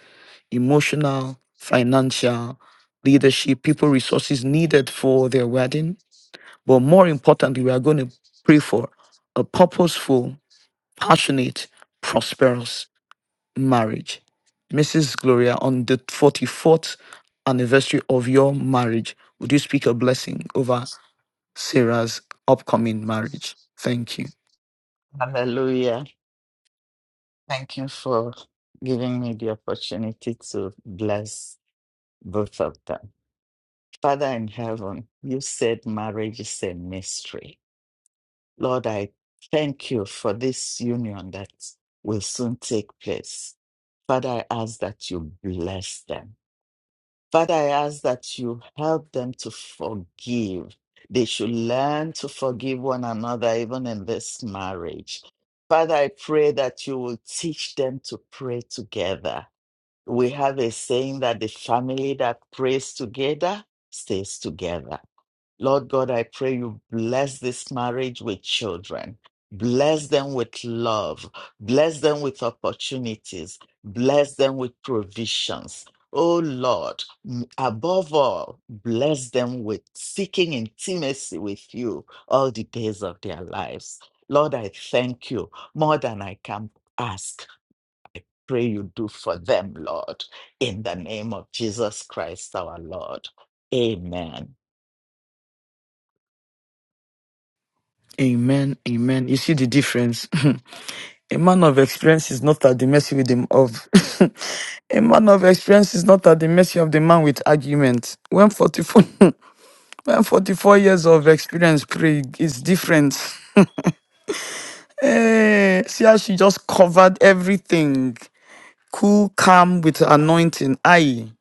Speaker 9: emotional, financial, leadership, people resources needed for their wedding. But more importantly, we are going to pray for a purposeful, passionate, prosperous marriage. Mrs. Gloria, on the 44th anniversary of your marriage, would you speak a blessing over Sarah's upcoming marriage? Thank you.
Speaker 12: Hallelujah. Thank you for giving me the opportunity to bless both of them. Father in heaven, you said marriage is a mystery. Lord, I thank you for this union that will soon take place. Father, I ask that you bless them. Father, I ask that you help them to forgive. They should learn to forgive one another, even in this marriage. Father, I pray that you will teach them to pray together. We have a saying that the family that prays together stays together. Lord God, I pray you bless this marriage with children. Bless them with love. Bless them with opportunities. Bless them with provisions. Oh Lord, m- above all, bless them with seeking intimacy with you all the days of their lives. Lord, I thank you more than I can ask. Pray you do for them, Lord, in the name of Jesus Christ our Lord. Amen.
Speaker 9: Amen. Amen. You see the difference? a man of experience is not at the mercy with him of a man of experience is not at the mercy of the man with argument. When 44 when 44 years of experience pray is different. Eh, see how she just covered everything. cool, calm with anointing. Aye.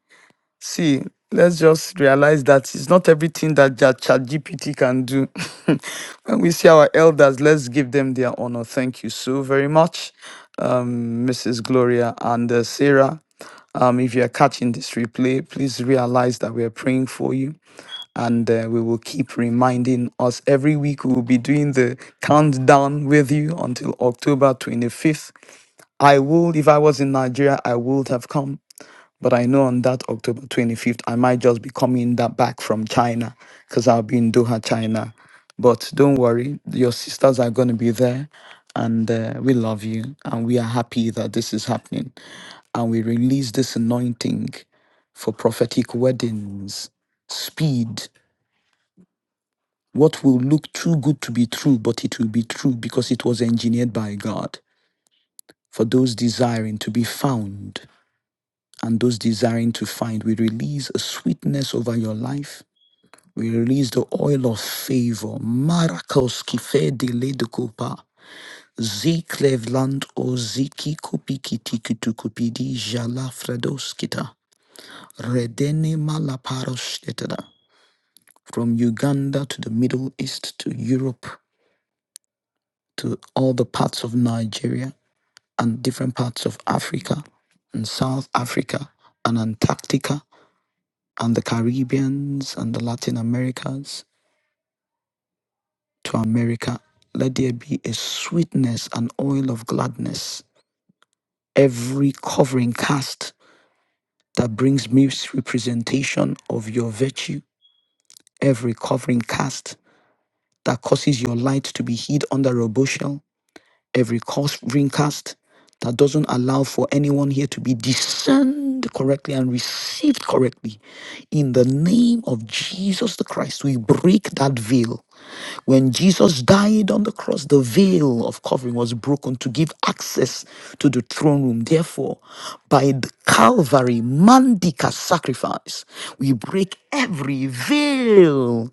Speaker 9: See, let's just realize that it's not everything that Ja- ChatGPT can do. when we see our elders, let's give them their honor. Thank you so very much, um, Mrs. Gloria and uh, Sarah. Um, if you're catching this replay, please realize that we are praying for you and uh, we will keep reminding us every week. We will be doing the countdown with you until October 25th. I would, if I was in Nigeria, I would have come but I know on that October 25th, I might just be coming that back from China because I'll be in Doha, China. But don't worry, your sisters are going to be there. And uh, we love you. And we are happy that this is happening. And we release this anointing for prophetic weddings, speed. What will look too good to be true, but it will be true because it was engineered by God for those desiring to be found. and those desiring to find. We release a sweetness over your life. We release the oil of favor. Marakos kifede ledokopa. Ziklevland o ziki kupiki jala fradoskita. Redene malaparoshtetada. From Uganda to the Middle East to Europe to all the parts of Nigeria and different parts of Africa and South Africa and Antarctica and the Caribbeans and the Latin Americas to America. Let there be a sweetness and oil of gladness. Every covering cast that brings misrepresentation of your virtue, every covering cast that causes your light to be hid under a bushel, every covering cast that doesn't allow for anyone here to be discerned correctly and received correctly In the name of Jesus the Christ, we break that veil. When Jesus died on the cross, the veil of covering was broken to give access to the throne room. Therefore, by the Calvary Mandica sacrifice, we break every veil,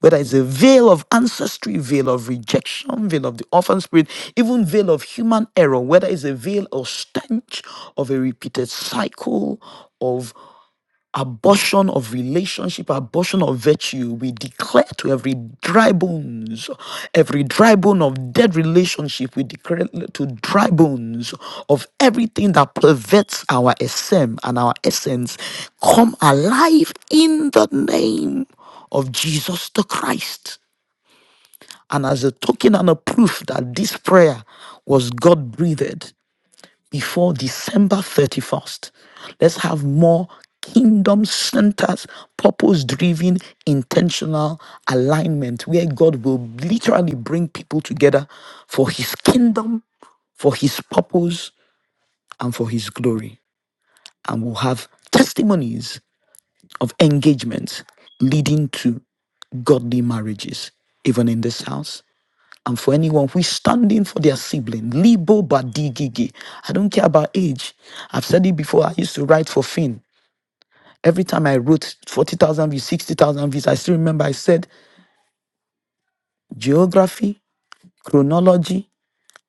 Speaker 9: whether it's a veil of ancestry, veil of rejection, veil of the orphan spirit, even veil of human error, whether it's a veil or stench of a repeated cycle abortion of relationship, abortion of virtue. We declare to every dry bones, every dry bone of dead relationship, we declare to dry bones of everything that perverts our SM and our essence come alive in the name of Jesus the Christ. And as a token and a proof that this prayer was God breathed, before December 31st. Let's have more kingdom centers, purpose driven, intentional alignment where God will literally bring people together for his kingdom, for his purpose, and for his glory. And we'll have testimonies of engagements leading to godly marriages, even in this house and for anyone who is standing for their sibling, Libo Badigigi. I don't care about age. I've said it before. I used to write for Finn. Every time I wrote 40,000 views, 60,000 views, I still remember I said geography, chronology,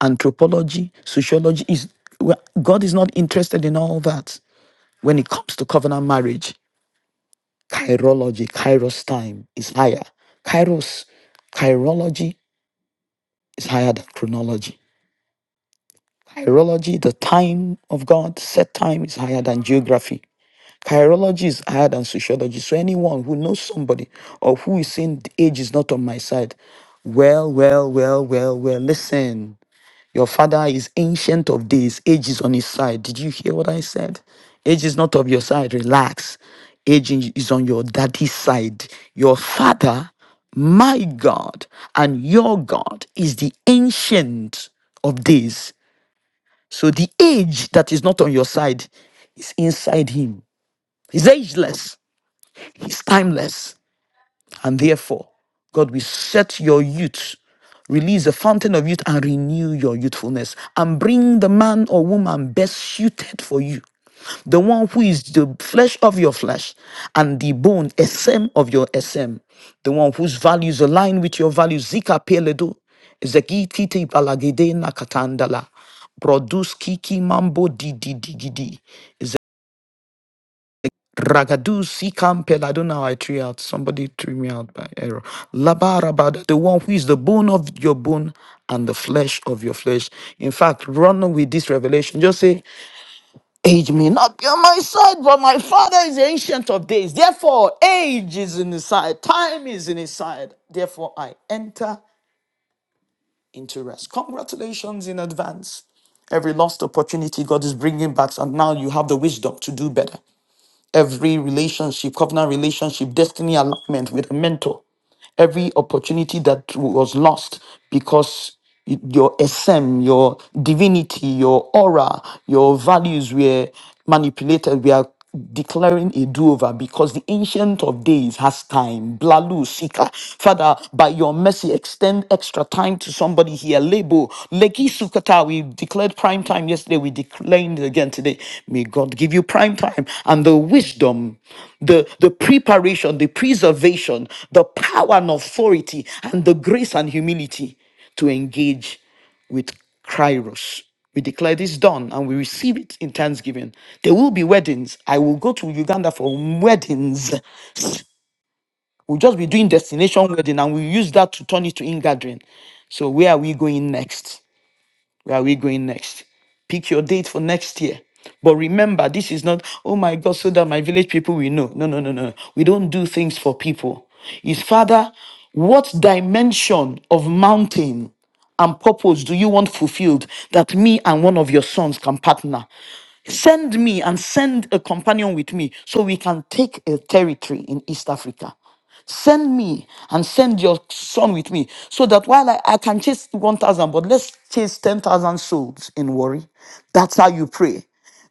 Speaker 9: anthropology, sociology is well, God is not interested in all that. When it comes to covenant marriage, chirology, kairos time is higher. Kairos, chirology is higher than chronology. Chirology, the time of God, set time is higher than geography. Chirology is higher than sociology. So anyone who knows somebody or who is saying the age is not on my side, well, well, well, well, well, listen. Your father is ancient of days, age is on his side. Did you hear what I said? Age is not of your side. Relax. Age is on your daddy's side. Your father, my God, and your God is the ancient of days. So the age that is not on your side is inside him. He's ageless, he's timeless. And therefore, God will set your youth, release a fountain of youth, and renew your youthfulness and bring the man or woman best suited for you the one who is the flesh of your flesh and the bone, SM of your SM, the one whose values align with your values. Zika Peledo, Zekititi Balagide Nakatandala, Produce Kiki Mambo Didi Digidi, Ragadu do Sikam Peladona. I threw out, somebody threw me out by error. Labarabada, the one who is the bone of your bone and the flesh of your flesh. In fact, run with this revelation. Just say, Age may not be on my side, but my father is the ancient of days. Therefore, age is in his side, time is in his side. Therefore, I enter into rest. Congratulations in advance. Every lost opportunity, God is bringing back, and now you have the wisdom to do better every relationship, covenant relationship, destiny alignment with a mentor, every opportunity that was lost because y- your SM, your divinity, your aura, your values were manipulated. We are declaring a do-over because the ancient of days has time. Blalu Sika. Father, by your mercy, extend extra time to somebody here. Lebo, Leki Sukata, we declared prime time yesterday. We declined it again today. May God give you prime time and the wisdom, the, the preparation, the preservation, the power and authority, and the grace and humility to engage with Kairos. We declare this done and we receive it in thanksgiving. There will be weddings. I will go to Uganda for weddings. We'll just be doing destination wedding and we'll use that to turn it to in gathering. So where are we going next? Where are we going next? Pick your date for next year. But remember, this is not, oh my God, so that my village people will know. No, no, no, no. no. We don't do things for people. Is Father, what dimension of mountain and purpose do you want fulfilled that me and one of your sons can partner? Send me and send a companion with me so we can take a territory in East Africa. Send me and send your son with me so that while I, I can chase 1,000, but let's chase 10,000 souls in worry. That's how you pray.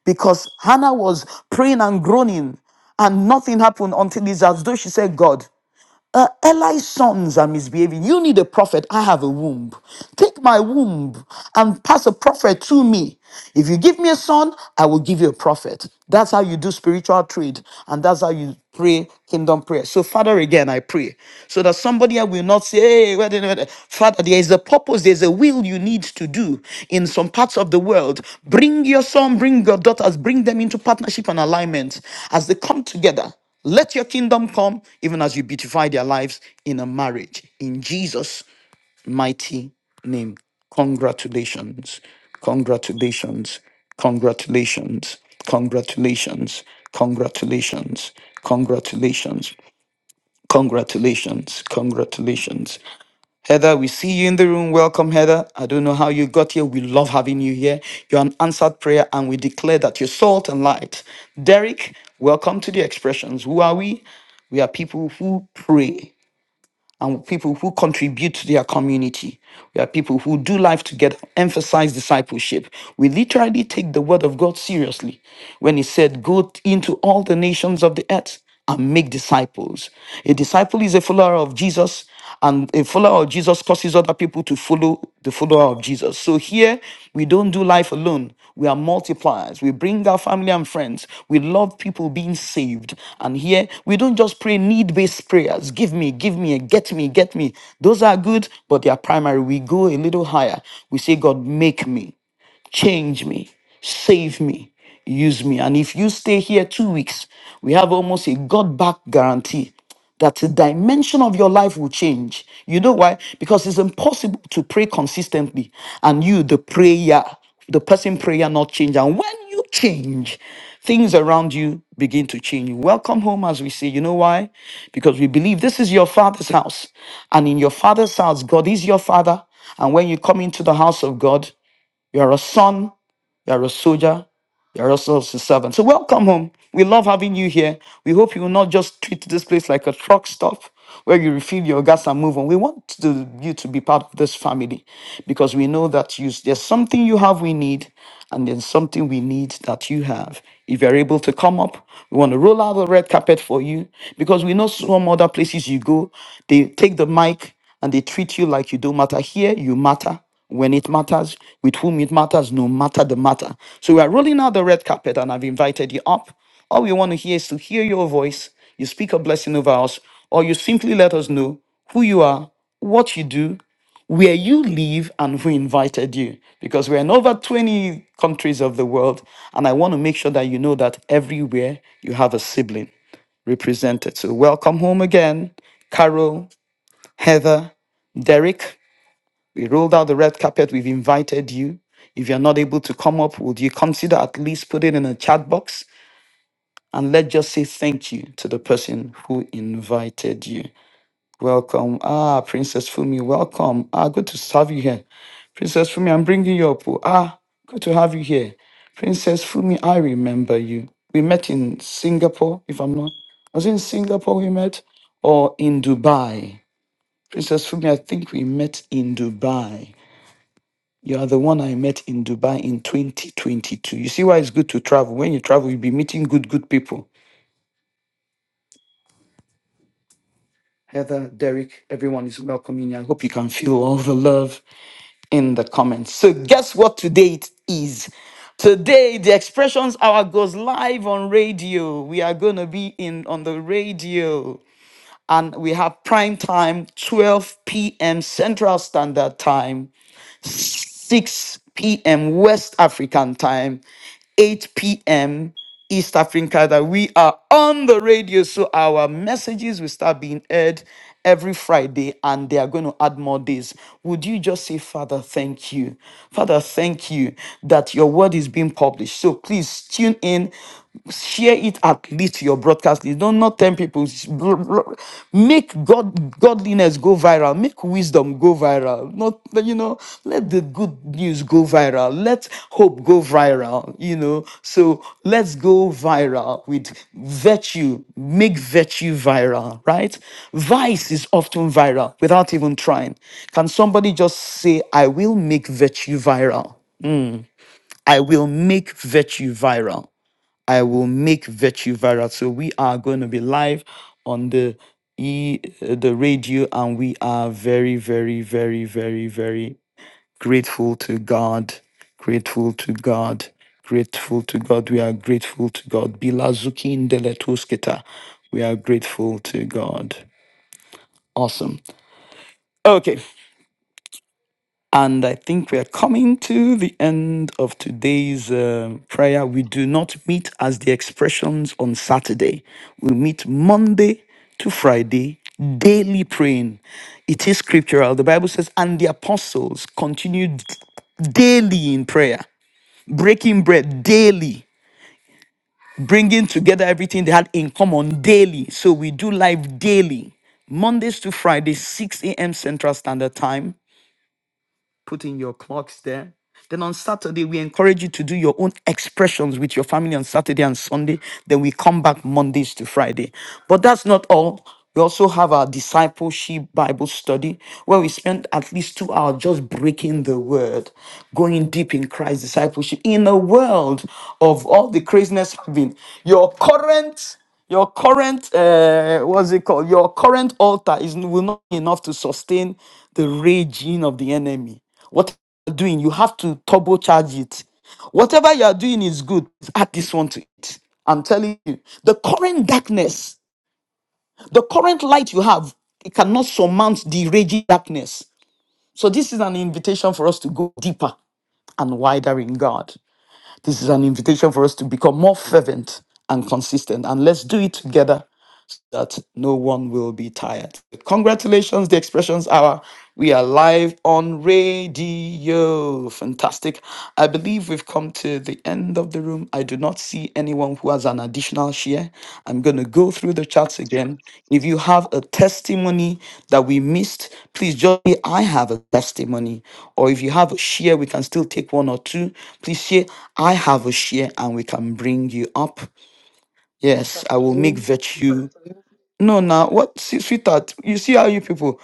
Speaker 9: Because Hannah was praying and groaning and nothing happened until it's as though she said, God. Uh, Eli's sons are misbehaving. You need a prophet. I have a womb. Take my womb and pass a prophet to me. If you give me a son, I will give you a prophet. That's how you do spiritual trade. And that's how you pray kingdom prayer. So, Father, again, I pray so that somebody else will not say, hey, wait, a minute." Father, there is a purpose, there's a will you need to do in some parts of the world. Bring your son, bring your daughters, bring them into partnership and alignment as they come together. Let your kingdom come, even as you beautify their lives in a marriage. In Jesus' mighty name. Congratulations. Congratulations. Congratulations. Congratulations. Congratulations. Congratulations. Congratulations. Congratulations. Heather, we see you in the room. Welcome, Heather. I don't know how you got here. We love having you here. You're an answered prayer, and we declare that you're salt and light. Derek, welcome to the expressions. Who are we? We are people who pray and people who contribute to their community. We are people who do life together, emphasize discipleship. We literally take the word of God seriously when He said, Go into all the nations of the earth and make disciples. A disciple is a follower of Jesus and a follower of Jesus causes other people to follow the follower of Jesus. So here we don't do life alone. We are multipliers. We bring our family and friends. We love people being saved. And here we don't just pray need-based prayers. Give me, give me, get me, get me. Those are good, but they are primary. We go a little higher. We say, God, make me change me, save me, use me. And if you stay here two weeks, we have almost a God back guarantee that the dimension of your life will change. You know why? Because it's impossible to pray consistently and you, the prayer, the person prayer not change. And when you change, things around you begin to change. Welcome home, as we say. You know why? Because we believe this is your father's house. And in your father's house, God is your father. And when you come into the house of God, you are a son. You are a soldier. You are also a servant. So welcome home. We love having you here. We hope you will not just treat this place like a truck stop where you refill your gas and move on. We want to, you to be part of this family because we know that you, there's something you have we need and there's something we need that you have. If you're able to come up, we want to roll out the red carpet for you because we know some other places you go, they take the mic and they treat you like you don't matter. Here, you matter when it matters, with whom it matters, no matter the matter. So we are rolling out the red carpet, and I've invited you up. All we want to hear is to hear your voice. You speak a blessing over us, or you simply let us know who you are, what you do, where you live, and who invited you. Because we're in over 20 countries of the world, and I want to make sure that you know that everywhere you have a sibling represented. So welcome home again, Carol. Heather, Derek. We rolled out the red carpet. We've invited you. If you're not able to come up, would you consider at least put it in a chat box? And let's just say thank you to the person who invited you. Welcome. Ah, Princess Fumi, welcome. Ah, good to have you here. Princess Fumi, I'm bringing you up. oh. Ah, good to have you here. Princess Fumi, I remember you. We met in Singapore, if I'm not. Was it in Singapore we met or in Dubai? Princess Fumi, I think we met in Dubai. You are the one I met in Dubai in 2022. You see why it's good to travel. When you travel, you'll be meeting good, good people. Heather, Derek, everyone is welcoming you. I hope you can feel all the love in the comments. So, guess what today it is? Today, the Expressions Hour goes live on radio. We are going to be in on the radio, and we have prime time, 12 p.m. Central Standard Time. 6 p.m. West African time, 8 p.m. East Africa that we are on the radio. So our messages will start being aired every Friday and they are going to add more days. Would you just say, Father, thank you? Father, thank you that your word is being published. So please tune in share it at least to your broadcast list. Don't not 10 people. Sh- bl- bl- Make God godliness go viral. Make wisdom go viral. Not you know, let the good news go viral. Let hope go viral. You know, so let's go viral with virtue. Make virtue viral, right? Vice is often viral without even trying. Can somebody just say, I will make virtue viral? I will make virtue viral. I will make virtue viral. So we are going to be live on the e uh, the radio, and we are very, very, very, very, very grateful to God. Grateful to God. Grateful to God. We are grateful to God. Bilazuki Ndeletuskita. We are grateful to God. Awesome. Okay. And I think we are coming to the end of today's uh, prayer. We do not meet as the expressions on Saturday. We meet Monday to Friday, daily praying. It is scriptural. The Bible says, and the apostles continued daily in prayer, breaking bread daily, bringing together everything they had in common daily. So we do live daily. Mondays to Fridays, 6 a.m. Central Standard Time, put in your clocks there. Then on Saturday, we encourage you to do your own expressions with your family on Saturday and Sunday. Then we come back Mondays to Friday. But that's not all. We also have our discipleship Bible study where we spend at least two hours just breaking the word, going deep in Christ's discipleship in a world of all the craziness having. Your current your current uh what's it called your current altar is will not be enough to sustain the raging of the enemy what you're doing, you have to turbocharge it. Whatever you are doing is good. Add this one to it. I'm telling you, the current darkness, the current light you have, it cannot surmount the raging darkness. So this is an invitation for us to go deeper and wider in God. This is an invitation for us to become more fervent and consistent. And let's do it together that no one will be tired. Congratulations, the Expressions Hour. We are live on radio. Fantastic. I believe we've come to the end of the room. I do not see anyone who has an additional share. I'm going to go through the chats again. If you have a testimony that we missed, please just say, I have a testimony. Or if you have a share, we can still take one or two. Please say, I have a share and we can bring you up. Yes,
Speaker 8: But
Speaker 9: I will make virtue. No, now what, see, sweetheart? You see how you people.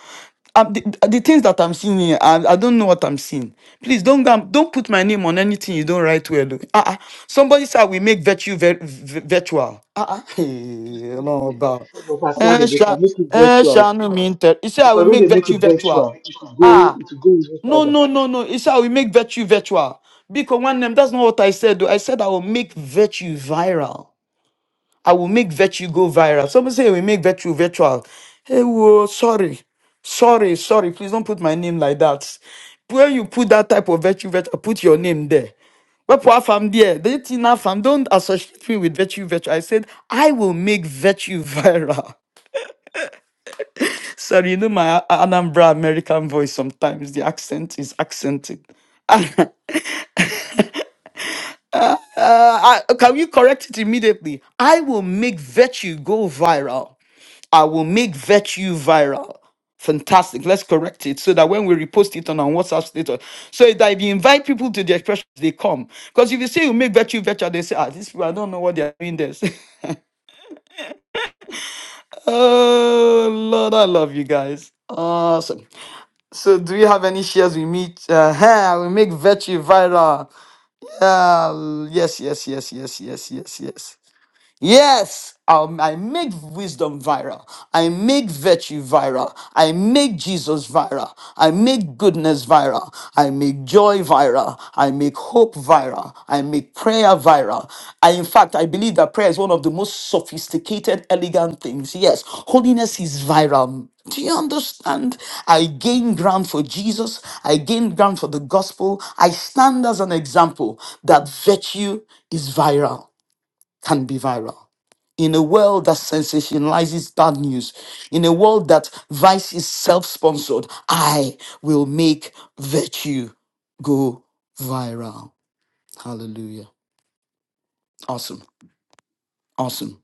Speaker 9: Um, the, the things that I'm seeing here, I, I don't know what I'm seeing. Please don't go and- don't put my name on anything you don't write well. Uh, uh, somebody said we make virtue vir, vir- virtual. Uh, uh, no, about.
Speaker 8: Pastor
Speaker 9: Eh,
Speaker 8: Eden, they
Speaker 9: sha,
Speaker 8: can make it
Speaker 9: eh,
Speaker 8: virtual
Speaker 9: sha, no,
Speaker 8: too.
Speaker 9: me inter. You say I will
Speaker 8: Because when
Speaker 9: make
Speaker 8: they make
Speaker 9: virtue
Speaker 8: it
Speaker 9: virtual.
Speaker 8: virtual, it will go,
Speaker 9: Ah,
Speaker 8: it will go even
Speaker 9: no,
Speaker 8: further.
Speaker 9: no, no, no. It's how we make virtue virtual. Because one name, that's not what I said. though. I said I will make virtue viral. I will make virtue go viral. Somebody say we make virtue virtual. Hey, whoa, sorry. Sorry, sorry. Please don't put my name like that. When you put that type of virtue virtual, put your name there. But poor fam there, they think now fam don't associate me with virtue virtue. I said I will make virtue viral. Sorry, you know my A- Anambra American voice. Sometimes the accent is accented. Uh, I- can you correct it immediately? I will make virtue go viral. I will make virtue viral. Fantastic. Let's correct it so that when we repost it on our WhatsApp status, so that if you invite people to the expressions, they come. Because if you say you make virtue virtual, they say, ah, these people, I don't know what they're doing this. oh, Lord, I love you guys. Awesome. So, do you have any shares we meet? Uh, huh, we make virtue viral. Uh, yes, yes, yes, yes, yes, yes, yes. Yes, um, I make wisdom viral. I make virtue viral. I make Jesus viral. I make goodness viral. I make joy viral. I make hope viral. I make prayer viral. I, in fact, I believe that prayer is one of the most sophisticated, elegant things. Yes, holiness is viral. Do you understand? I gain ground for Jesus. I gain ground for the gospel. I stand as an example that virtue is viral can be viral. In a world that sensationalizes bad news, in a world that vice is self sponsored, I will make virtue go viral. Hallelujah. Awesome. Awesome.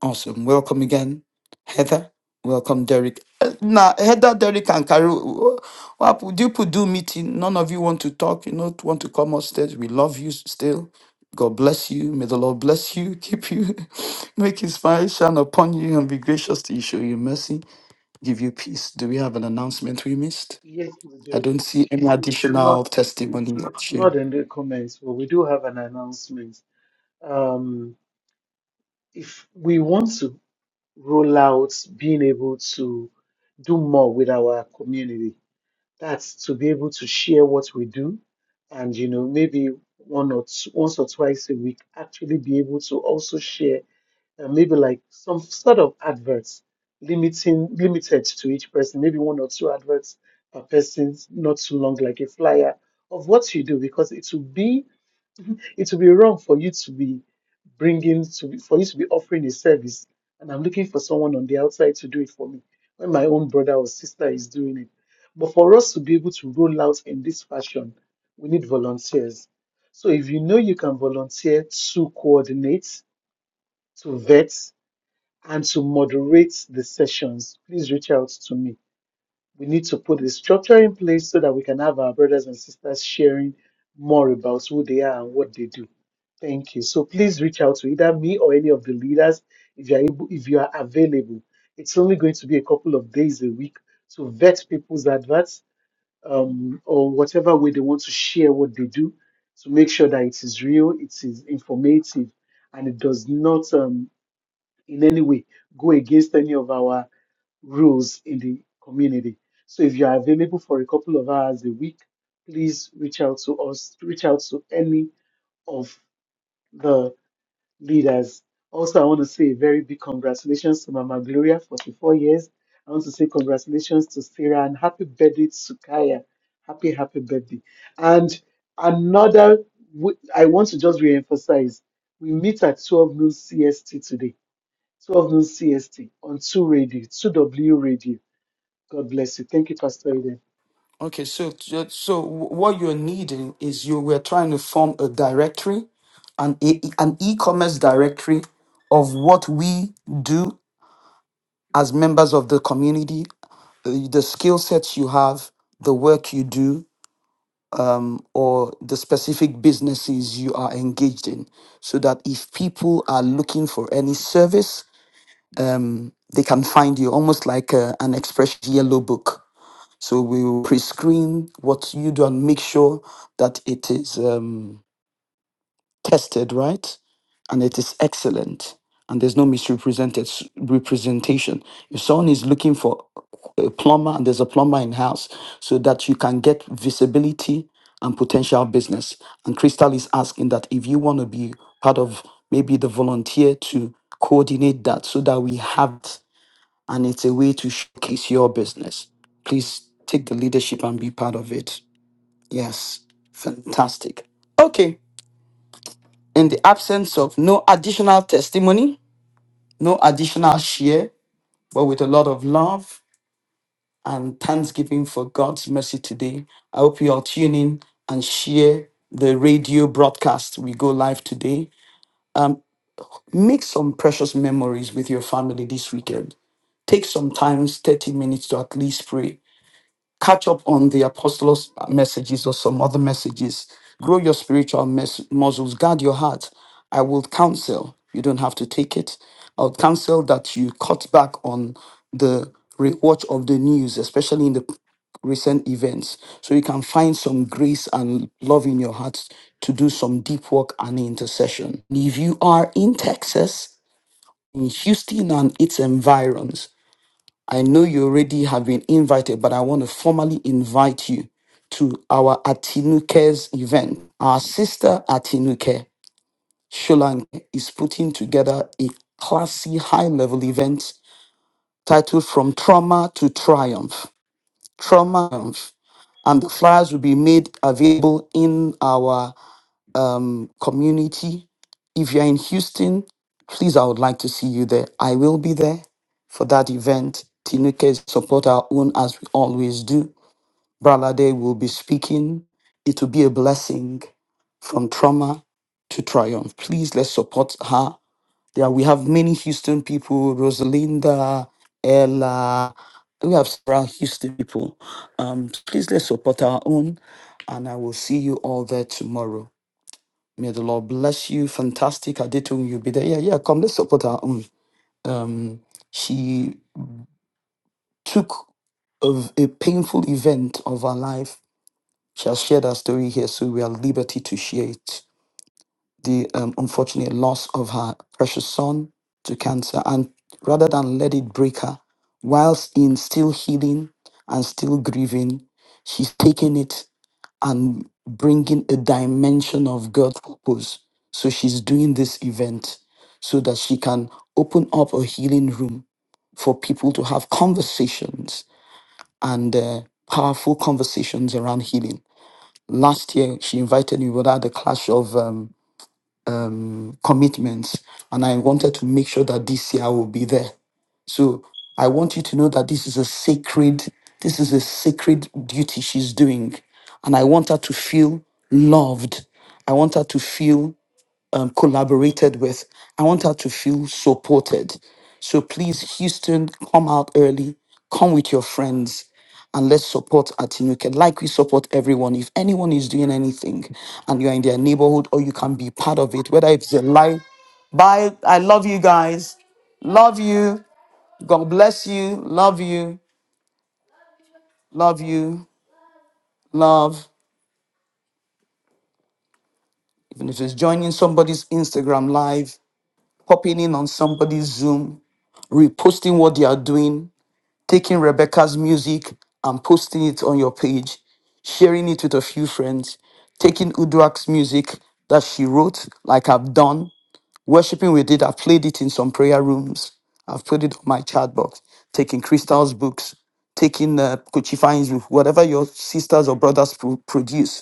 Speaker 9: Awesome. Welcome again, Heather. Welcome, Derek. Uh, Now, Heather, Derek, and Carol, what happened? People do meeting. None of you want to talk. You don't want to come upstairs. We love you still. God bless you. May the Lord bless you, keep you, make His face shine upon you, and be gracious to you, show you mercy, give you peace. Do we have an announcement we missed?
Speaker 8: Yes, we
Speaker 9: I
Speaker 8: do.
Speaker 9: don't see any
Speaker 8: It's
Speaker 9: additional
Speaker 8: not
Speaker 9: testimony.
Speaker 8: it's not in the comments, but we do have an announcement. Um, if we want to roll out being able to do more with our community, That's to be able to share what we do and, you know, maybe one or two, once or twice a week, actually be able to also share uh, maybe like some sort of adverts limiting, limited to each person, maybe one or two adverts per person, not too long, like a flyer of what you do, because it will be it will be wrong for you to be bringing to be, for you to be offering a service, and I'm looking for someone on the outside to do it for me when my own brother or sister is doing it. But for us to be able to roll out in this fashion, we need volunteers. So if you know you can volunteer to coordinate, to vet, and to moderate the sessions, please reach out to me we need to put the structure in place so that we can have our brothers and sisters sharing more about who they are and what they do. Thank you. So please reach out to either me or any of the leaders if you are able, if you are available. It's only going to be a couple of days a week to vet people's adverts um, or whatever way they want to share what they do to make sure that it is real, it is informative, and it does not um, in any way go against any of our rules in the community. So if you are available for a couple of hours a week, please reach out to us, reach out to any of the leaders. Also, I want to say a very big congratulations to Mama Gloria, 44 years. I want to say congratulations to Sarah and happy birthday to Kaya. Happy, happy birthday. And another, w- I want to just reemphasize, we meet at 12 noon CST today, 12 noon CST on 2 Radio, 2W Radio. God bless you. Thank you, Pastor Eden.
Speaker 9: Okay, so so what you're needing is you we're trying to form a directory, an e- e, an e-commerce directory of what we do as members of the community, uh, the skill sets you have, the work you do, um, or the specific businesses you are engaged in, so that if people are looking for any service, um, they can find you, almost like uh an express yellow book so we will pre-screen what you do and make sure that it is um, tested right and it is excellent and there's no misrepresented s- representation. If someone is looking for a plumber and there's a plumber in house, so that you can get visibility and potential business. And Crystal is asking that if you want to be part of maybe the volunteer to coordinate that so that we have and it's a way to showcase your business. Please take the leadership and be part of it. Yes, fantastic. Okay, in the absence of no additional testimony, no additional share, but with a lot of love and thanksgiving for God's mercy today, I hope you all tune in and share the radio broadcast. We go live today. Make some precious memories with your family this weekend. Take sometimes 30 minutes to at least pray catch up on the apostles' messages or some other messages. Grow your spiritual mes- muscles. Guard your heart. I will counsel. You don't have to take it. I'll counsel that you cut back on the rewatch of the news, especially in the recent events, so you can find some grace and love in your heart to do some deep work and intercession. If you are in Texas, in Houston and its environs. I know you already have been invited, but I want to formally invite you to our Atinuke's event. Our sister Atinuke Sholanke is putting together a classy high level event titled From Trauma to Triumph. Trauma. Triumph. And the flyers will be made available in our um, community. If you're in Houston, please, I would like to see you there. I will be there for that event. Tinuke support our own as we always do. Bralade will be speaking. It will be a blessing from trauma to triumph. Please let's support her. Yeah, we have many Houston people, Rosalinda, Ella. We have several Houston people. Um, please let's support our own. And I will see you all there tomorrow. May the Lord bless you. Fantastic. Adetun, you'll be there. Yeah, yeah. Come, let's support her. Um, um, she took of a painful event of her life. She has shared her story here, so we are at liberty to share it. The um, unfortunate loss of her precious son to cancer, and rather than let it break her, whilst in still healing and still grieving, she's taken it and bringing a dimension of God's purpose. So she's doing this event so that she can open up a healing room for people to have conversations and uh, powerful conversations around healing. Last year, she invited me, but I had a clash of um, um, commitments, and I wanted to make sure that this year I will be there. So I want you to know that this is a sacred, this is a sacred duty she's doing. And I want her to feel loved. I want her to feel um, collaborated with. I want her to feel supported. So please, Houston, come out early. Come with your friends and let's support Atinuke like we support everyone. If anyone is doing anything and you're in their neighborhood or you can be part of it, whether it's a live, bye. I love you guys. Love you. God bless you. Love you. Love you. Love. Even if it's joining somebody's Instagram live, popping in on somebody's Zoom, reposting what they are doing, taking Rebecca's music and posting it on your page, sharing it with a few friends, taking Uduak's music that she wrote, like I've done, worshiping with it. I've played it in some prayer rooms. I've put it on my chat box, taking Crystal's books, taking uh, Kuchifan's, whatever your sisters or brothers pro- produce,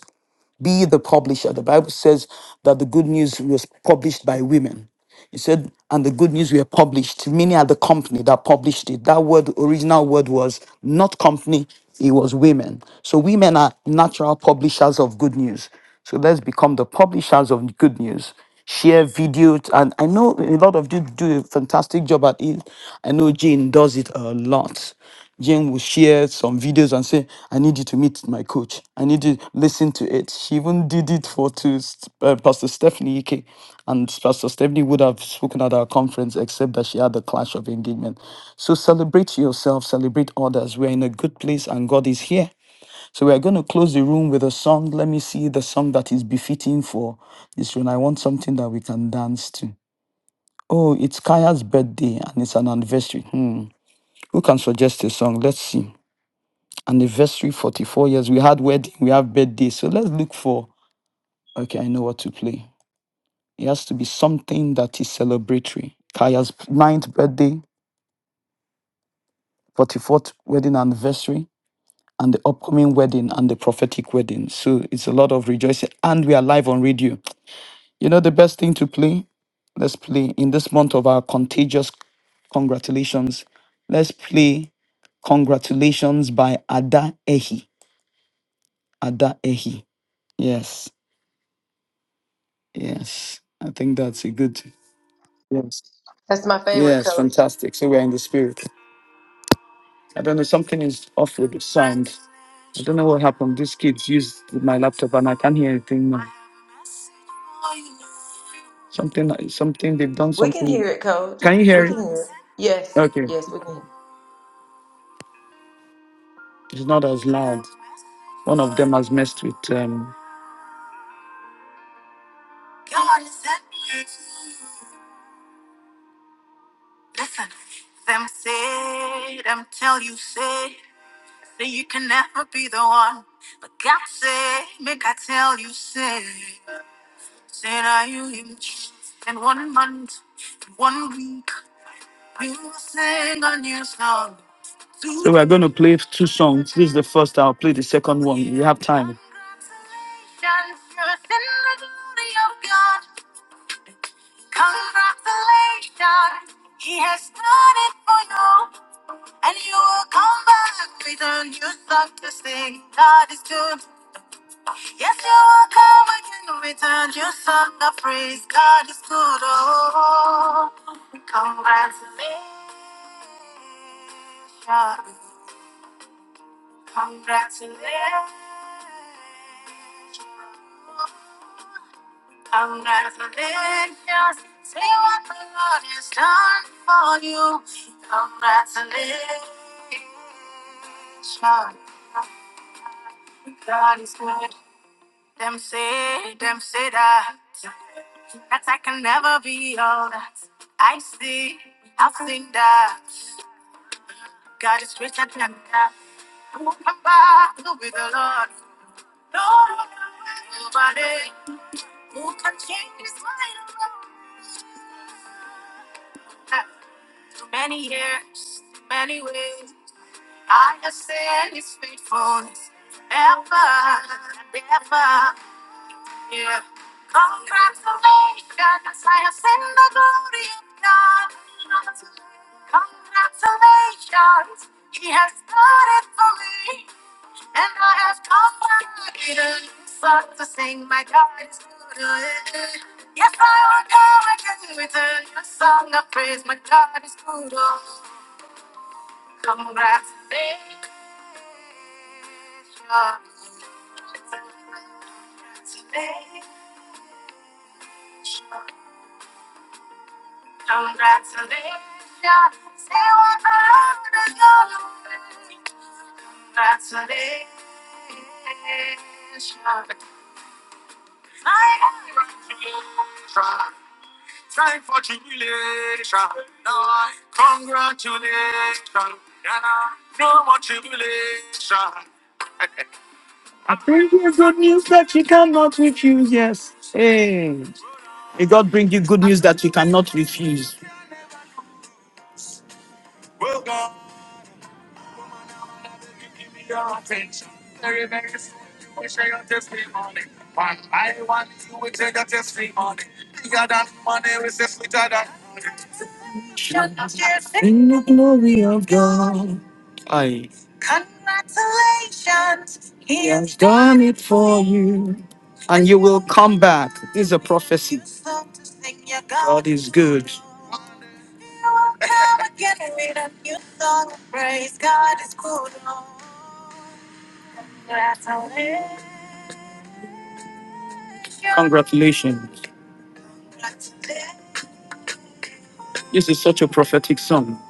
Speaker 9: Be the publisher. The Bible says that the good news was published by women. He said, and the good news were published. Many are the company that published it. That word, original word was not company, it was women. So women are natural publishers of good news. So let's become the publishers of good news. Share videos, and I know a lot of you do a fantastic job at it. I know Jane does it a lot. Jane will share some videos and say, I need you to meet my coach. I need you to listen to it. She even did it for to S- uh, Pastor Stephanie Ike. And Pastor Stephanie would have spoken at our conference, except that she had a clash of engagement. So celebrate yourself, celebrate others. We're in a good place and God is here. So we're going to close the room with a song. Let me see the song that is befitting for this room. I want something that we can dance to. Oh, it's Kaya's birthday and it's an anniversary. Hmm. Who can suggest a song? Let's see anniversary 44 years we had wedding we have birthday so let's look for okay i know what to play it has to be something that is celebratory kaya's ninth birthday 44th wedding anniversary and the upcoming wedding and the prophetic wedding so it's a lot of rejoicing and we are live on radio you know the best thing to play let's play in this month of our contagious congratulations let's play congratulations by ada ehi ada ehi yes Yes, I think that's a good. Yes,
Speaker 2: That's my favorite,
Speaker 9: yes,
Speaker 2: coach.
Speaker 9: fantastic. So we're in the spirit. I don't know, something is off with the sound. I don't know what happened. These kids used my laptop and I can't hear anything now. Something, something, they've done
Speaker 2: We can
Speaker 9: something.
Speaker 2: hear it, Coach.
Speaker 9: Can you hear
Speaker 2: We
Speaker 9: it?
Speaker 2: can hear. It. Yes.
Speaker 9: Okay,
Speaker 2: Yes, we can. hear it.
Speaker 9: it's not as loud. One of them has messed with. Um... God said, listen, them said, them tell you, say, that you can never be the one. But God said, make I tell you, say. Then I you him in one month, one week, you sang a new song. So we're going to play two songs. This is the first. I'll play the second one. We have time. Congratulations, you're in the glory of God. Congratulations, He has done it for you, and you will come back with a new song to sing. God is good. Yes, you are come again in return. You sung the praise. God is good. Oh, congratulations. Congratulations. Congratulations. See what the Lord has done for you. Congratulations. God is good. Them say, them say that. That I can never be all that. I see, I've seen that. God is richer than that. Who can battle with the Lord? No, nobody. Who can change his mind? After many years, many ways, I have seen his faithfulness. Ever, ever. Yeah. Congratulations, I have seen the glory of God. Congratulations, He has done it for me, and I have come back again. But to sing my God is good. Yes, I will come again with a new song of praise. My God is good. Congratulations. Congratulations. Congratulations, you are out of your way. Congratulations. Try, try for tribulation. No, congratulations. Yeah, No more tribulation. May God bring you good news that you cannot refuse. Well done. Give me your attention. Very, very soon you will share your testimony. One by one you will share your testimony. Bigger than money, we say sweeter than money. In the glory of God. Aye, congratulations. He has done it for you. And you will come back. This is a prophecy. God is good. You will come again with a new song. Praise God is good. Congratulations. This is such a prophetic song.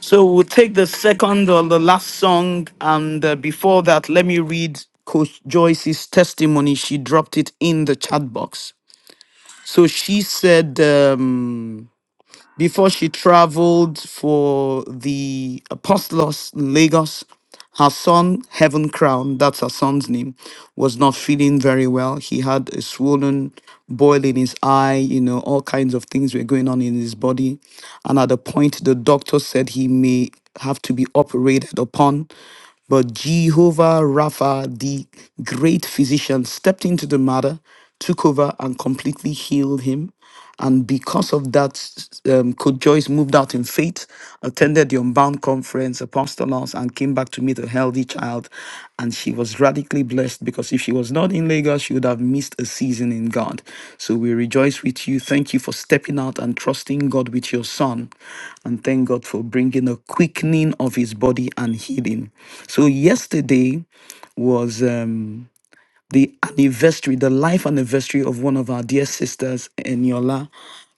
Speaker 9: So we'll take the second or the last song. And uh, before that, let me read Coach Joyce's testimony. She dropped it in the chat box. So she said, um, before she traveled for the Apostolos in Lagos, her son, Heaven Crown, that's her son's name, was not feeling very well. He had a swollen boil in his eye, you know, all kinds of things were going on in his body. And at the point, the doctor said he may have to be operated upon. But Jehovah Rapha, the great physician, stepped into the matter, took over, and completely healed him. And because of that, um, Coach Joyce moved out in faith, attended the Unbound conference, apostles, and came back to meet a healthy child out. And she was radically blessed because if she was not in Lagos, she would have missed a season in God. So we rejoice with you. Thank you for stepping out and trusting God with your son. And thank God for bringing a quickening of his body and healing. So yesterday was. um, the anniversary, the life anniversary of one of our dear sisters, Eniola.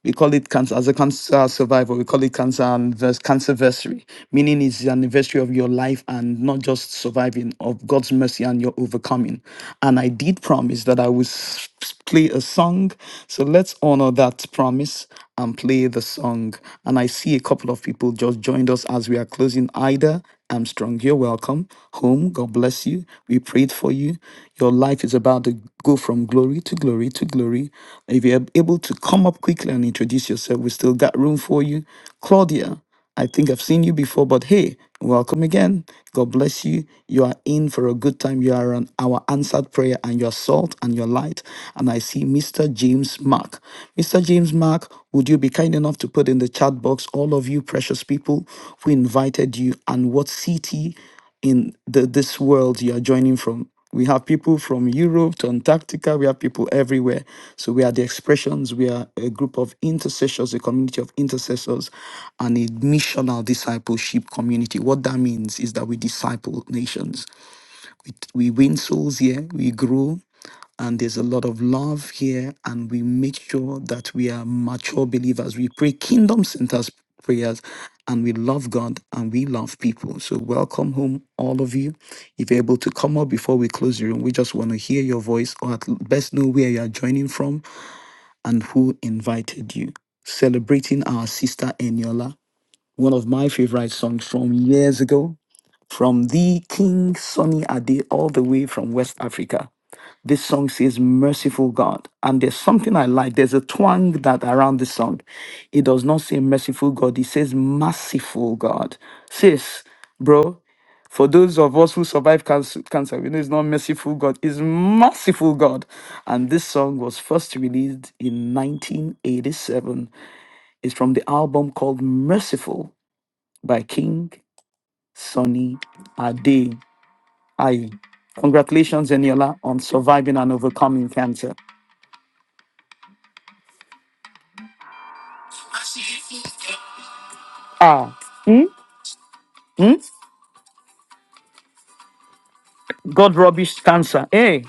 Speaker 9: We call it cancer as a cancer survivor. We call it cancer anniversary, cancerversary, meaning it's the anniversary of your life and not just surviving of God's mercy and your overcoming. And I did promise that I would s- s- play a song, so let's honor that promise and play the song. And I see a couple of people just joined us as we. are we are closing, Ida Armstrong, you're welcome home. God bless you. We prayed for you. Your life is about to go from glory to glory to glory. If you're able to come up quickly and introduce yourself, we still got room for you. Claudia, I think I've seen you before, but hey, welcome again. God bless you. You are in for a good time. You are on our answered prayer and your salt and your light. And I see Mr. James James Mark. Mr. James Mark, would you be kind enough to put in the chat box all of you precious people who invited you and what city in the, this world you are joining from? We have people from Europe to Antarctica. We have people everywhere. So we are the expressions. We are a group of intercessors, a community of intercessors, and a missional discipleship community. What that means is that we disciple nations. We win souls here, we grow, and there's a lot of love here, and we make sure that we are mature believers. We pray kingdom centers prayers, and we love God and we love people. So, welcome home, all of you. If you're able to come up before we close the room, we just want to hear your voice, or at l- best know where you are joining from and who invited you. Celebrating our sister Eniola, one of my favorite songs from years ago from thee, King Sunny Ade, all the way from West Africa. This song says, Merciful God. And there's something I like. There's a twang that around this song. It does not say merciful God, it says merciful God. Sis, bro, for those of us who survive cancer, cancer, we know it's not merciful God, it's merciful God. And this song was first released in 1987. It's from the album called Merciful by King Sunny Ade. Aye. Congratulations, Eniola, on surviving and overcoming cancer. Ah, hmm? God rubbish cancer. Hey,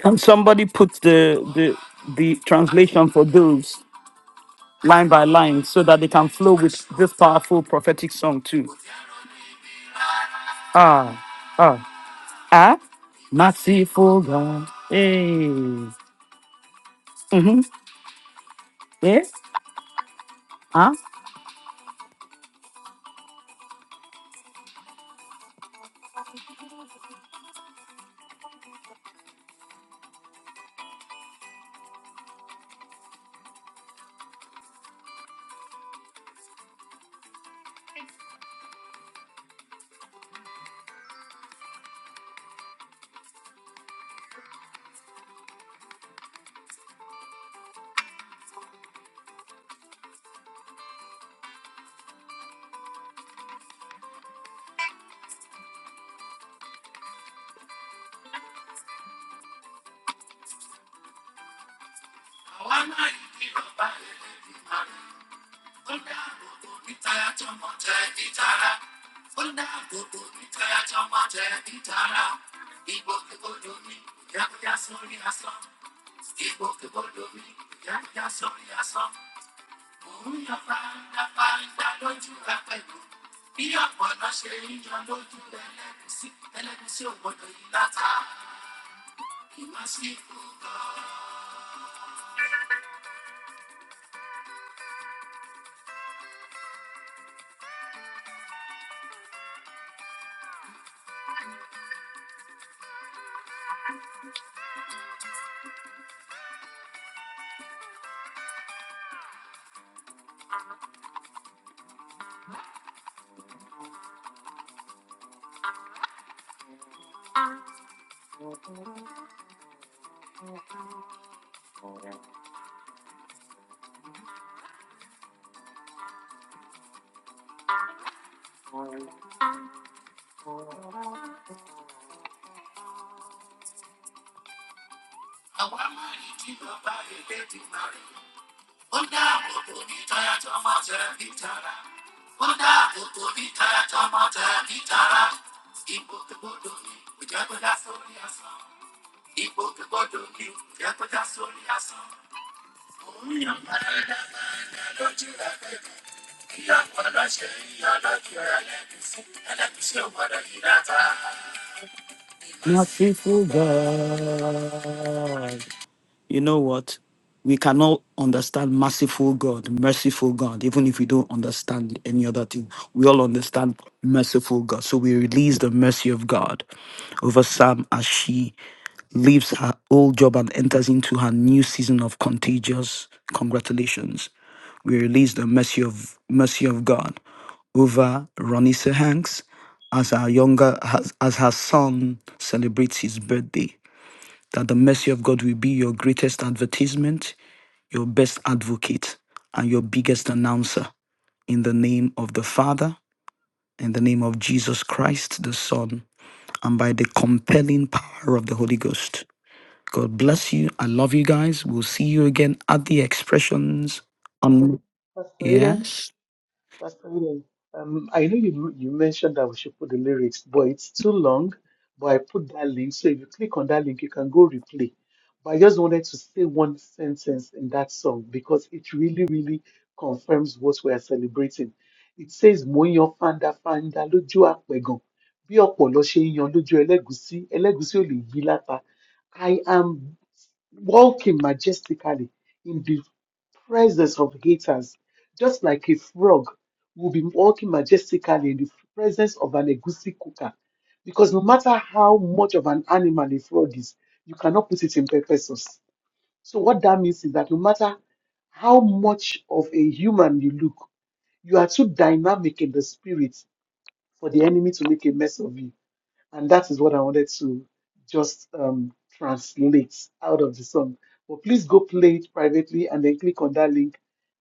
Speaker 9: can somebody put the the the translation for those line by line so that they can flow with this powerful prophetic song too? Merciful God, you know what? We cannot understand merciful God, merciful God, even if we don't understand any other thing. We all understand merciful God. So we release the mercy of God over Sam as she leaves her old job and enters into her new season of contagious congratulations. We release the mercy of mercy of God over Ronisa Hanks as our younger as, as her son celebrates his birthday that the mercy of God will be your greatest advertisement, your best advocate, and your biggest announcer in the name of the Father, in the name of Jesus Christ, the Son, and by the compelling power of the Holy Ghost. God bless you. I love you guys. We'll see you again at the expressions on
Speaker 8: Pastor Eden,
Speaker 9: yes.
Speaker 8: Pastor Eden. Um, I know you you mentioned that we should put the lyrics, but it's too long. But I put that link, so if you click on that link, you can go replay. But I just wanted to say one sentence in that song because it really, really confirms what we are celebrating. It says, "Mo ń yan fanda fanda lójú àpẹ̀gàn, bí ọ̀pọ̀ lọ ṣe ń yan lójú ẹlẹ́gùúsí, ẹlẹ́gùúsí ò lè yí láta. I am walking majestically in the presence of haters, just like a frog will be walking majestically in the presence of an egusi cooker. Because no matter how much of an animal a frog is, you cannot put it in pepper sauce. So what that means is that no matter how much of a human you look, you are too dynamic in the spirit for the enemy to make a mess of you. And that is what I wanted to just um, translate out of the song. But please go play it privately and then click on that link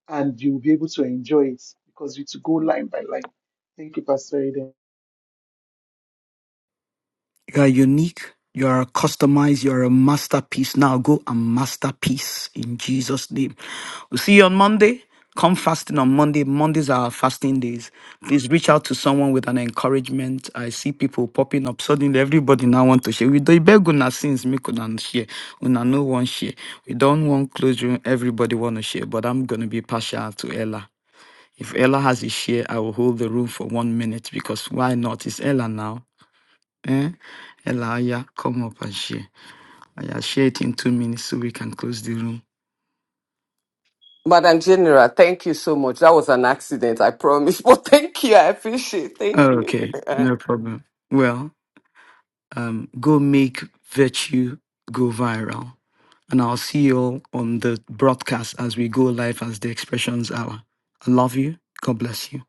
Speaker 8: and you'll be able to enjoy it because it's go line by line. Thank you, Pastor Eden.
Speaker 9: You are unique. You are customized. You are a masterpiece. Now go and masterpiece in Jesus' name. We'll see you on Monday. Come fasting on Monday. Mondays are our fasting days. Please reach out to someone with an encouragement. I see people popping up. Suddenly, everybody now want to share. We don't beg una sins, make una share. Una no one share. We don't want close room. Everybody want to share. But I'm going to be partial to Ella. If Ella has a share, I will hold the room for one minute because why not? It's Ella now. Eh? Ella, Aya, come up and share. Aya, share it in two minutes so we can close the room.
Speaker 13: Madam General, thank you so much. That was an accident, I promise. But thank you. I appreciate it. Thank
Speaker 9: Oh,
Speaker 13: you.
Speaker 9: okay,
Speaker 13: Uh,
Speaker 9: no problem. Well, um, go make virtue go viral. And I'll see you all on the broadcast as we go live as the expressions hour. I love you. God bless you.